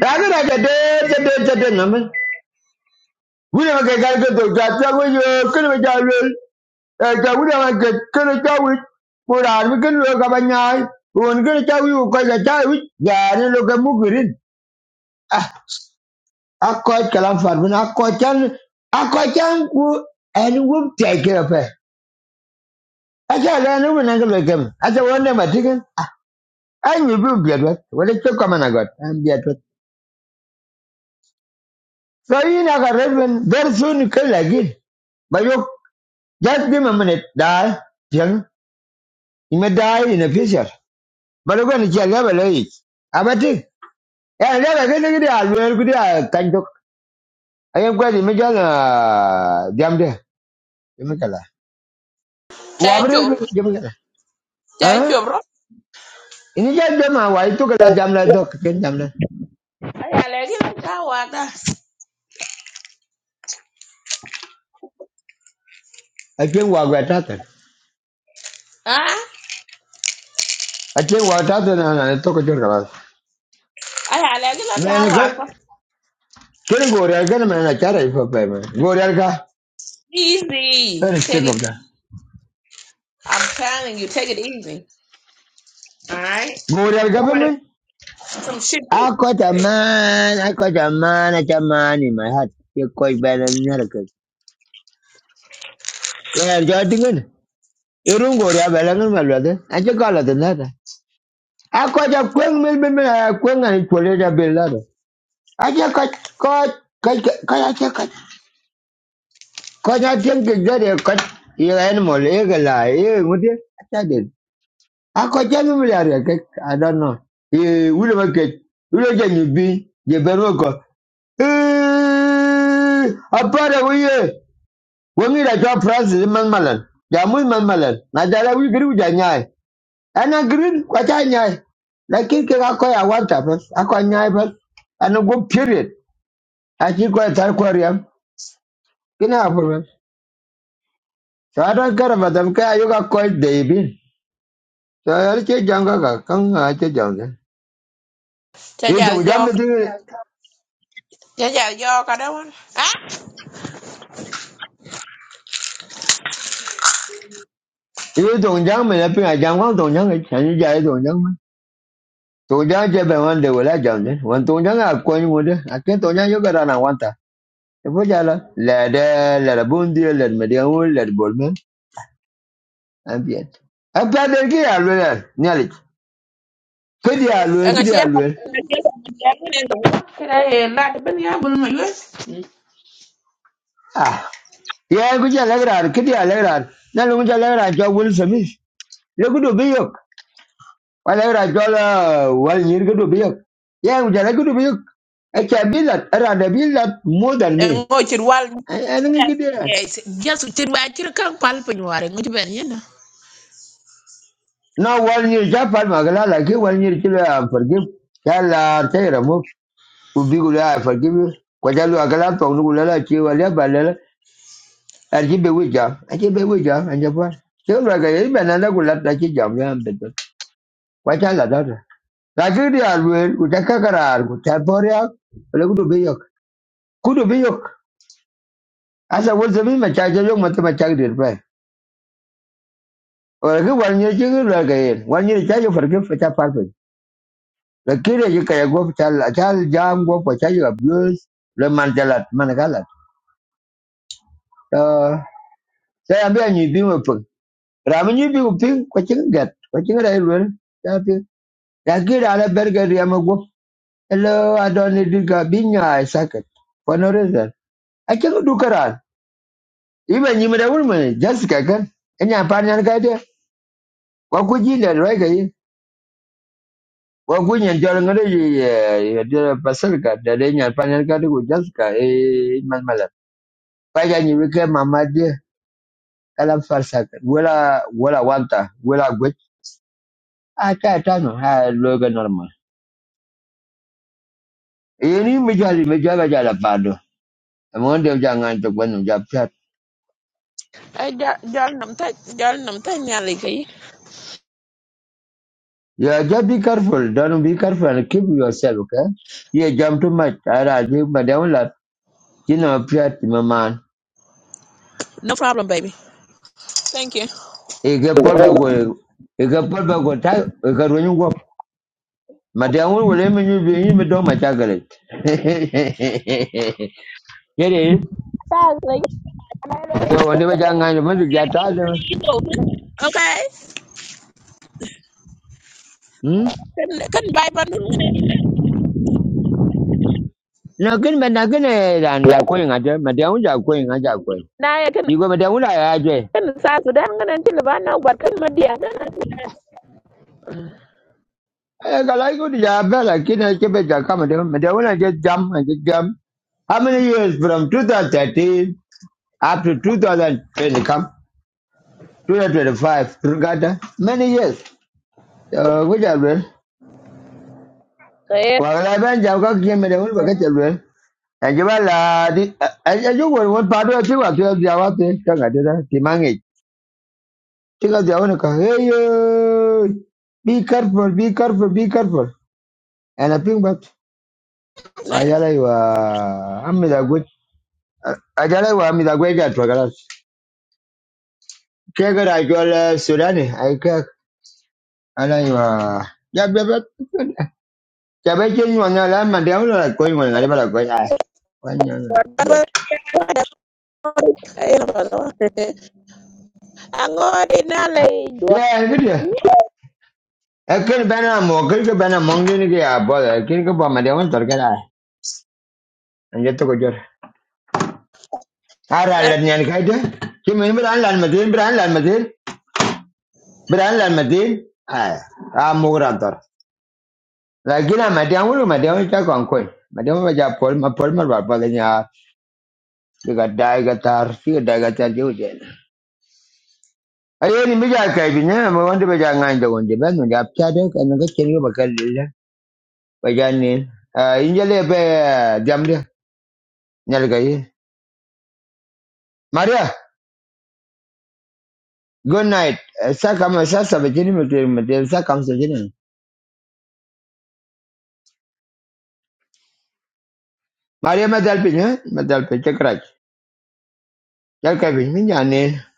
[SPEAKER 1] Raga raga de de de de de wuri ma ke gal ke to ta ta wo yo ke ma ja le e ta wuri ma ke ke ne ta wi ko ra mi ke lo ka ba nyai won ke ta wi ko ga ta wi ya ne lo ke mu girin ah a ko ka lan far bin a ko chan a ko chan ku en wu ta ke ra fe a ja le ne wona ke lo ke a ja won ne ma tiken ah an yi bi bi adwa wala ke ko ma na got an bi adwa so yi na ga rebin der sun ke lagin ba yo just give me a minute da You may die in the future. But I'm going to tell you about it. I'm a thing. Yeah, I never get it. I'll wear good. I can't talk. I am going to make a damn day. You make a lot.
[SPEAKER 6] chai
[SPEAKER 1] Wabber,
[SPEAKER 6] chup
[SPEAKER 1] you make a lot.
[SPEAKER 6] chai
[SPEAKER 1] Huh?
[SPEAKER 6] chup ro
[SPEAKER 1] In the jam, I took a lot damn like dog. Can damn that.
[SPEAKER 6] aya legi la ta wa da
[SPEAKER 1] I can't walk with that.
[SPEAKER 6] ha
[SPEAKER 1] I can't walk that and I took a joke about
[SPEAKER 6] aya legi la
[SPEAKER 1] it.
[SPEAKER 6] ta
[SPEAKER 1] Man,
[SPEAKER 6] wa ko
[SPEAKER 1] Can go there again, man. I can't for payment. Go there,
[SPEAKER 6] easy
[SPEAKER 1] Very sick
[SPEAKER 6] take it
[SPEAKER 1] of
[SPEAKER 6] easy.
[SPEAKER 1] that.
[SPEAKER 6] i'm telling you take it easy all right
[SPEAKER 1] Go there,
[SPEAKER 6] if somebody
[SPEAKER 1] government.
[SPEAKER 6] do some shit too
[SPEAKER 1] I got a man, I got a man, I got a man in my heart. You quite bad and American. Yeah, you're thinking. You don't go to Abelangan, my brother. I just call it another. I got a queen, maybe I queen and it's for a bill. ladder. I just got caught, caught, caught, caught, caught. Caught, I think it's very cut. You animal, you can lie, you would you? I did. I got a million, I don't know. You will make it. You don't get you be, you better go. Eh, apara wuye Wongi da chwa Francis man malan. Ja muy man malan. Na jala wi giri uja nyai. Ana green kwa cha nyai. Lakini ke kako ya wanta pas. Ako nyai pas. Ana go period. Achi kwa tar kwa riam. Kina apur pas. So ada kara badam ka ayo ka koi debi. So yari che janga ka. Kang a che janga. Ye
[SPEAKER 6] jajal
[SPEAKER 1] tong jang me
[SPEAKER 6] jok
[SPEAKER 1] tingi.
[SPEAKER 6] jajal jok ada wan ah
[SPEAKER 1] Ye tong jang me na pinga jang wang tong jang. Chanyi jaya tong jang man. Tong jang che be wan de wala jang de. Wan tong jang a koi ngude. Akin tong jang yo ka rana Vojala lɛd eh, lɛd abundio lɛd madianwu lɛd bolmen ambien. Apaden ki alwel nyalik. Kidi alwel
[SPEAKER 6] enga
[SPEAKER 1] kidi
[SPEAKER 6] sia
[SPEAKER 1] alwel.
[SPEAKER 6] kira e ga chia ko ne do kra e la de ben ya bul ma yus
[SPEAKER 1] Ah. Ye ku jala gran kidi alagran. Nalu ku jala gran jo wul samis. Le ku do biyok. Wala gran jo la wal nyir ku biyok. Ye ku jala ku do biyok. Acha bilat ara da bilat more than me.
[SPEAKER 6] engo ci wal
[SPEAKER 1] Ani ngi kidi ran.
[SPEAKER 6] just ci wa ci kan pal pe ñu waré ngi ben
[SPEAKER 1] No wal nyir ja pal magala la ki wal nyir kilo am forgive. Yalla tayra ubi kula afakiwe kwa jalu akala pa unu kula la chiwa la balala arjibe wija arjibe wija anjapa chiwa ga yiba nanda kula ta chi jam ya mbeto kwa jala dada lakini alwe utakakara alku taporia ole kudu biyok kudu biyok asa wozo bima chaje yok mata macha dir pa ole ki wanye chiwa la ga yin wanye chaje farke fata parpe lakini ye kaya go chala chal jam go kwa chaje abuse le manjalat managalat eh saya ambil nyibi Ramin yi biyu ping kucing gat, kucing ada ching rai lwel. Ya ping. Ya ki ama gup. Hello, ada ni not need to go. Binya I suck it. For no reason. A ching Iba nyi mada wul Just kakan. Enya apa yan ka de. Wa ku ji le roi ka yi. Wa ku nyan pasal ka. dari ni apa pan yan ka de just ka. Eh, man malat. Pa ya nyi wike mama de. Kala farsak. Wala, wala wanta. Wala gwech. Ah, ka tano. Ha, loga normal. Ini menjadi menjaga jalan padu. Among them jangan untuk menjawab chat.
[SPEAKER 6] Hey, Dar- darling, I'm ta- darling, I'm taking you Lee.
[SPEAKER 1] Yeah, just be careful. Don't be careful and keep yourself, okay? Yeah, jump too much. Ada aja, pada orang lah. Kena chat, maman.
[SPEAKER 6] No problem, baby. Thank you.
[SPEAKER 1] Ega pol bago, ega pol bago tak, ega rujuk gua. Mada orang boleh menyuruh ini berdong macam galet. Jadi,
[SPEAKER 6] Thanks, Lee.
[SPEAKER 1] so anda jangan menjadi jatah tu.
[SPEAKER 6] You know, okay.
[SPEAKER 1] Hmm?
[SPEAKER 6] Couldn't couldn't buy but no minute.
[SPEAKER 1] Nak kena, nak kena dan jago yang ada. Mada orang jago yang ada jago.
[SPEAKER 6] Now I can
[SPEAKER 1] Ibu mada orang lah ada.
[SPEAKER 6] can size with them gonna until I know what can my dear.
[SPEAKER 1] Eh, Kalau ikut dia bel lagi nak cepat cakap macam macam mana je jam je jam. How many years from 2013 up to 2020 come 2025 Turkata? Many years. Uh, which are well.
[SPEAKER 6] Okay.
[SPEAKER 1] Walau ben jauh kau kian macam mana bagai cepat. Yang jawab lah di. Aja juga orang padu aja waktu jawab tu tak ada dah timangi. Jika jawab nak hey eh, be careful be careful be careful. And I think but ayala iwa amida ajala wa midagwega twagala kegera ajwala sudani aika ana iwa ya bebe ya beje ni wana la mande au la koi wana ngale bala koi ai wanya
[SPEAKER 6] I'm going
[SPEAKER 1] ya ngidi
[SPEAKER 6] to
[SPEAKER 1] ekin bana mo kin ke bana mongi ni ke abo kin ke ba mande wan torga la anje to ko jor ara la ni an kaide ki me bran la madin bran la madin bran la madin ai a mo gran tor la gina mande au lo mande au ta kon koi mande au ja pol ma pol ma ba ba diga daiga tar fi daiga tar juden ayo ni mija kai bi ne mo wonde be janga inde wonde be no jap ta de kan ga chen yo bakal le ba janne injele be jamde nyal ga yi maria good night sa kam sa sa be jini me ter me ter sa kam sa jini maria ma dal pe ne ma dal pe chakra jal kai bi min janne